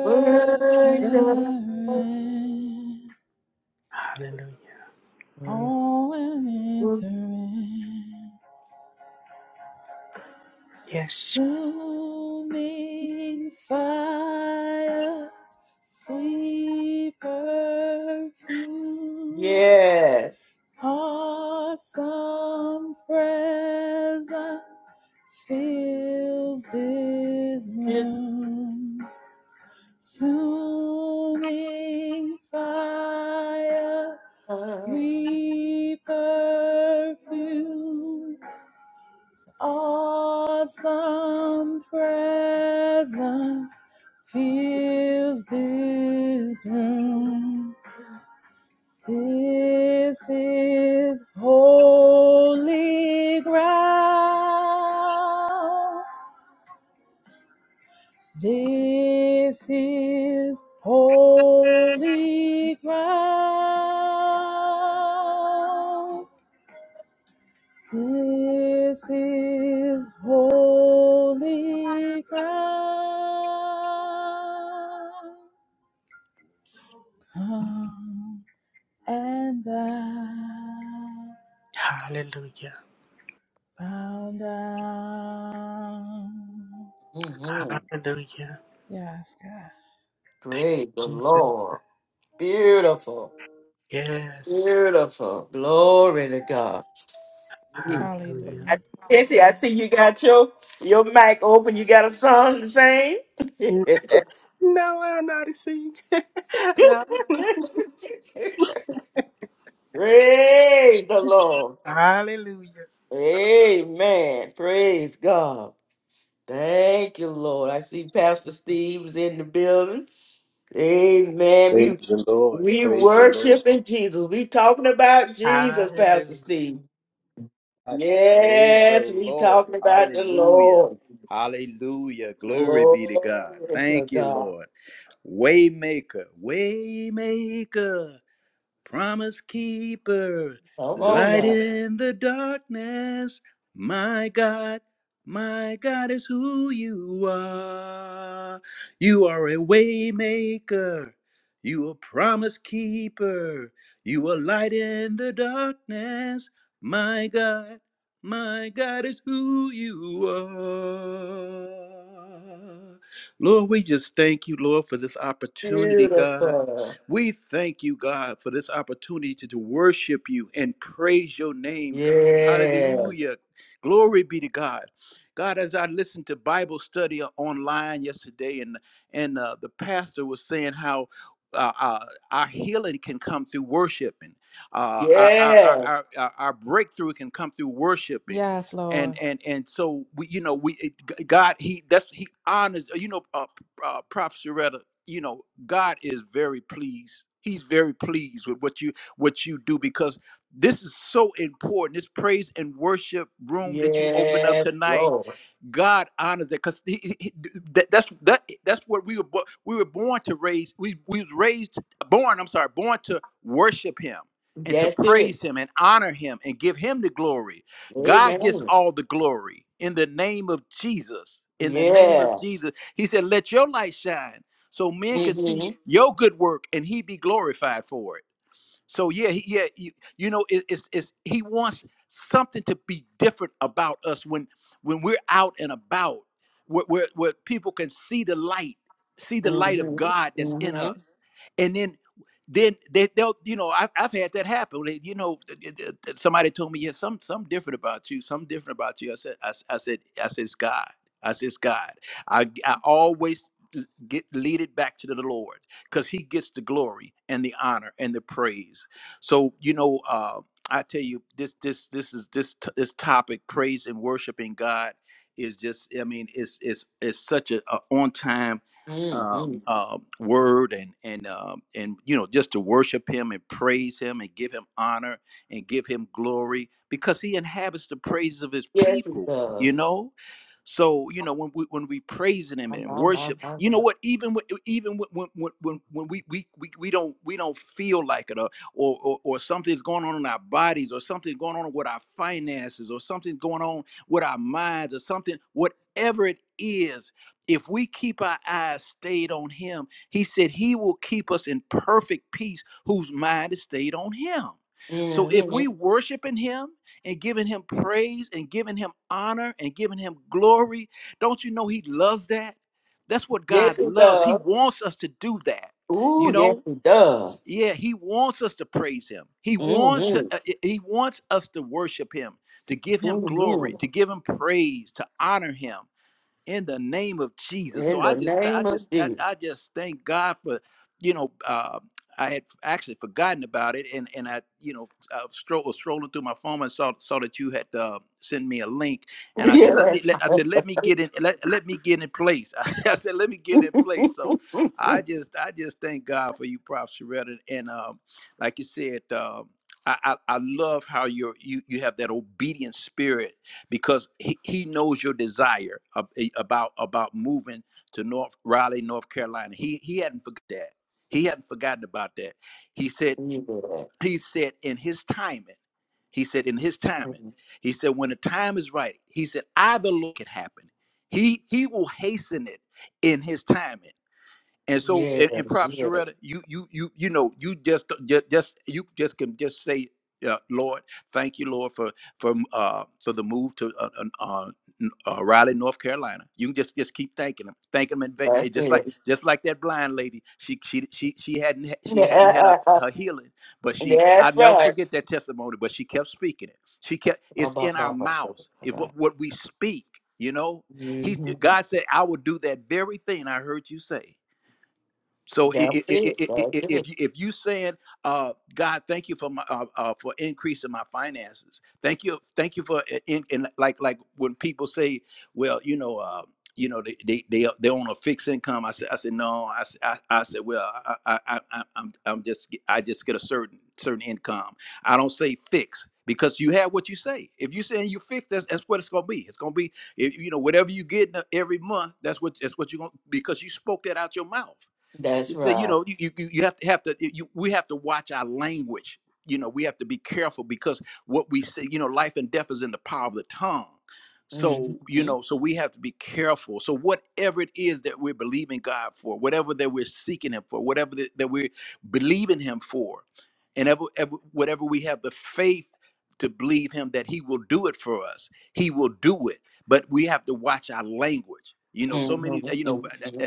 worship. Lord. Him. Hallelujah. Oh, and you. enter in. Yes, Jesus. Consuming fire, sweet perfume, Yes. awesome presence. fills this room. Consuming fire, sweet perfume, awesome presence fills this room. This is holy ground. This is holy ground. This is holy ground. Come and bow, Hallelujah. bow down. Mm-hmm. Hallelujah. Yes, God. Thank Praise the you, Jesus. Lord. Beautiful. Yes. Beautiful. Glory to God. I- Hallelujah. Hallelujah. Cynthia, I see you got your your mic open. You got a song to sing? No, I'm not a singer. No. Praise the Lord. Hallelujah. Amen. Praise God. Thank you, Lord. I see Pastor Steve's in the building. Amen. Praise We the Lord. we Praise the Lord. worshiping Jesus. We talking about Jesus, Hallelujah. Pastor Steve. I- Praise the Yes, we Lord. talking about the Hallelujah. Lord. Hallelujah. Glory be to God. Glory to Thank you, God. Lord. Waymaker. Waymaker. promise keeper, Come on light now. in the darkness. My God, my God is who you are. You are a waymaker. You a promise keeper. You a light in the darkness. My God, my God is who you are. Lord, we just thank you, Lord, for this opportunity, God. Beautiful. We thank you, God, for this opportunity to, to worship you and praise your name, God. Yeah. Hallelujah. Glory be to God. God, as I listened to Bible study online yesterday, and and uh, the pastor was saying how uh, uh, our healing can come through worshiping, uh, our, our, our, Yes. our our breakthrough can come through worshiping, Yes, and Lord. and and so we, you know, we it- God, he that's he honors. You know, uh, uh, Prophet Sharetta you know god is very pleased he's very pleased with what you what you do because this is so important this praise and worship room that you open up Yes, tonight Lord. God honors that because that, that's that, that's what we were bo- we were born to raise we we was raised born I'm sorry born to worship Him and to That's it. praise Him and honor Him and give Him the glory. God gets Amen. all the glory in the name of Jesus. In the name of Yes. Jesus, He said, "Let your light shine, so men can see Mm-hmm. your good work and He be glorified for it." So yeah, he, yeah, you, you know, it, it's it's he wants something to be different about us when when we're out and about, where where, where people can see the light, see the light of God that's in Mm-hmm. us, and then then they, they'll you know I've, I've had that happen They- you know th- th- th- th- somebody told me yeah some some different about you some different about you i said i, s- I said i said it's god i said it's god I I always l- get lead it back to the lord because he gets the glory and the honor and the praise. So you know, uh, I tell you, this this this is this t- this topic, praise and worshiping God, is just I mean, it's it's it's such a, a on time um, Mm-hmm. uh, word and and um, and you know, just to worship Him and praise Him and give Him honor and give Him glory because He inhabits the praises of His Yes, it people. You does. know so you know when we when we praising him My, and my, my, my, worship, my. you know what? Even when, even when when when when when we, we we we don't we don't feel like it, or or or or something's going on in our bodies, or something's going on with our finances, or something's going on with our minds, or something whatever it is. If we keep our eyes stayed on Him, He said He will keep us in perfect peace, whose mind is stayed on Him. So if we Mm-hmm. worshiping Him and giving him praise and giving him honor and giving him glory. Don't you know he loves that? That's what Yes, God it loves. He does. wants us to do that. Ooh, You yes, know? it does. Yeah, he wants us to praise him. He wants Mm-hmm. uh, uh, he wants us to worship him, to give him glory, Mm-hmm. to give him praise, to honor him in the name of Jesus. So In I the just, I name just, of I, I just thank God for, you know, uh, I had actually forgotten about it, and and I, you know, I stro- was strolling through my phone and saw saw that you had uh, sent me a link, Jesus. and I said, let me, let, I said, let me get in, let, let me get in place. I said, let me get in place. So I just, I just thank God for you, Prof. Sheretta, and um, like you said. Um, I, I, I love how you're, you you have that obedient spirit because he, he knows your desire of, eh, about about moving to North Raleigh, North Carolina. He he hadn't forgot that. He hadn't forgotten about that. He said Yes. Yes. he said in his timing. He said in his timing. Mhm. He said when the time is right. He said I will look it happen. He he will hasten it in his timing. And so, Yes, and, and props yes, Sharetta, you you you you know, you just just, just you just can just say, uh, Lord, thank you, Lord, for for uh for the move to uh, uh, uh, n- uh, Raleigh, North Carolina. You can just just keep thanking him, thank him, and va- that's and just like it. just like that blind lady, she she she she hadn't ha- she hadn't had her, her healing, but she I That's never right. forget that testimony. But she kept speaking it. She kept it's in About our that one. mouths. If Right. what what we speak, you know, Mm, he God said, I will do that very thing I heard you say. So if That's i- it. That's if it. you- if you said, uh, "God, thank you for my uh, uh, for increasing my finances. Thank you, thank you for uh, in, in like like when people say, well, you know, uh, you know, they they they they on a fixed income. I said, I said no. I s- I, I said, well, I, I I I- I'm I'm just get- I just get a certain certain income. I don't say fixed because you have what you say. If you saying you fixed, that's that's what it's gonna be. It's gonna be if, you know whatever you get every month. That's what that's what you're gonna because you spoke that out your mouth. That's You say, you right. know, you, you, you you have to have to you, we have to watch our language. You know, we have to be careful because what we say, you know, life and death is in the power of the tongue. So, you Mm-hmm. know, so we have to be careful. So whatever it is that we're believing God for, whatever that we're seeking him for, whatever that, that we're believing him for, and ever, ever, whatever we have the faith to believe him that he will do it for us, he will do it but we have to watch our language. You know, so many. You know, Mm-hmm. I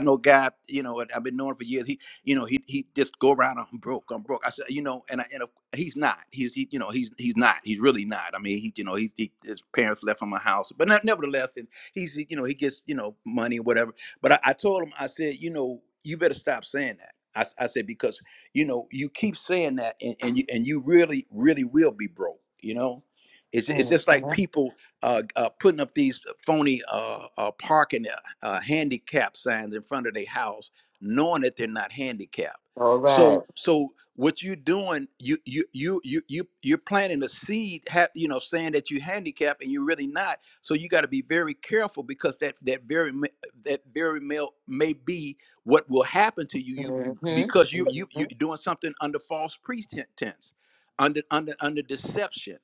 know a guy. You know, I've been knowing for years. He, you know, he he just go around. I'm broke. I'm broke. I said, you know, and I, and he's not. He's he, you know, he's he's not. He's really not. I mean, he, you know, he's he, his parents left him a house, but not, nevertheless, and he's you know, he gets you know money whatever. But I, I told him, I said, you know, you better stop saying that. I I said because you know you keep saying that, and and you, and you really really will be broke. You know, it's it's just like Mhm. people uh, uh, putting up these phony uh, uh, parking uh, uh, handicap signs in front of their house, knowing that they're not handicapped. All right. So, so what you are doing? You you you you you you're planting a seed, ha- you know, saying that you handicapped and you're really not. So you got to be very careful because that that very ma- that very male may be what will happen to you. You because you Mm-hmm. you Mm-hmm. you're doing something under false pretense, under under under deception.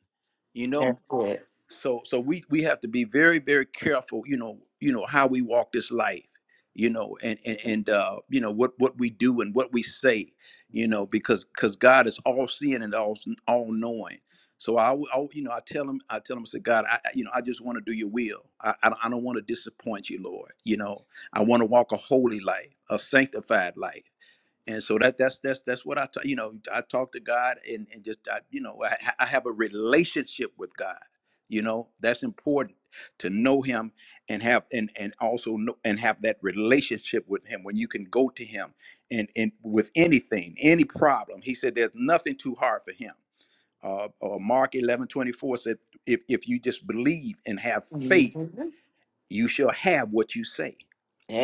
You know, That's it. so so we we have to be very very careful you know you know how we walk this life you know and and, and uh you know what what we do and what we say you know because because god is all seeing and all all knowing so I, w- I- you know i tell him i tell him i say god i I- you know i just want to do your will i i don't, I don't want to disappoint you lord you know i want to walk a holy life a sanctified life and so that that's that's that's what I ta- you know I talk to God and and just I, you know I, I have a relationship with God. You know that's important to know Him and have and and also know and have that relationship with Him when you can go to Him and and with anything any problem. He said there's nothing too hard for Him. Uh, uh, Mark eleven twenty four said if if you just believe and have faith, Mm-hmm. you shall have what you say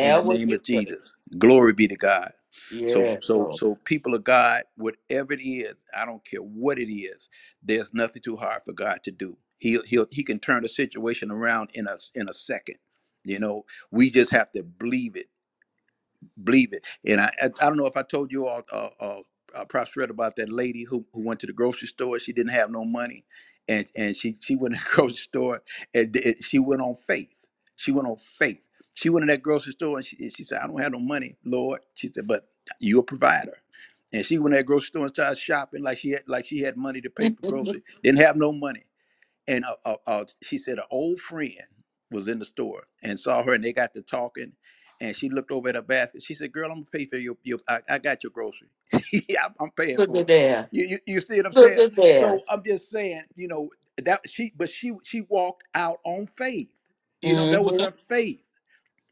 in the what name you of say? Jesus. Glory be to God. So Yeah. so Go. so people of God, whatever it is, I don't care what it is, there's nothing too hard for God to do. He'll he'll he can turn the situation around in a in a second. You know, we just have to believe it believe it. And I, I, I don't know if I told you all, uh, uh, uh, Props read about that lady who, who went to the grocery store. She didn't have no money, and and she she went to the grocery store and did- she went on faith. She went on faith. She went to that grocery store and she, and she said, "I don't have no money, Lord." She said, "But you're a provider." And she went to that grocery store and started shopping like she had like she had money to pay for groceries. Didn't have no money and uh, uh, uh, she said an old friend was in the store and saw her and they got to talking and she looked over at her basket she said girl i'm gonna pay for your, your I, I got your grocery yeah I'm, I'm paying Look at for it there. you, you you see what i'm Look saying at so there. i'm just saying you know that she but she she walked out on faith you know that was Mm-hmm. her faith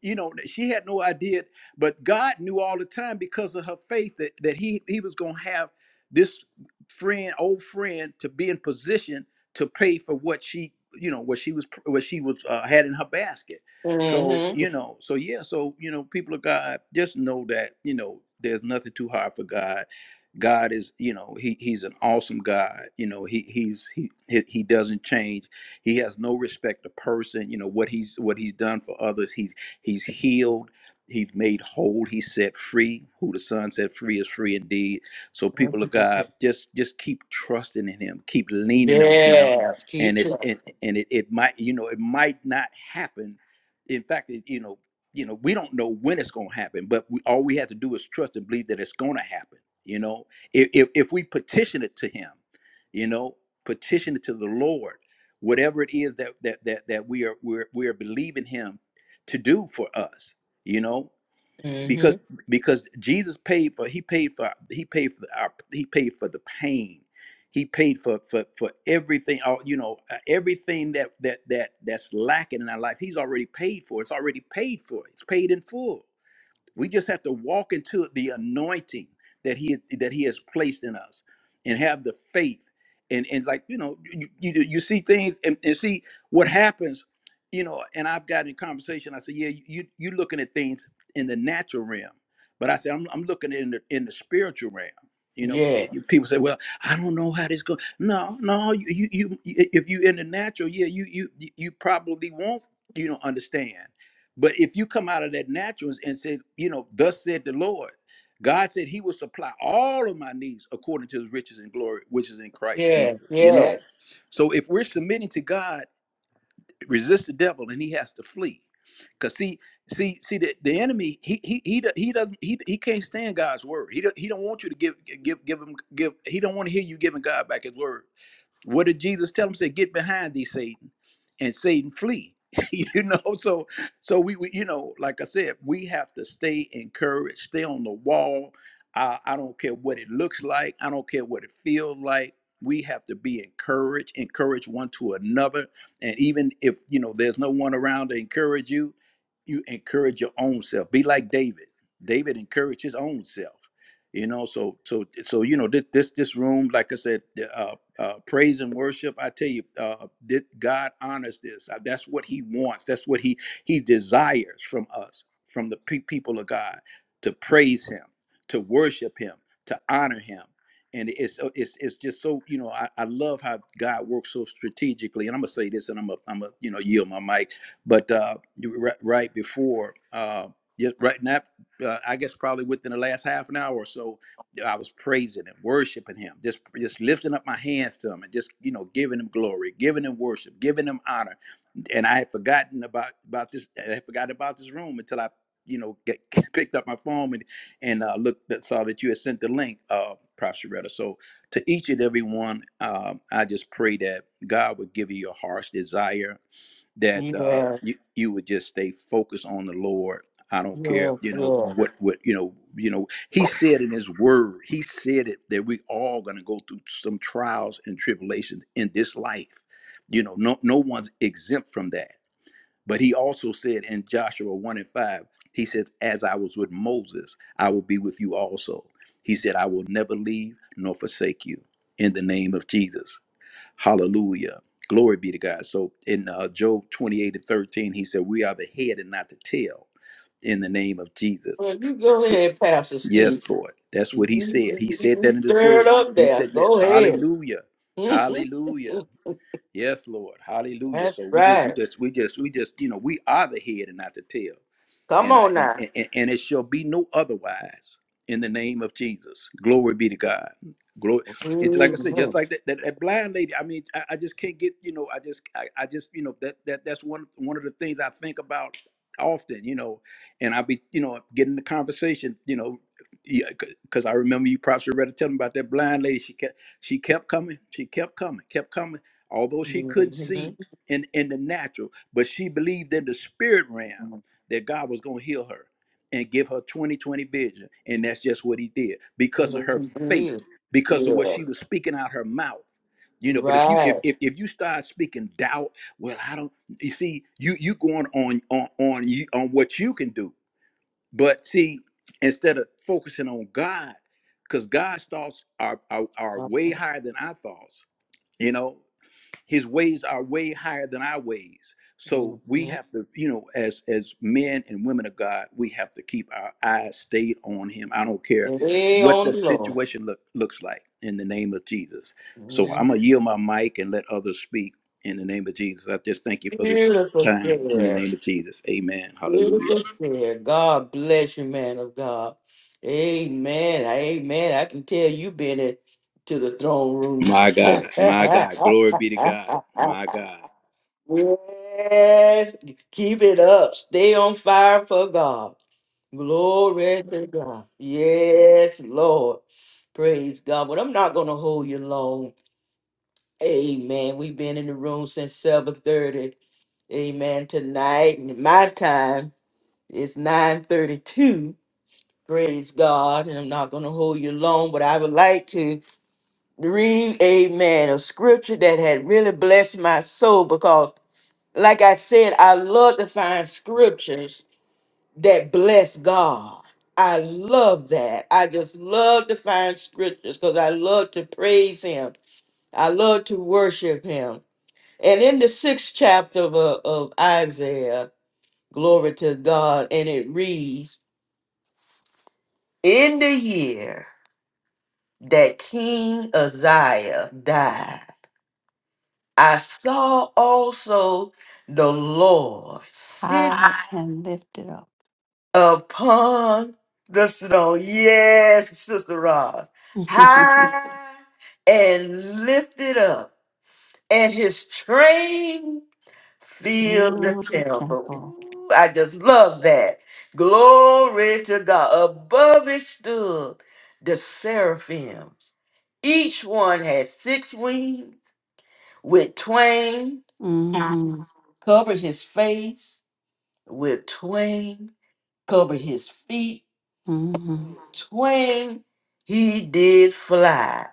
you know that she had no idea but god knew all the time because of her faith that, that he he was going to have this friend old friend to be in position to pay for what she you know what she was what she was uh, had in her basket so Mm-hmm. you know so yeah so you know people of god just know that you know there's nothing too hard for god god is you know he he's an awesome god you know he he's he he, he doesn't change he has no respect to person you know what he's what he's done for others He's He's healed. He's made whole. He's set free. Who the Son set free is free indeed. So, people of Mm-hmm. God, just just keep trusting in Him. Keep leaning on Him. Yeah. Keep And it's trying. and, and it, it might you know it might not happen. In fact, it, you know you know we don't know when it's going to happen, but we, all we have to do is trust and believe that it's going to happen. You know, if, if if we petition it to Him, you know, petition it to the Lord whatever it is that that that, that we are we're, we are believing him to do for us you know because Mm-hmm. because jesus paid for he paid for he paid for our he paid for the pain he paid for for for everything all you know uh, everything that that that that's lacking in our life he's already paid for it's already paid for it's paid in full we just have to walk into the anointing that he that he has placed in us, and have the faith, and and like you know you you, you see things and, and see what happens, you know. And I've gotten in conversation. I said, yeah, you you looking at things in the natural realm, but I said I'm I'm looking in the in the spiritual realm. You know, Yeah. p- you- people say, "Well, I don't know how this goes." No, no, you, you, you, if you in the natural, yeah, you, you, you probably won't, you know, understand but if you come out of that natural and said, you know, thus said the Lord, God said he will supply all of my needs according to his riches and glory, which is in Christ Yeah. Jesus, Yeah. you know? Yeah. So if we're submitting to God, resist the devil and he has to flee because see see see the, the enemy he he he do- he doesn't he, he can't stand god's word he don't, he don't want you to give give give him give he don't want to hear you giving god back his word what did jesus tell him say get behind thee satan and satan flee you know so so we, we you know like i said we have to stay encouraged stay on the wall I, I don't care what it looks like i don't care what it feels like we have to be encouraged encourage one to another and even if you know there's no one around to encourage you, you encourage your own self. Be like David. David encouraged his own self. You know, so so so you know this this, this room, like I said, uh, uh, praise and worship. I tell you, uh, that God honors this. Uh, That's what He wants. That's what He He desires from us, from the pe- people of God, to praise Him, to worship Him, to honor Him and it's so- it's it's just so you know I, I love how God works so strategically. And I'm gonna say this, and I'm a I'm a you know yield my mic, but uh, you- right, right before uh, just right now, uh, I guess probably within the last half an hour or so, I was praising and worshiping Him, just just lifting up my hands to Him and just you know giving Him glory, giving Him worship, giving Him honor. And I had forgotten about about this. I had forgotten about this room until I you know get, picked up my phone and and uh, looked that saw that you had sent the link, uh, Prof. Sharetta. So to each and every one, uh, I just pray that God would give you your heart's desire, that uh, Yeah. you, you would just stay focused on the Lord. I don't care, Yeah. you know what, what you know, you know. He said in His Word, He said it that we all going to go through some trials and tribulations in this life. You know, no, no one's exempt from that but he also said in Joshua 1 and 5, he says, As I was with Moses, I will be with you also. He said, I will never leave nor forsake you in the name of Jesus. Hallelujah. Glory be to God. So in uh, Job 28 and 13, he said, We are the head and not the tail in the name of Jesus. Well, you go Ye- ahead, Pastor Steve. Yes, Lord. That's You, what he you, said. He you said that you in his stir word. it up He there. said that. Go ahead. Hallelujah. Hallelujah. Yes, Lord. Hallelujah. That's So we just we right. just we just we just, you know, we are the head and not the tail Come and I on and, now. and, and it shall be no otherwise in the name of Jesus. Glory be to God. Glory. It's like I said, Mhm. just like that, that, that blind lady. I mean, I, I just can't get, you know, I just I, I just, you know, that that that's one one of the things I think about often, you know, and I'll be, you know, getting the conversation, you know, yeah, because I remember you probably read it telling about that blind lady. She kept she kept coming, she kept coming, kept coming, although she hmm couldn't see in in the natural, but she believed in the spirit realm that God was going to heal her and give her 2020 vision. And that's just what he did Yeah, because of her you faith, did. because of what yeah, she was speaking out her mouth. You know, but if you if, right. if, if you start speaking doubt, well, I don't you see, you you going on on on you on what you can do. But see, instead of focusing on God, because God's thoughts are, are are way higher than our thoughts, you know his ways are way higher than our ways so we Mm-hmm. have to you know as as men and women of god we have to keep our eyes stayed on him i don't care Lay what the on the Lord. situation look, looks like in the name of jesus so i'm Mhm. gonna yield my mic and let others speak in the name of jesus i just thank you for this Beautiful time in the share. name of jesus amen hallelujah Beautiful share. God bless you, man of God. Amen. Amen. I can tell you been it to the throne room. my god my god glory be to god my god yes. Keep it up. Stay on fire for God. Glory to God. Yes, Lord. Praise God. But I'm not gonna hold you long. Amen. We've been in the room since 7:30. Amen. Tonight, my time is 9:32. Praise God. And I'm not gonna hold you long, but I would like to read, Amen, a scripture that had really blessed my soul because, like I said, I love to find scriptures that bless God. I love that. I just love to find scriptures because I love to praise Him. I love to worship Him. And in the sixth chapter of, uh, of Isaiah, glory to God, and it reads In the year that King Uzziah died, I saw also the Lord sit High and lifted up. upon the snow. Yes, Sister Roz. High and lifted up, and his train filled Even the the temple. temple. Ooh, I just love that. Glory to God. Above it stood the seraphims. Each one had six wings with twain Mm-hmm. covered his face with twain, covered his feet Mm-hmm. Twain he did fly,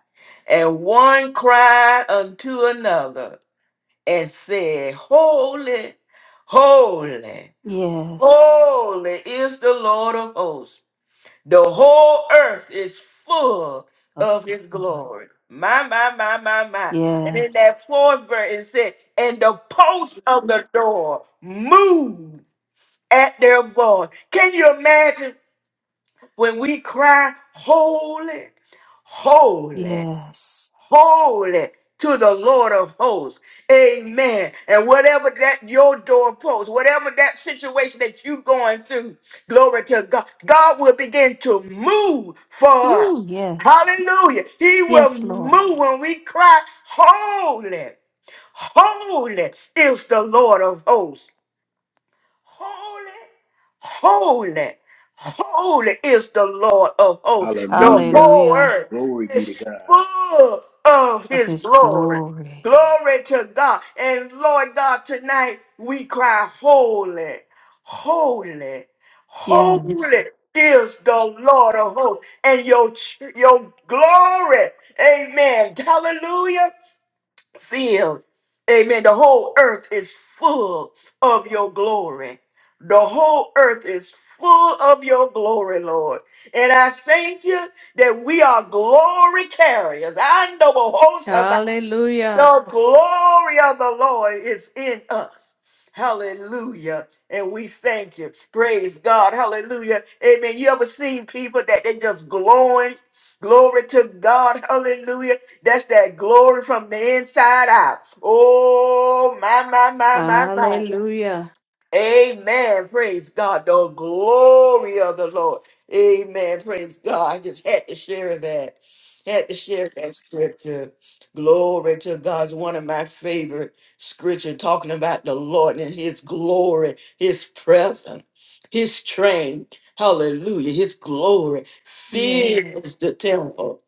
and one cried unto another and said, Holy, holy, Yes. holy is the Lord of hosts. The whole earth is full Of of his his glory. glory. My, my, my, my, my. And in Yes. that fourth verse, it said, And the posts of the door moved at their voice. Can you imagine? when we cry, Holy, holy, Yes. holy to the Lord of hosts. Amen. And whatever that your doorpost, whatever that situation that you're going through, glory to God, God will begin to move for Ooh, us. yes. Hallelujah. He will Yes, Lord. move when we cry, Holy, holy is the Lord of hosts. Holy, holy, holy is the Lord of hosts. The hallelujah whole Hallelujah. earth glory be to is god full of Of his his glory. glory. Glory to God. And Lord God, tonight we cry, Holy, holy, Yes. holy is the Lord of hosts. And your, ch- your glory, amen. Hallelujah filled. Amen. The whole earth is full of your glory. The whole earth is full of your glory, Lord. And I thank you that we are glory carriers. I know a host Hallelujah. the glory of the Lord is in us. Hallelujah. And we thank you. Praise God. Hallelujah. Amen. You ever seen people that they just glowing? Glory to God. Hallelujah. That's that glory from the inside out. Oh, my, my, my, my, my. Hallelujah. Amen. Praise God. The glory of the Lord. Amen. Praise God. I just had to share that. Had to share that scripture. Glory to God. It's one of my favorite scripture talking about the Lord and his glory, his presence, his train. Hallelujah. His glory fills the Yes. temple.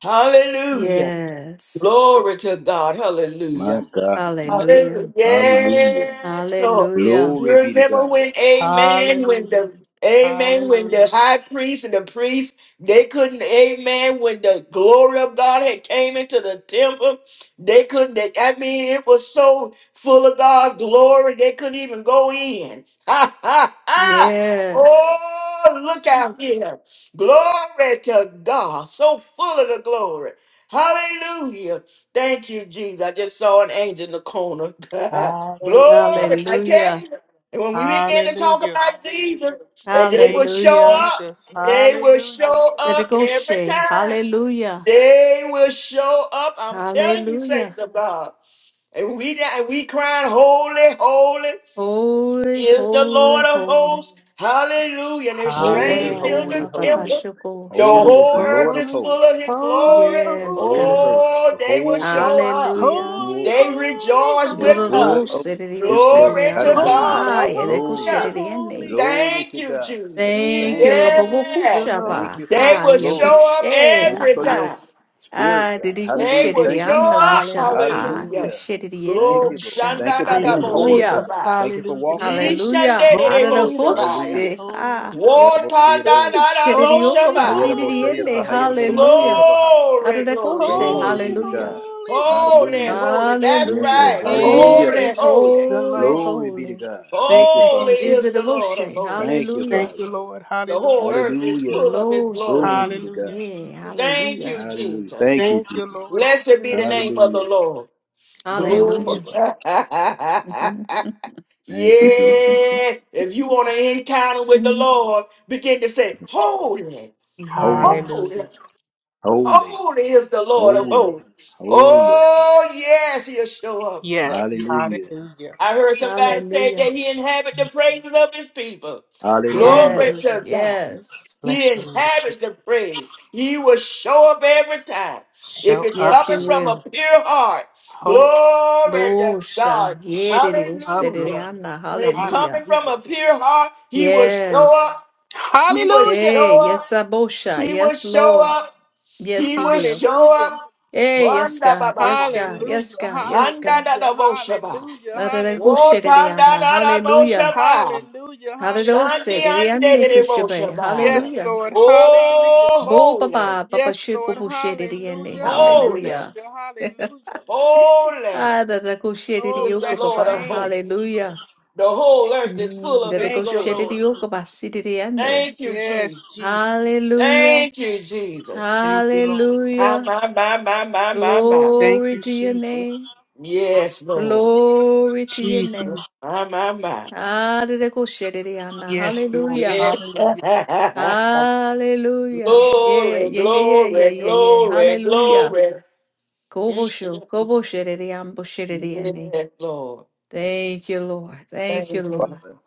Hallelujah. Yes. Glory to God. Hallelujah. my god my god Hallelujah. Hallelujah. hallelujah Yes, Lord. Hallelujah. Glory be to Remember God. when, amen, when Hallelujah. the, amen, when the Hallelujah. high priest and the priest, they couldn't, amen, when the glory of God had came into the temple, they couldn't, they- I mean, it was so full of God's glory, they couldn't even go in. Ha, ha, ha. Yes. Oh, look out here. Glory to God. So full of the glory. Hallelujah. Thank you, Jesus. I just saw an angel in the corner. Hallelujah. Glory, I tell Hallelujah. you. And when we begin to talk Hallelujah. about Jesus, and they will Thank you, show Hallelujah. up. Jesus. They will Hallelujah. show up every Dedegoshe. time. Hallelujah. They will show up. I'm telling you, saints Hallelujah. of God. And we and we crying, holy, holy Holy, is the holy, Lord of holy. hosts. Hallelujah. And his Holy, train Hallelujah. fills Eh, holy, the ba, ba, ba, holy. temple. The Holy shokosha. is the whole Lord earth of is Holy, hosts. full of his glory. holy, The Yes, holy, whole of God. earth, Oh, the they will whole earth show up. is the Hallelujah. holy, full They rejoice is with us. full of holy, Dororose de his Dios de glory. Glory to Diana. Hallelujah. God. holy, Hi, Edegoshe Glory. holy, holy, de Hallelujah. Diane. Glory holy Thank to you, God. Jesus. Thank you, is Thank you, Lord. the Yes. Lord. Thank Labobokushaba. you for your They Hi, will glory. show up Eboshe. Thank Thank Ha, you every you. for ha. your time. spirit, Ah, God. did he go They Hallelujah. shit it? will Thank you. For, I'm show no up. busha. Hallelujah. Ha, Hallelujah. cause hallelujah. shit it did a Thank Glory. you, Lord. busha. Thank you Shanda da for Thank da being you, bo holy, Hallelujah. God. Jesus. sabai. Thank you for Hallelujah. walking holy. Ishande Hallelujah. de de bo Holy, sabai. holy, Hallelujah. Ararahoshi. Ah. holy. Wota da. Yeah, Ooh, Ishandedeboshabaya. shiririoko Holy, Wotandadadaboshabaya. Ayarabo, holy, shayarabo, basiririene. hayarabo, holy, Hallelujah. mashayarabo, ha- Glory, glory, Araragoshe. Glory glory. be holy, to Hallelujah. God. holy, Holy, holy Hallelujah. holy. That's Yes, Hallelujah. Lord. right. Hallelujah. Holy, Holy, is holy. the holy, Lord. Glory be to holy. God. Thank Thank you, you, Holy Father. Jesus. Is is it a the Lord of Moshe? hosts. Thank you, Hallelujah. Thank Father. you, Lord. The Hallelujah. whole earth is Hallelujah. full of his Lo Glory glory. be Saban. to Hallelujah, God. Yeah. Jesus. Thank you, Hallelujah. Hallelujah. Jesus. Thank you, Thank you, Jesus. Lord. Blessed be the Hallelujah. name of the Hallelujah. Lord. Bless Thank you, you, Glory. Hallelujah. Lord. Jesus. yeah. Thank you, Jesus. If you want to encounter with the Lord, begin to say, Holy, Holy, holy, yes. Hallelujah. holy, holy is the Lord of holy, hosts. holy. Oh, yes, he'll show up. Yes. Hallelujah. Hallelujah. I heard somebody say that Hallelujah. he inhabit the praises of his people. Glory Hallelujah, Hallelujah. Yes. to God. Yes. Bless He your name, Jesus. inhabits the praise. He will show up every time. If Show it's up, Yes, coming he Jesus. from will. a pure heart, Hold, glory to Dosha, God. show yedere, up, Lord. usedere, Hallelujah. anda. When it's coming Hallelujah. from Hallelujah. a pure heart, he will show Yes. up. He will Hallelujah. show Yay. Yes, up. Abosha. He will Yes, show Lord. up. Yes, He He will will. show Hallelujah. up. Hey, yes, Wanda God. baba Yes, God. Hallelujah, Yes, God. Yes, Wanda God. da hallelujah, da bo shaba. hallelujah, Nadere, Wo hallelujah, usedere, da anda. da da bo Hallelujah. shaba. hallelujah, Hadere, Shandi hallelujah. usedere, and ande, kushabe. Shabaya. Yes, Hallelujah. Lord, hallelujah. Bo Oh, holy, baba baba Yes, shiku Lord, bushedere, ande. hallelujah, holy, Hallelujah. hallelujah, hallelujah. holy Ah, nadere, usedere, Oh, is the yoko bless your Lord baba. of name, hosts. Jesus. Hallelujah. The whole earth is full Mm, of nadere, his Thank you, glory. usedere, Lord. yoko basidere, ande. Thank you, Jesus. Yes, Jesus. Hallelujah. Thank you, Jesus. Thank you, Lord. My, Hallelujah. my, my, my, my, my, my. Thank Glory you, to your Jesus. name. Yes, Lord. Glory to your name. Jesus. My, my, my. Yes, Lord. Hallelujah. Yes. Hallelujah. Hallelujah. Hallelujah. Yeah, glory, yeah, yeah, yeah, yeah, glory, yeah, yeah. glory, Hallelujah. glory. Kobosho, kobosherediambosherediane. Yes, Lord. Thank you, Lord. Thank you, Lord. Father.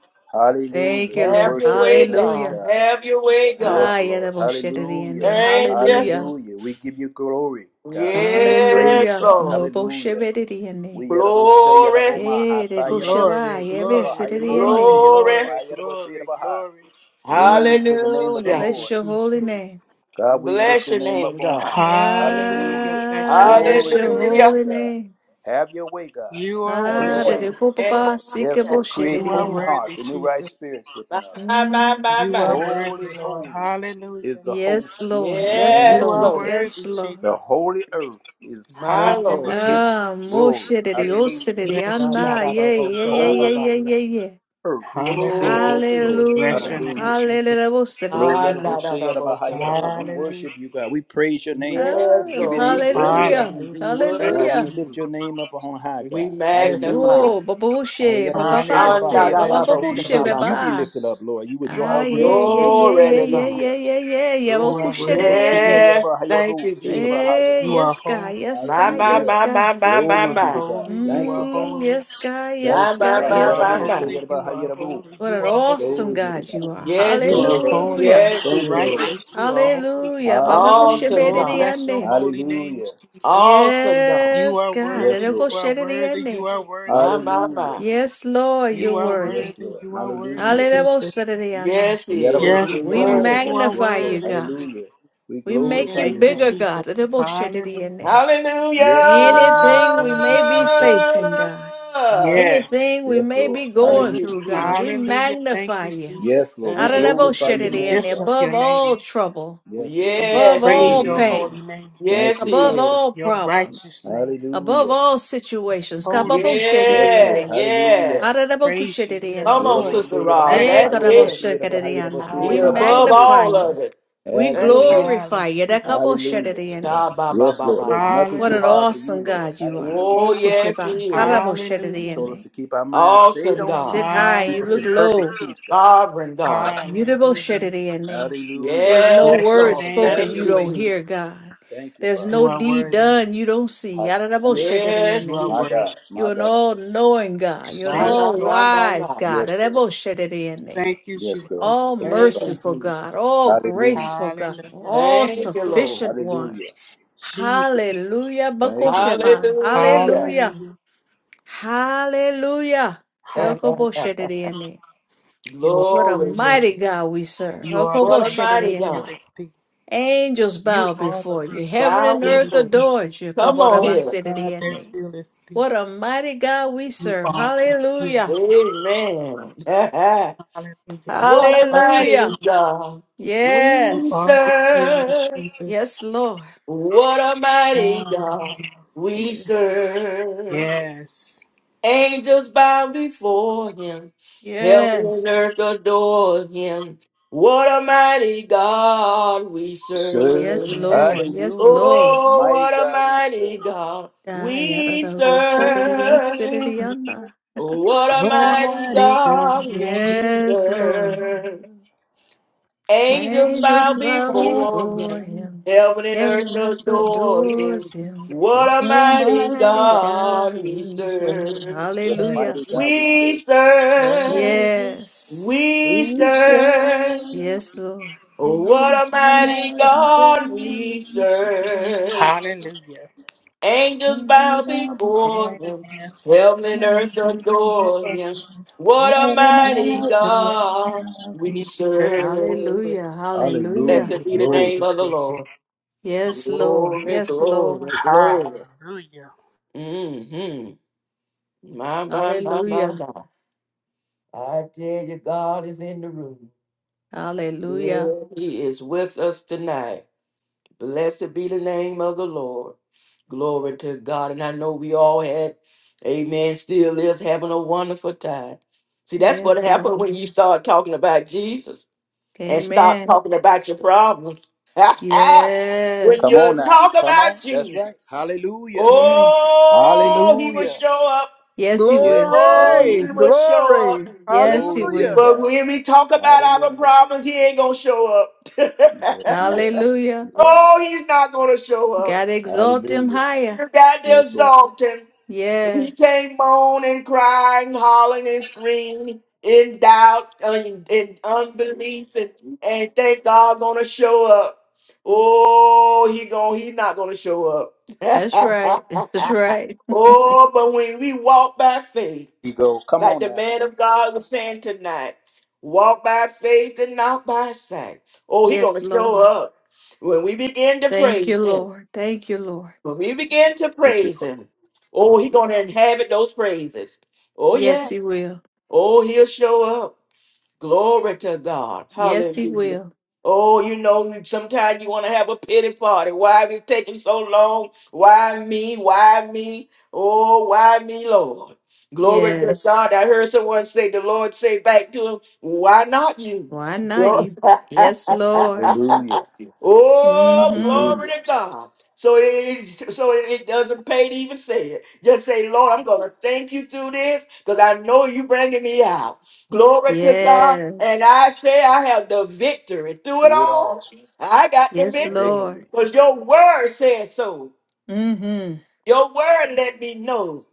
Thank Hallelujah. you, We Have Lord. your worship way, your name, God. Hallelujah. God. Have your way, God. Ah, Yes, yeah, the Lord. Hallelujah. Thank you. Hallelujah. Hallelujah. We give you glory, God. We give you praise, Yes, Hallelujah. God. Lord. Hallelujah. No We yaraboshe Glory, yaraboma Eh, de hata Glory, Goshaba, yaraboshe Yebe, yarabaha glory, yaraboma glory, Sididiende. she yarabo ha glory. glory, yarabo she glory, yaraboshe ha. glory. Glory to Mm, the name of the Thank Hallelujah. you, Bless Lord. your holy Jesus. name. God, we lift Bless your your name up name, on God. high, God. Hallelujah. Hallelujah. Bless your Ah, name, bless Glory to your your Hallelujah. Jesus. name, holy God. name. Have your way, God. You are Have worthy. Ah, your de Yeah, de way. yeah, Popapa, Yes, yeah. Sikabo, Lord. Create You are clean Shididiende. hearts worthy, and new right Jesus. spirits My, within us. my, my, You are my. Mm. worthy, Holy, Lord. holy Hallelujah. is the Yes, host Lord. in the Yes, name You of Yes, are Lord. Jesus. Lord. Yes, worthy, Lord. The Jesus. holy earth is full My of Lord. Hallelujah. his Ah, glory. Moshe de Dios, Hallelujah. de Yes, Da, da, Dianda. da, Jesus. da, Yeah, The bo, yeah, sha, yeah, ba, yeah, ba, whole ba, yeah, da. yeah, yeah. earth is full Hallelujah. of his Glory glory. to Bless God. your Hallelujah. name, Hallelujah. Jesus. Glory, Ah, Yadabo, da, Hallelujah. da, Shea, da, Yadaba, bo, Hi, sha, ba, ba, Yadabo. ba. We Hallelujah. worship you, God. We praise your name, God. Yes, We Ah, give your Lord, name we glory, praise hallelujah. God. you, we Hallelujah. Bless God, you, Hallelujah. we worship Jesus. lift you, your name up on high, and we God. Yes, Lord. Hallelujah. magnify. Oh, baboshe, Hallelujah. Yadabo, Shea, Yadaba, Hallelujah. Hi, bababase, Yadabo. Bless your You name, babababoshe, said if Jesus. you be Andadadabokebababa. baba. lifted up, Lord, you would draw You Ah, all are men worthy yeah, unto yeah, to you, be yeah, Lord. Glory yeah, to praised. yeah, God. yeah, Hallelujah. yeah, yeah, yeah. Well, You Glory are be to kushe God. worthy de to the be Yerabo, say ende. Yes, yerabo, hi, magnified. thank you, say Jesus. yerabo, hi, Eh, You are yes, God, holy. yes, My, God, my, yes, Hallelujah. my, God. my, my, You my, Glory are be to my. God. holy, you Thank are you, Father. Mm, holy, yes, God, Thank My, yes, you, my, God, Father. you my, yes, are my, Yerabo, God. my. say holy, yerabo, you hi, are holy, What you an are holy, awesome Glory be to God God. you are. Yes, he you Thank are you, is. holy, Father. Hallelujah. you Yes, are he Thank you, is. Lord. righteous, you are holy. Hallelujah. Baba kushe Hallelujah. be Awesome de Oh, the God. bless your ende. holy name, Hallelujah. Jesus. Awesome God. You Yes, are God. Yes, worthy, Ede you Lord. are kushe de the worthy, you ende. are worthy, My, my, Hallelujah. my. Yes, Lord, you're you are Yes, worthy. worthy, Lord. you are worthy, Hallelujah. Jesus. Hallelujah. Yes, he is. Yerabo, say He's Yes, We God, yerabo. you worthy. are Yes, magnify Lord. you, worthy. God. Hallelujah. We We make glorify you Thank your Mm. you, bigger, name. God. Jesus. Hallelujah. Adebo-shedidiyene. Hallelujah! Yes, Lord. You are Anything we worthy, may be Jesus. facing, God. Yes. Anything we Yes, may Lord. be going Thank you, Hallelujah. through, Jesus. God. We Hallelujah. Thank magnify you, you. Yes, Jesus. Lord. We Thank you, glorify your Jesus. We name, Adebo-shedidiyene. lift God. up Above your name. all trouble, Yes, Lord. above Yes, he Praise all your is. Hallelujah. holy pain, name, Thank Yes, you, he above is. Father. all your righteous problems, name, Hallelujah. above all your situations. holy name. Yes, Yes, Lord. Kababo-shedidiyene. Hallelujah. yes. Praise you. We Come Adebo-kushedidiyene. on, adore Yerabo, you. Sister We sheyerabo, Rod. maha, That's magnify. yerabo, it. sheyerabo, ha, yerabo, Ekadabo-shekadidiyana. He We sheyerabo, ha, above Hallelujah. yerabo. magnify all of you. it. We Have your Thank way. you. glorify you. That Hallelujah. couple shed Hallelujah. in there. God, ba, ba, Yes, ba, Lord. ba, There's ba. nothing What too an hard Hallelujah. for you, awesome Lord. God you are. Hallelujah. Oh, Boko yes, sheba, he is. Yes, karabo Lord. shed Hallelujah. You in told us there. to keep our minds stayed Awesome You on you. God. sit who will high, Keep you us look in Hallelujah. perfect low. peace, God. Sovereign God. You the bo Hallelujah. in there. Hallelujah. There's no Yes, Bless your word Lord. name, Have spoken Thank you your Jesus. you, way, don't God. hear, God. Thank you, There's Father. You no are deed worthy. done you don't see. Hall- Yada da bo Jesus. shed Hallelujah. in Yes, You there. are My Jesus. worthy. God. My You're an God. all knowing God. You're an My, Thank Yes, my, all you, Lord. Lord. my, my, wise my. God. Yes, Yada da Lord. bo in there. Thank you, Yes, Jesus. God. All Thank you, Thank you, Father. merciful Jesus. God. All Hallelujah. graceful God. Hallelujah. All Yes, Thank you, Lord. Lord. sufficient one. Hallelujah. Jesus. Hallelujah. Thank you, Jesus. Bakosheba. Hallelujah. Hallelujah. Hallelujah. Hallelujah. Hallelujah. Dokoboshetediene. You What a Glory to are. God. mighty God we serve. You are the What a God mighty that Okoboshetidiene. God. healeth thee. Angels You bow are the God before you. that Heaven Thou and earth healeth before. thee. adores you. You Come on are the here. God that Kaborabasetidiene. healeth thee. What a mighty God we You are serve. the healer. Hallelujah. Amen. Hallelujah. what a Hallelujah. mighty God. You We are Yes. the healer. You are the healer, serve. Jesus. Yes, Lord. What a mighty God. Hallelujah. We serve. Yes. Angels bow before him. Heaven and Yes. earth adore him. What a mighty God we We serve. Yes, serve. Yes. Lord. Yes, Hallelujah. Lord. What a Oh, mighty what a God we mighty serve. God Da yada we da da zo so da da ya serve. si da da yanda. What a What a God, mighty mighty God God you we we Yes, are Lord. serve. Angels Angels bow bow before before him. him. Heaven and Heaven earth and earth adore adores him. him. What What a What a a mighty mighty mighty God God God we we we serve. serve. serve. What a mighty God we serve. We serve. What a serve. Hallelujah. mighty God we serve. We serve. Yes. We serve. Yes, Lord. Oh, what a mighty God we serve. Hallelujah. Angels bow before Yes. Yes. him. Heaven and earth Yes. adore Yes. him. What What a a mighty mighty God we Yes. serve. God we We serve. serve. Hallelujah. Hallelujah. Hallelujah. Blessed be the Worthy Glory. name of the Jesus. Lord. Yes, Lord. Glory, Yes, Lord. glory, glory. Hallelujah. hmm My, my, my, my, Hallelujah. my. I tell you, God is in the room. Hallelujah. Yeah, he is with us tonight. Blessed be the name of the Lord. Glory to God. And I know we all had, amen, still is having a wonderful time. See, that's what Yes, happened Lord. when you start talking about Jesus and stop Amen. talking about your problems. when Come Yes. on you now. talk Come on. about That's Jesus, right. Hallelujah. Mm. oh, he will Hallelujah. show up. Yes, he Yes. will. Oh, Glory, he will Hallelujah. show up. glory, Yes, he Glory be to hallelujah. will. But God. when we talk about our Hallelujah. problems, he ain't going to show up. Yeah. Hallelujah. Yeah. oh, he's not going to show up. God exalt him Hallelujah. higher. You got the that's Lord. exalting. We Yes. came moan and crying, hollering, and screaming in doubt and in, in unbelief, and, and think God gonna show up. Oh, he going he not gonna show up. That's right. That's right. oh, but when we walk by faith, You go. Come like on the now. man of God was saying tonight, walk by faith and not by sight. Oh, he Yes, gonna show Lord. up when we begin to Thank you, pray. Lord. Thank you, Lord. When we begin to Thank you praise for him, oh, he's going to inhabit those praises. Oh, Yes, he yes. will. Oh, he'll show up. Glory to God. Yes, he Hallelujah. will. Oh, you know, sometimes you want to have a pity party. Why have you taking so long? Why me? Why me? Oh, why me, Lord? Glory to Yes. God. I heard someone say, the Lord say back to him, why not you? Why not Glory- you? Yes, Lord. Hallelujah. oh, Mm-hmm. glory Hallelujah. to God. So it so it doesn't pay to even say it. Just say, Lord, I'm gonna thank you through this because I know you bringing me out. Glory to God. And Yes. I say I have the victory through it Through it all. all. I got the Yes, The victory. Lord. victory. Because your word says so. Mm-hmm. Your word let me know.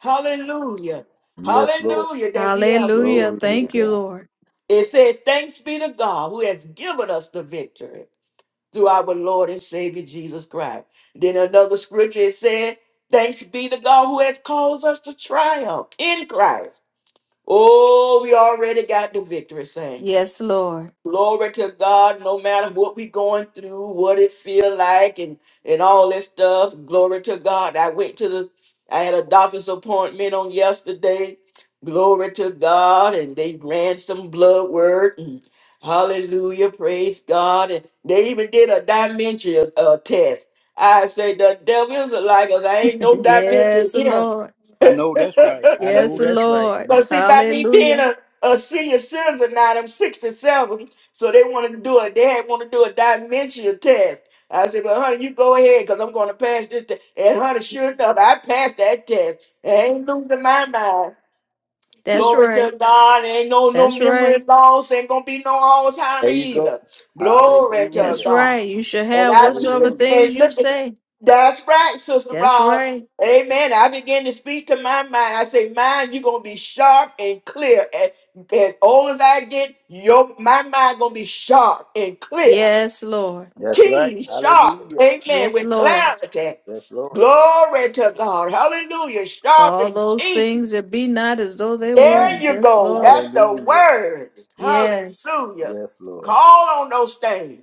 Hallelujah. Yes, Lord. Hallelujah that we have the Hallelujah. Glory victory. be to Thank you, God. Lord. It said, Thanks be to God who has given us the victory through our Lord and Savior Jesus Christ. Then another scripture it said, Thanks be to God who has caused us to triumph in Christ. Oh, we already got the victory, saints. Yes, Lord. Glory to God, no matter what we going through, what it feel like and and all that stuff. Glory to God. I went to the I had a doctor's appointment on yesterday. Glory to God. And they ran some blood work and hallelujah. Praise God. And they even did a dementia uh, test. I say the devil's like us. I ain't no dementia yes, here. Lord. I know that's right. I know Yes, that's right. Lord. So You- see, by me being Hallelujah. a, a senior citizen now, I'm 67, so they want to do it. They had want to do a dementia test. I said, well, honey, you go ahead because I'm going to pass this test. And honey, sure enough, I passed that test. I ain't losing my mind. That's Glory right. to God. Ain't no no That's memory right. loss. Ain't gonna be no There Alzheimer you go. either. Glory to That's Hallelujah. God. right. You shall And have I be whatsoever Hallelujah. things and you look at say. that's right, Sister That's Rod. right. Amen. I begin to speak to my mind. I say, mind, you're gonna be sharp and clear. And as old as I get, your my mind gonna be sharp and clear, Yes, Lord. That's right. keen, sharp. Hallelujah. Amen. Yes, With Lord. clarity. Yes, Lord. Glory to God. Hallelujah. Sharp Call and those keen. things that be not as though they Come on There were. you now. Yes, go. Lord. That's the Hallelujah. word. Yes. Hallelujah. Yes, Lord. Call on those things.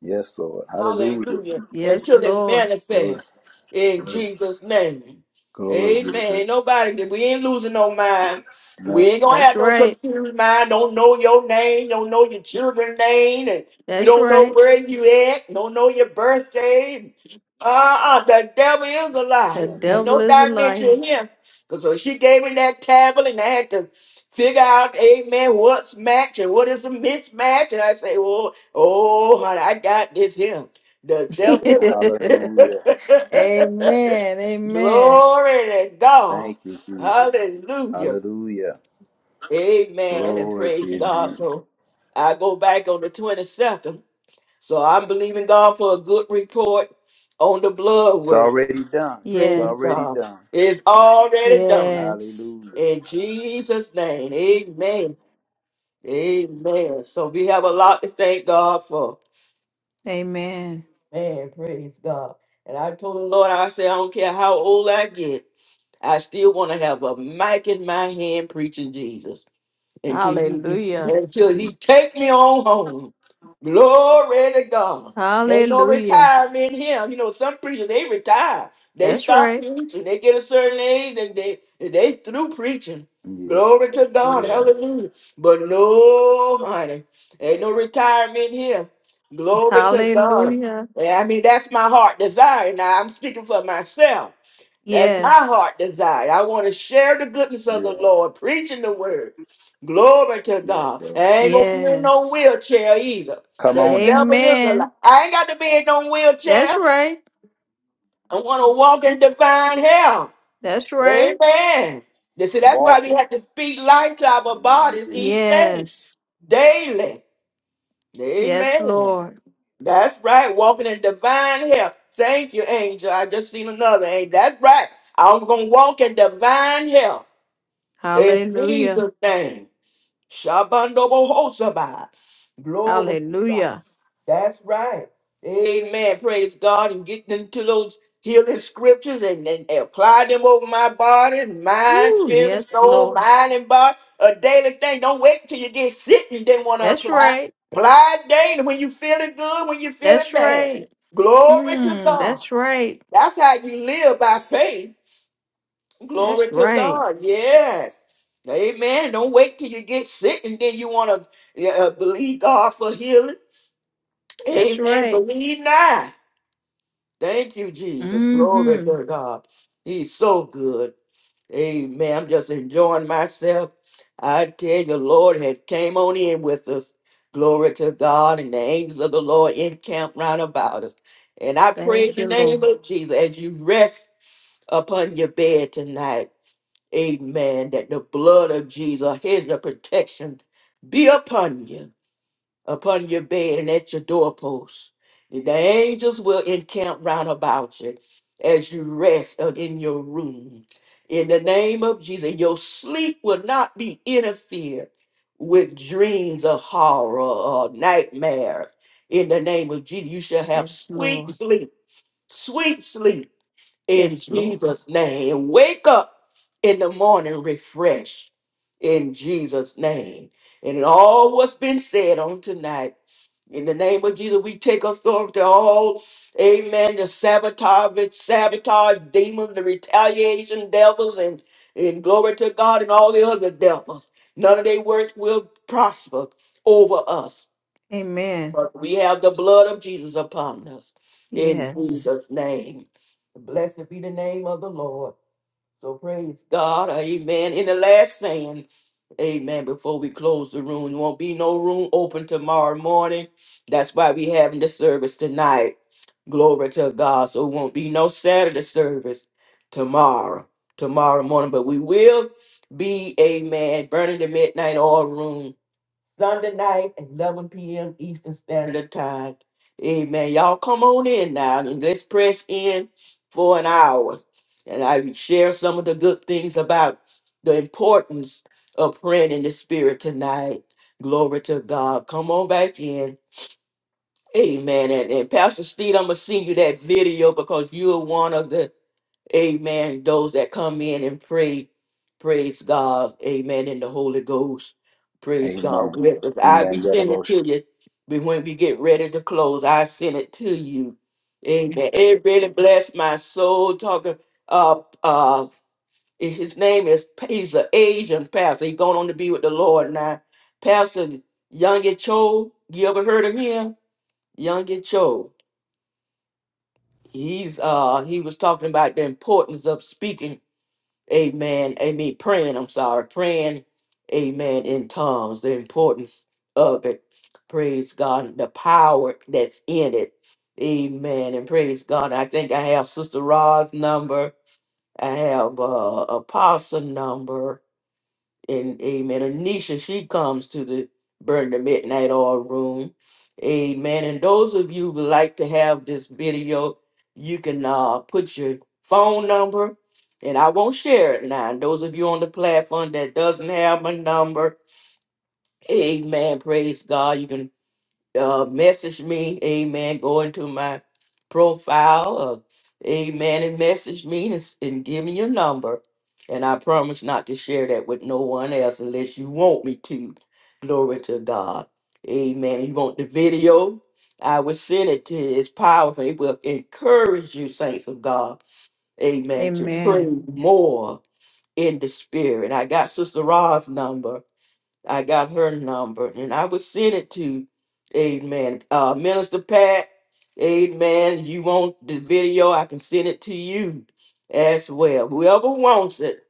Yes, Lord. Hallelujah. Hallelujah. Yes, Until it Lord. Glory, manifests in glory, Jesus' name. glory be Amen. to Ain't Nobody, we ain't losing no God. mind. We No, ain't gonna That's have no right. confused mind. Don't know your name. Don't know your children's name. And you That's don't know right. where you at. Don't know your birthday. Uh-uh. The devil is a The lie. There's Hallelujah. devil no is a liar. dimension here. Because so she gave me that tablet and I had to figure out, amen, what's match and what is a mismatch. And I say, Well. Oh, honey, I got this here. The Yes, devil is Amen. Hallelujah. a- Amen. Glory to God. Thank you, Jesus. Hallelujah. Hallelujah. Amen. And Glory to praise your God. name. So I go back on the 22nd. So I'm believing God for a good report on the blood It's work. already done. It's Praise already Yes. God. done. It's already done. Yes. Hallelujah. In Jesus' name. Amen. Amen. So we have a lot to thank God for. Amen. Man, praise God. And I told the Lord, I said, I don't care how old I get, I still want to have a mic in my hand preaching Jesus until, you, Hallelujah. until Amen. he take me on home. Glory to God. Ain't no Hallelujah. retirement in him. You know, some preachers they retire. They That's stop right. preaching. They get a certain age and they they through preaching. Yeah, Glory to God. yeah, Hallelujah. But no, honey. Ain't no retirement here. Glory to God. Hallelujah. And I mean, that's my heart desire. Now I'm speaking for myself. That's my Yes. heart desire. I want to share the goodness of the yes, Lord, preaching the word. Glory to yes, God. I Lord. ain't gonna be in no Yes. wheelchair either. Come The on now. devil is a lie. Amen. I ain't got to be in no That's wheelchair. right. I want to walk in divine health. That's right. Amen. You see, that's Walk why we it. have to speak life to our In the name of bodies Jesus. each day, Yes. daily. Yes, Amen. Lord. That's right. Walking in divine health. Thank you, angel. I just seen another angel. That's right. I was gonna walk in divine health. In Hallelujah. Jesus' name. Shabandobohosabah. Glory to God. Hallelujah. That's right. Amen. Praise God. And get into those healing scriptures and, and apply them over my body, mind, Ooh, spirit, yes, soul, Lord. mind, and body. A daily thing. Don't wait till you get sick and then want to That's apply. right. Apply daily when you feeling good, when you feeling That's bad. right. Glory to Mm, God. that's right. That's how you live by faith Glory That's to right. God. Yes. Amen. Don't wait till you get sick and then you want to uh, believe God for healing. That's Amen. right. Believe now. Thank you, Jesus. Glory Mm-hmm. to God. He's so good. Amen. I'm just enjoying myself. I tell you, the Lord has came on in with us. Glory to God and the angels of the Lord encamp round about us. And I pray in Thank the you, name Lord. of Jesus as you rest upon your bed tonight. Amen. That the blood of Jesus, his protection, be upon you, upon your bed and at your doorpost. The angels will encamp round about you as you rest uh, in your room. In the name of Jesus, your sleep will not be interfered with dreams of horror or nightmares. In the name of Jesus, you shall have Yes, sweet Lord. sleep, sweet sleep in Yes, Lord. Jesus' name. Wake up in the morning refreshed in Jesus' name. And in all what's been said on tonight, in the name of Jesus, we take authority all, amen, the sabotage, sabotage demons, the retaliation devils, and, and glory to God and all the other devils. None of their works will prosper over us Amen. we have the blood of Jesus upon us in Yes. Jesus' name. Blessed be the name of the Lord. So praise God. Amen. In the last saying, amen, before we close the room, there won't be no room open tomorrow morning. That's why we having the service tonight. Glory to God. So it won't be no Saturday service tomorrow, tomorrow morning. But we will be, amen, burning the midnight oil room Sunday night at 11 p.m. Eastern Standard Time. Amen. Y'all come on in now and let's press in for an hour. And I will share some of the good things about the importance of praying in the spirit tonight. Glory to God. Come on back in. Amen. And, and Pastor Steve, I'm gonna send you that video because you're one of the Amen, those that come in and pray. Praise God. Amen. In the Holy Ghost. Praise Amen. God. With us. I Amen. be sending it Yadabo- to you. But when we get ready to close, I send it to you. Amen. It really blessed my soul talking. Uh uh his name is he's an Asian pastor. He's going on to be with the Lord now. Pastor Young Cho, you ever heard of him? Young Cho, he's uh he was talking about the importance of speaking, amen, I mean praying, I'm sorry, praying, amen, in tongues, the importance of it. Praise God, the power that's in it. Amen. And praise God. I think I have Sister Rod's number. I have uh apostle number. and amen. Anisha, she comes to the Burn the Midnight Oil Room. Amen. And those of you who would like to have this video, you can uh, put your phone number, and I won't share it now. And those of you on the platform that doesn't have my number, amen. Praise God. You can uh, message me, amen. Go into my profile, uh, amen, and message me and, s- and give me your number. And I promise not to share that with no one else unless you want me to. Glory to God. Amen. You want the video? I will send it to you. It's powerful. It will encourage you, saints of God. Amen. To pray Amen. more in the spirit. I got Sister Ra's number I got her number and I would send it to Amen. Uh Minister Pat, Amen. You want the video, I can send it to you as well. Whoever wants it,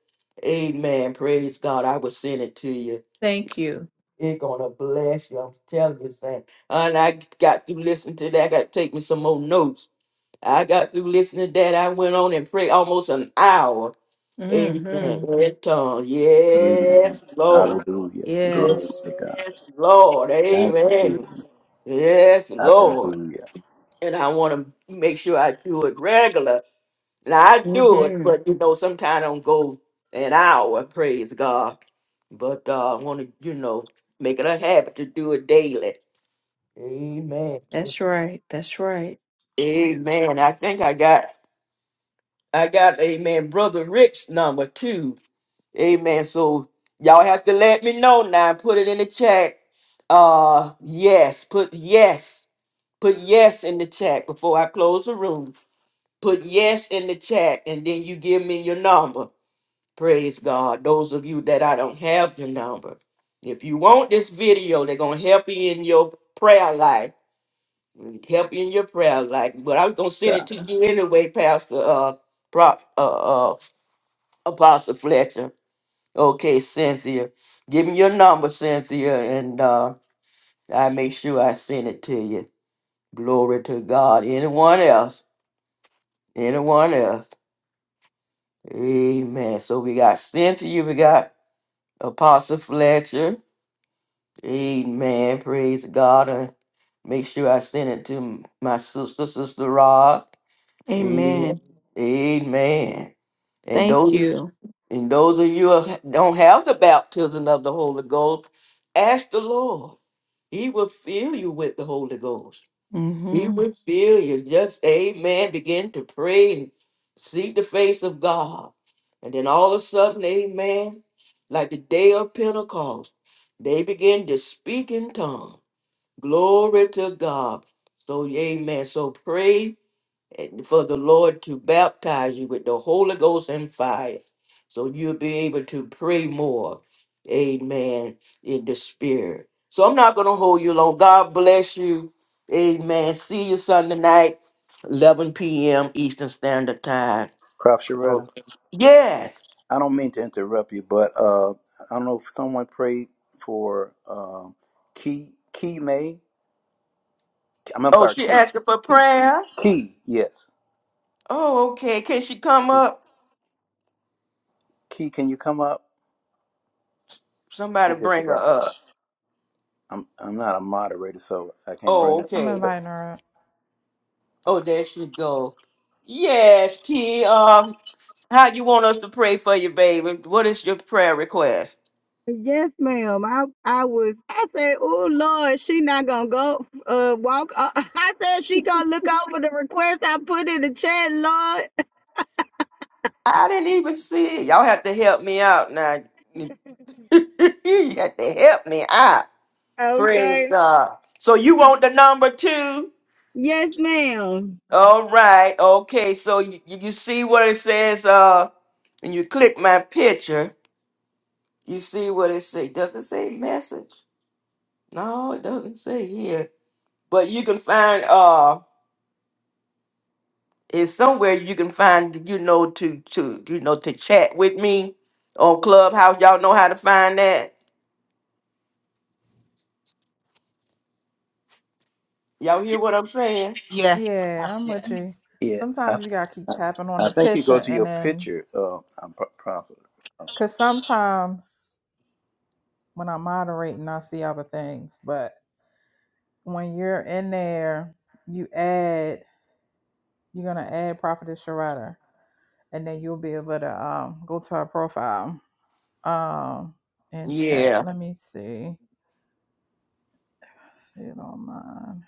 Amen. Praise God. I will send it to you. Thank you. It's gonna bless you. I'm telling you, Sam. And I got through listening to that. I got to take me some more notes. I got through listening to that. I went on and prayed almost an hour. Amen. hmm In tongue. Amen. Yes, Lord. Hallelujah. Glory Yes. to God. Yes, Lord. Thank you, Amen. Jesus. Yes, Lord. Hallelujah. And I want to make sure I do it regular. And I do it, hmm but you know, sometimes I don't go an hour, praise God. But uh, I want to, you know, make it a habit to do it daily. Amen. That's right. That's right. Amen. I think I got I got amen, brother Rick's number too. Amen. So y'all have to let me know now. Put it in the chat. Uh yes. Put yes. Put yes in the chat before I close the room. Put yes in the chat and then you give me your number. Praise God. Those of you that I don't have your number. If you want this video, they're gonna help you in your prayer life. Help you in your prayer life. But I'm gonna send it God. to you anyway, Pastor uh Prop uh uh Apostle Fletcher Okay, Cynthia. Give me your number, Cynthia, and uh, I make sure I send it to you. Glory to God. Anyone else? Anyone else? Amen. So we got Cynthia, we got Apostle Fletcher. Amen. Praise God. And make sure I send it to m- my sister, Sister Rod. Amen. Amen. Amen. And Thank those you. and those of you who don't have the baptism of the Holy Ghost, ask the Lord. He will fill you with the Holy Ghost. He hmm will fill you. Just amen. Begin to pray and seek the face of God. And then all of a sudden, amen, like the day of Pentecost, they begin to speak in tongues. Glory to God. So, amen. So pray and for the Lord to baptize you with the Holy Ghost and fire. So you'll be able to pray more. Amen. In the spirit. So I'm not gonna hold you long. God bless you. Amen. See you Sunday night, 11 p.m. Eastern Standard Time. Prof. So, Sharetta, yes. I don't mean to interrupt you, but uh, I don't know if someone prayed for um Key Key May. I'm, I'm Oh, sorry, she Key. asking for Key. prayer. Key. Yes. Oh, okay. Can she come up? Key, can you come up? Somebody She's just bring her about. up. I'm I'm not a moderator, so I can't bring Oh, I'm okay. inviting her. her up. Oh, there she go. Yes, T. How you want us to pray for you, baby? What is your prayer request? Yes, ma'am. I I was. I said, "Oh Lord, she not gonna go uh walk." Uh, I said she gonna look over the request I put in the chat, Lord. I didn't even see it. Y'all have to help me out now. you have to help me out. Praise Okay. God. So you want the number two? Yes, ma'am. All right. Okay. So you, you see what it says? Uh, and you click my picture. You see what it say? Does it say message? No, it doesn't say here. But you can find. Uh, is somewhere you can find you know to to you know to chat with me on clubhouse y'all know how to find that y'all hear what i'm saying Yes. Yeah, I'm with Yes. you. Yeah, I, Sometimes you gotta keep I, tapping on I the think you picture, go to and your then picture, uh, I'm pro- prophet. because sometimes when I'm moderating, I see other things. But when you're in there, you add, you're gonna add Prophetess Sharada, and then you'll be able to um go to her profile um and chat. yeah Let me see, see it on mine.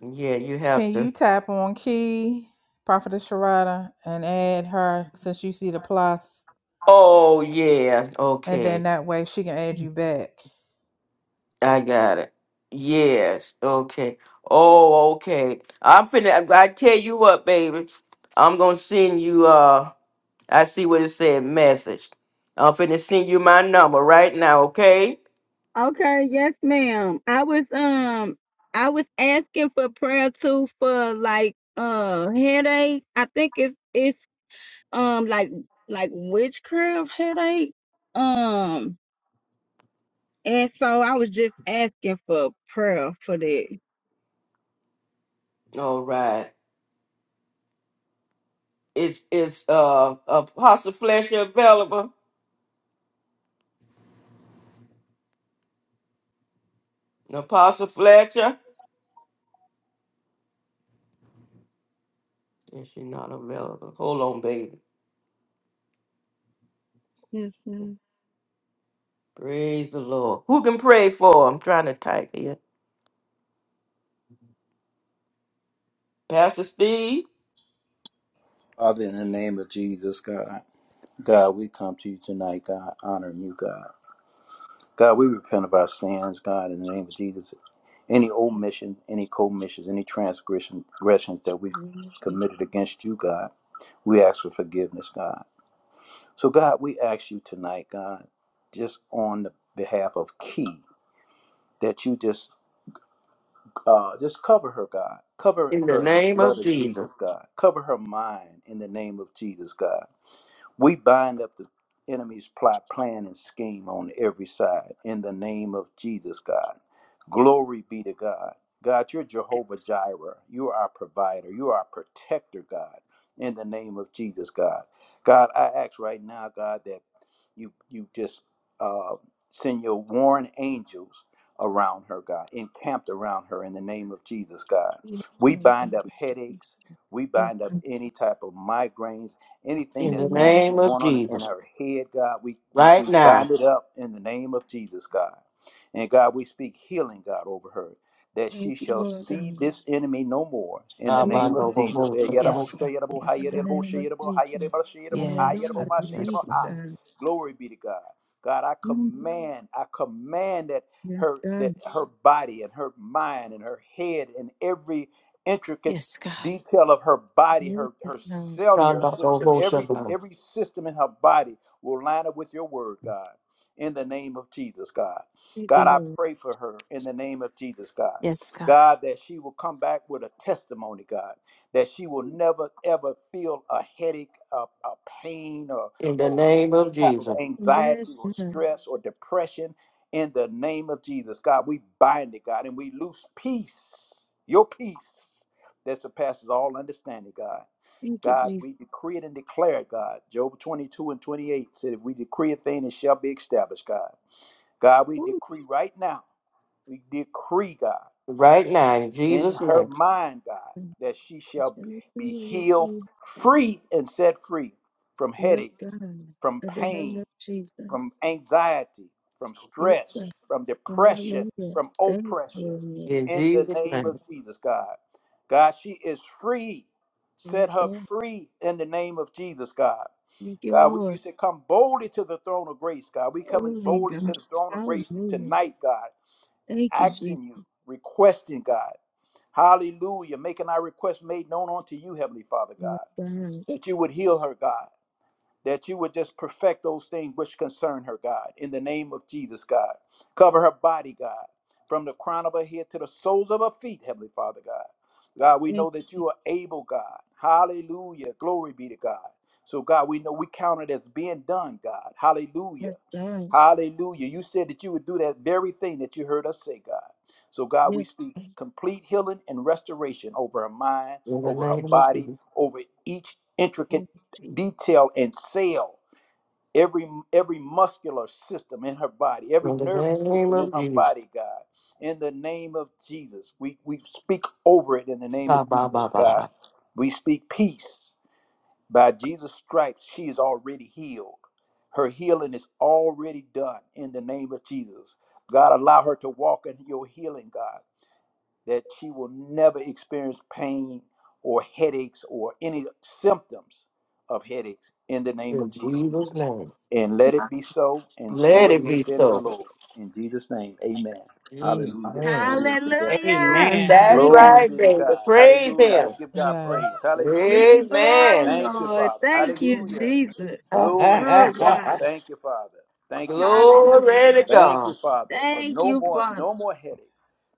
yeah you have Can to you tap on Key Prophetess Sharada and add her since you see the plus? oh yeah And okay then that way she can add you back. i got it yes okay oh okay i'm finna i I tell you what baby i'm gonna send you uh i see what it said message i'm finna send you my number right now okay Okay. Yes, ma'am. I was um I was asking for prayer too for like uh headache. I think it's it's um like like witchcraft headache. Um, and so I was just asking for prayer for that. all right Is is uh Apostle Fletcher available? Apostle Fletcher? Is she not available? Hold on, baby. Yes, ma'am. Praise the Lord. Who can pray for? I'm trying to type here. Pastor Steve, Father, in the name of Jesus, God, God, we come to you tonight, God, honoring you, God. God, we repent of our sins, God, in the name of Jesus. Any omission, any commissions, any transgression, transgressions that we've Hallelujah, Jesus. committed against you, God, we ask for forgiveness, God. So, God, we ask you tonight, God, just on the behalf of Key, that you just uh, just cover her, God. Cover in the her in the name blood of of Jesus. Jesus, God. Cover her mind in the name of Jesus, God. We bind up the enemy's plot, plan, and scheme on every side in the name of Jesus, God. Glory be to God. God, you're Jehovah Jireh. You are our provider. You are our protector, God, in the name of Jesus, God. God, I ask right now, God, that you you just uh, send your warring angels around her, God, encamped around her in the name of Jesus, God. Yes, We God. bind Thank up you, Jesus. headaches. We Yes, bind up God. any type of migraines Anything In In the the that's going name name that's of going on in Jesus. her head, God, we, we we Right bind now. it up in the name of Jesus, God. And God, we speak healing, God, over her, that of, thank she you, shall Lord God. see this enemy no more in the Yes, name of God. Jesus. Eh, yadabo, Yes, Abandobo-bo-shabbat. God. shay, yadabo, hi, Yes, In God. the yadabo, name of shay, yadabo, hi, Jesus. yadabo, shay, yadabo, hi, Yes, yadabo, Hallelujah. God. ma, shay, Thank yadabo, Yes, you, hi. Lord. God. Glory be to God. God, I Mm, command, I command that Yes, her God. that her body and her mind and her head and every intricate Yes, God. detail of her body, her Yes, her God. cellular system, every every system in her body will line up with your word, God. In the name of Jesus, God. Thank you, God, I Lord. pray for her in the name of Jesus, God. Yes, God. God, that she will come back with a testimony, God, that she will never ever feel a headache, a, a pain, or In the or name any of type of Jesus. Yes, anxiety or stress or depression. In the name of Jesus, God, we bind it, God, and we loose peace, your peace that surpasses all understanding, God. thank you, God, please. we decree it and declare it, God. Job 22 and 28 said, If we decree a thing, it shall be established, God. God, we Ooh, decree right now, we decree, God, Right now, in in Jesus' her name. mind, God, God. that she shall be Hallelujah, healed, Jesus. free, and set free from Yes, headaches, God. from In the name pain, of Jesus. from anxiety, from Yes, God. stress, from depression, Hallelujah. from Thank you, oppression. Lord. In In the Jesus' name name. of Jesus, God. God, she is free. Yes, Set her God. free in the name of Jesus, God. Thank you, God, we, Lord. you said come boldly to the throne of grace, God. We coming Holy boldly to God. the throne of grace Hallelujah. tonight, God, Thank you, Jesus. asking you, requesting, God. Hallelujah, making our request made known unto you, Heavenly Father, Yes, God, God. that you would heal her, God that you would just perfect those things which concern her, God, in the name of Jesus, God. Cover her body, God, from the crown of her head to the soles of her feet, Heavenly Father, God. God, we Thank know that you, Jesus. you are able, God. Hallelujah. Glory be to God. So, God, we know we count it as being done, God. Hallelujah. Yes, God. Hallelujah. You said that you would do that very thing that you heard us say, God. So, God, we Yes, speak God. complete healing and restoration over her mind, In the over her name of body, Jesus. over each intricate Thank you, Jesus. detail and cell every every muscular system in her body every nervous system in her body god in the name of jesus we we speak over it in the name of jesus god we speak peace by jesus stripes she is already healed her healing is already done in the name of jesus god allow her to walk in your healing god that she will never experience pain or headaches or any symptoms of headaches in the name In of Jesus. Jesus' name. And let it be so, and so Let it it is, be said the so. Lord. In Jesus' name, amen. Hallelujah. Amen. Glory be to God. Hallelujah. Amen. That's Thank you, Glory Hallelujah. right, Jesus. be to baby. God. Praise Hallelujah. him. Let's give God praise. Yes. Give Hallelujah. you glory, Amen. Thank you, Lord. Father. Thank you, Hallelujah. Jesus. Glory be Oh, to God. God. Thank you, Father. Thank you, Jesus. Glory to Hallelujah. Thank you, God. Father, for Thank no you, more, Father. no more headaches.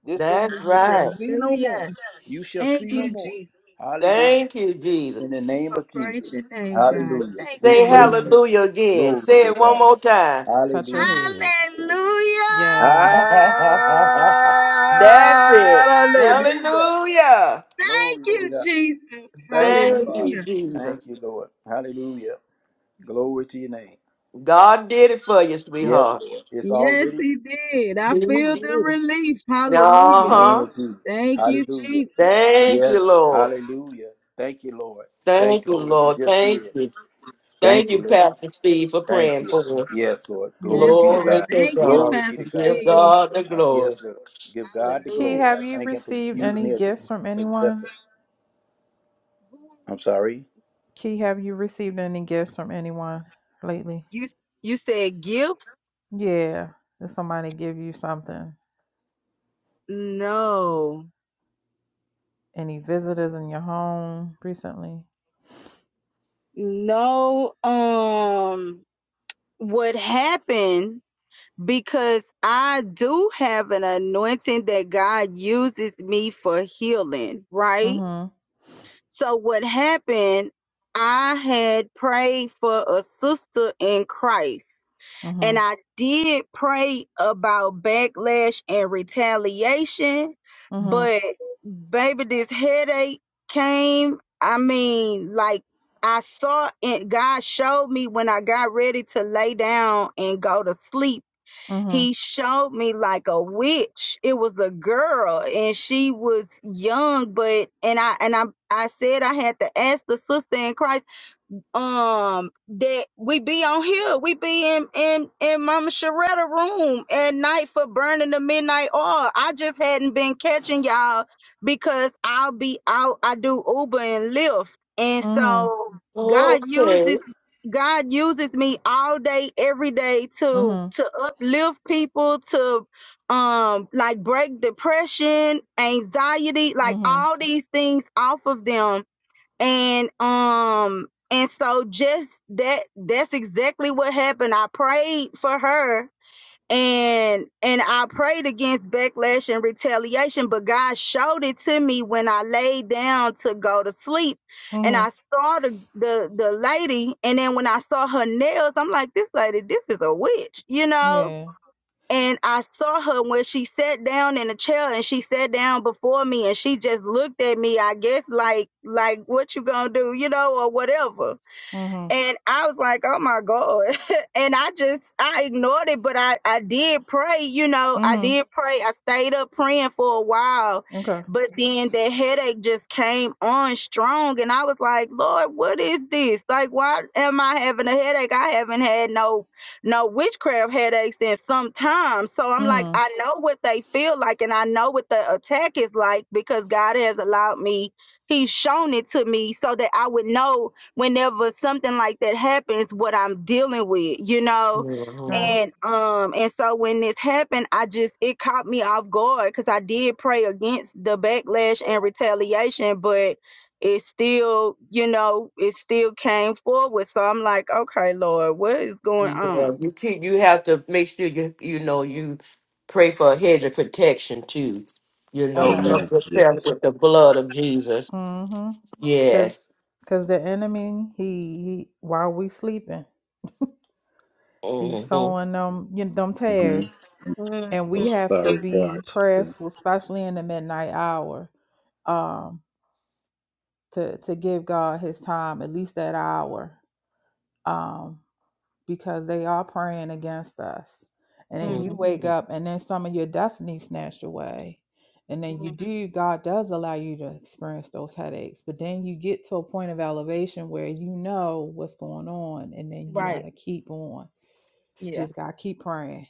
This enemy That's you shall right. see no more. Hallelujah. You shall see Thank no you, more. Jesus. Hallelujah. Thank you, Jesus. In the name For of praise your Jesus. name, God. Hallelujah. Thank We Say you, praise Lord. you. hallelujah again. Glory Say be to it one God. more time. Touch your Hallelujah. head. Hallelujah. Yes. That's it. Hallelujah. Hallelujah. Thank Glory be to you, God. Jesus. Thank you, Thank you, Father. Hallelujah. Thank Jesus. you, Lord. Hallelujah. Glory to your name. God did it for you, Yes, sweetheart. Lord. It's Yes, already he did. I He feel the did. relief. Uh in the Hallelujah. name huh. of Jesus. Thank you, Hallelujah. Jesus. Thank Yes. you, Lord. Hallelujah. Thank you, Lord. Thank Thank you you, for what you Lord. just did. Thank you. Thank Thank you, you, Lord. Pastor Steve, for Thank praying you. for us. Yes, Lord. Yes, Glory be to God. Glory God. to Thank you, God. Glory Pastor be to God. Give Steve. God the Uh, glory. yes, Lord. Give God the Key, glory. Hallelujah. have I you thank Him for received using any me as gifts from a as a anyone? vessel. I'm sorry. Key, have you received any gifts from anyone lately? You you said gifts? Yeah. Did somebody give you something? No. Any visitors in your home recently? No. Um what happened because I do have an anointing that God uses me for healing, right? Mm-hmm. So what happened, I had prayed for a sister in Christ. And Mm-hmm. I did pray about backlash and retaliation, Mm-hmm. but baby, this headache came. I mean, like I saw it, God showed me when I got ready to lay down and go to sleep Mm-hmm. he showed me like a witch. It was a girl and she was young, but and I and I I said I had to ask the sister in Christ um that we be on here we be in in in mama sharetta room at night for burning the midnight oil i just hadn't been catching y'all because i'll be out i do uber and lyft and Mm-hmm. so god Okay. uses god uses me all day every day to Mm-hmm. to uplift people to um like break depression anxiety like Mm-hmm. all these things off of them and um and so just that that's exactly what happened i prayed for her and and i prayed against backlash and retaliation but god showed it to me when i laid down to go to sleep and Mm-hmm. i saw the the, the lady and then when i saw her nails i'm like this lady this is a witch you know Yeah. and I saw her when she sat down in a chair and she sat down before me and she just looked at me, I guess like like what you gonna do, you know, or whatever. Mm-hmm. And I was like, oh my God. and I just, I ignored it, but I, I did pray, you know, I Mm-hmm. did pray. I stayed up praying for a while, Okay. but then the headache just came on strong. And I was like, Lord, what is this? Like, why am I having a headache? I haven't had no, no witchcraft headaches in some time. So I'm like, Mm-hmm. I know what they feel like and I know what the attack is like because God has allowed me, He's shown it to me so that I would know whenever something like that happens what I'm dealing with, you know. Mhm. Right. And um and so when this happened, I just it caught me off guard cuz I did pray against the backlash and retaliation, but it still, you know, it still came forward. So I'm like, okay, Lord, what is going Yeah, on? you keep, you have to make sure you you know you pray for a hedge of protection too. You know, Okay. cover Amen. Yes. yourself Yes. with the blood of Jesus. Mm-hmm. Yes. Cause cause the enemy, he, he while we sleeping, he's hmm sowing them you know, them hmm tares. hmm And we Those have to fiery be darts. Yeah. prayerful, especially in the midnight hour. Um to to give God his time, at least that hour. um, because they are praying against us. And then you wake hmm up, and then some of your destiny snatched away. And then you hmm do, God does allow you to experience those headaches. But then you get to a point of elevation where you know what's going on, and then you Right. got to keep on. Yeah. Just got to keep praying.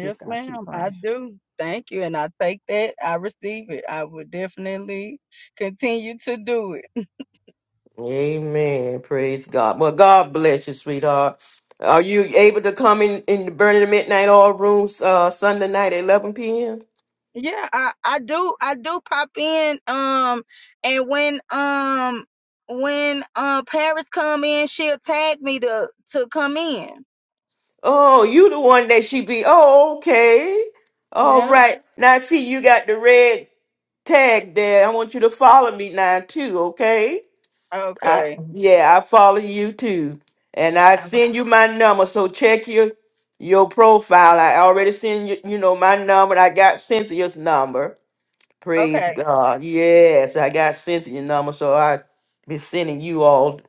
Just got to keep ma'am, I praying. do. Thank you, and I take that. I receive it. I will definitely continue to do it. Amen. Praise God. Well, God bless you, sweetheart. Are you able to come in in the burning the midnight all rooms uh Sunday night at eleven p.m.? Yeah, I I do I do pop in um and when um when uh Paris come in, she'll tag me to to come in. Oh, you the one that she be. Oh, okay. All Yeah. right. Now see, you got the red tag there. I want you to follow me now too. Okay. I Okay. yeah, I follow you too, and I I- send you my number. So check your your profile. I already send you you know my number. I got Cynthia's number. Praise Okay. God. Yes, I got Cynthia's number, so I be sending you all,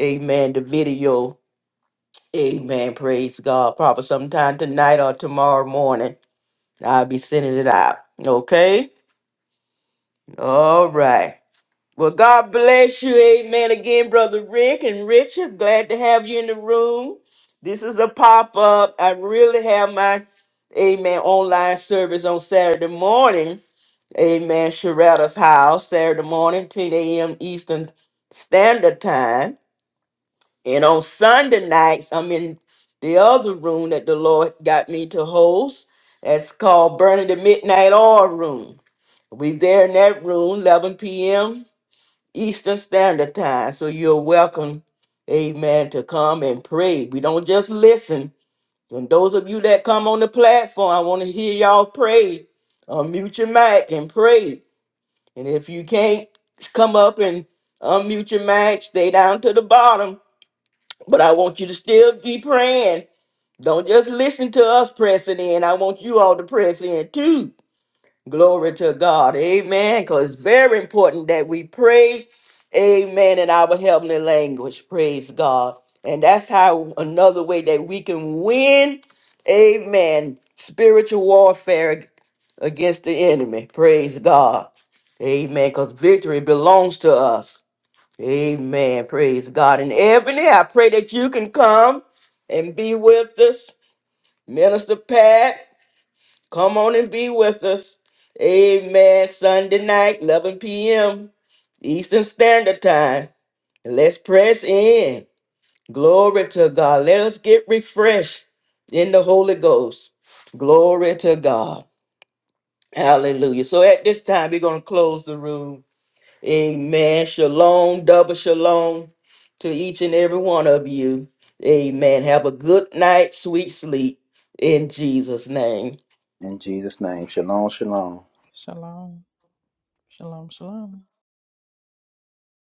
amen, the video. Amen. Praise God. Probably sometime tonight or tomorrow morning. I'll be sending it out. Okay? All right. Well, God bless you. Amen. Again, Brother Rick and Richard. Glad to have you in the room. This is a pop up. I really have my, amen, online service on Saturday morning. Amen. Sharetta's house Saturday morning, 10 a.m. Eastern Standard Time. And on Sunday nights, I'm in the other room that the Lord got me to host. That's called Burning the Midnight Oil Room. We there in that room, 11 p.m. Eastern Standard Time. So you're welcome, amen, to come and pray. We don't just listen. And those of you that come on the platform, I want to hear y'all pray. Unmute your mic and pray. And if you can't come up and unmute your mic, stay down to the bottom. But I want you to still be praying. Don't just listen to us pressing in. I want you all to press in too. Glory to God. Amen. Because it's very important that we pray. Amen. In our heavenly language. Praise God. And that's how another way that we can win. Amen. Spiritual warfare against the enemy. Praise God. Amen. Because victory belongs to us. Amen. Praise God. And Ebony, I pray that you can come and be with us. Minister Pat, come on and be with us. Amen. Sunday night, 11 p.m. Eastern Standard Time. And let's press in. Glory to God. Let us get refreshed in the Holy Ghost. Glory to God. Hallelujah. So at this time, we're going to close the room. Amen. Shalom, double shalom to each and every one of you. Amen. Have a good night, sweet sleep in Jesus' name. In Jesus' name. Shalom, shalom. Shalom. Shalom. Shalom.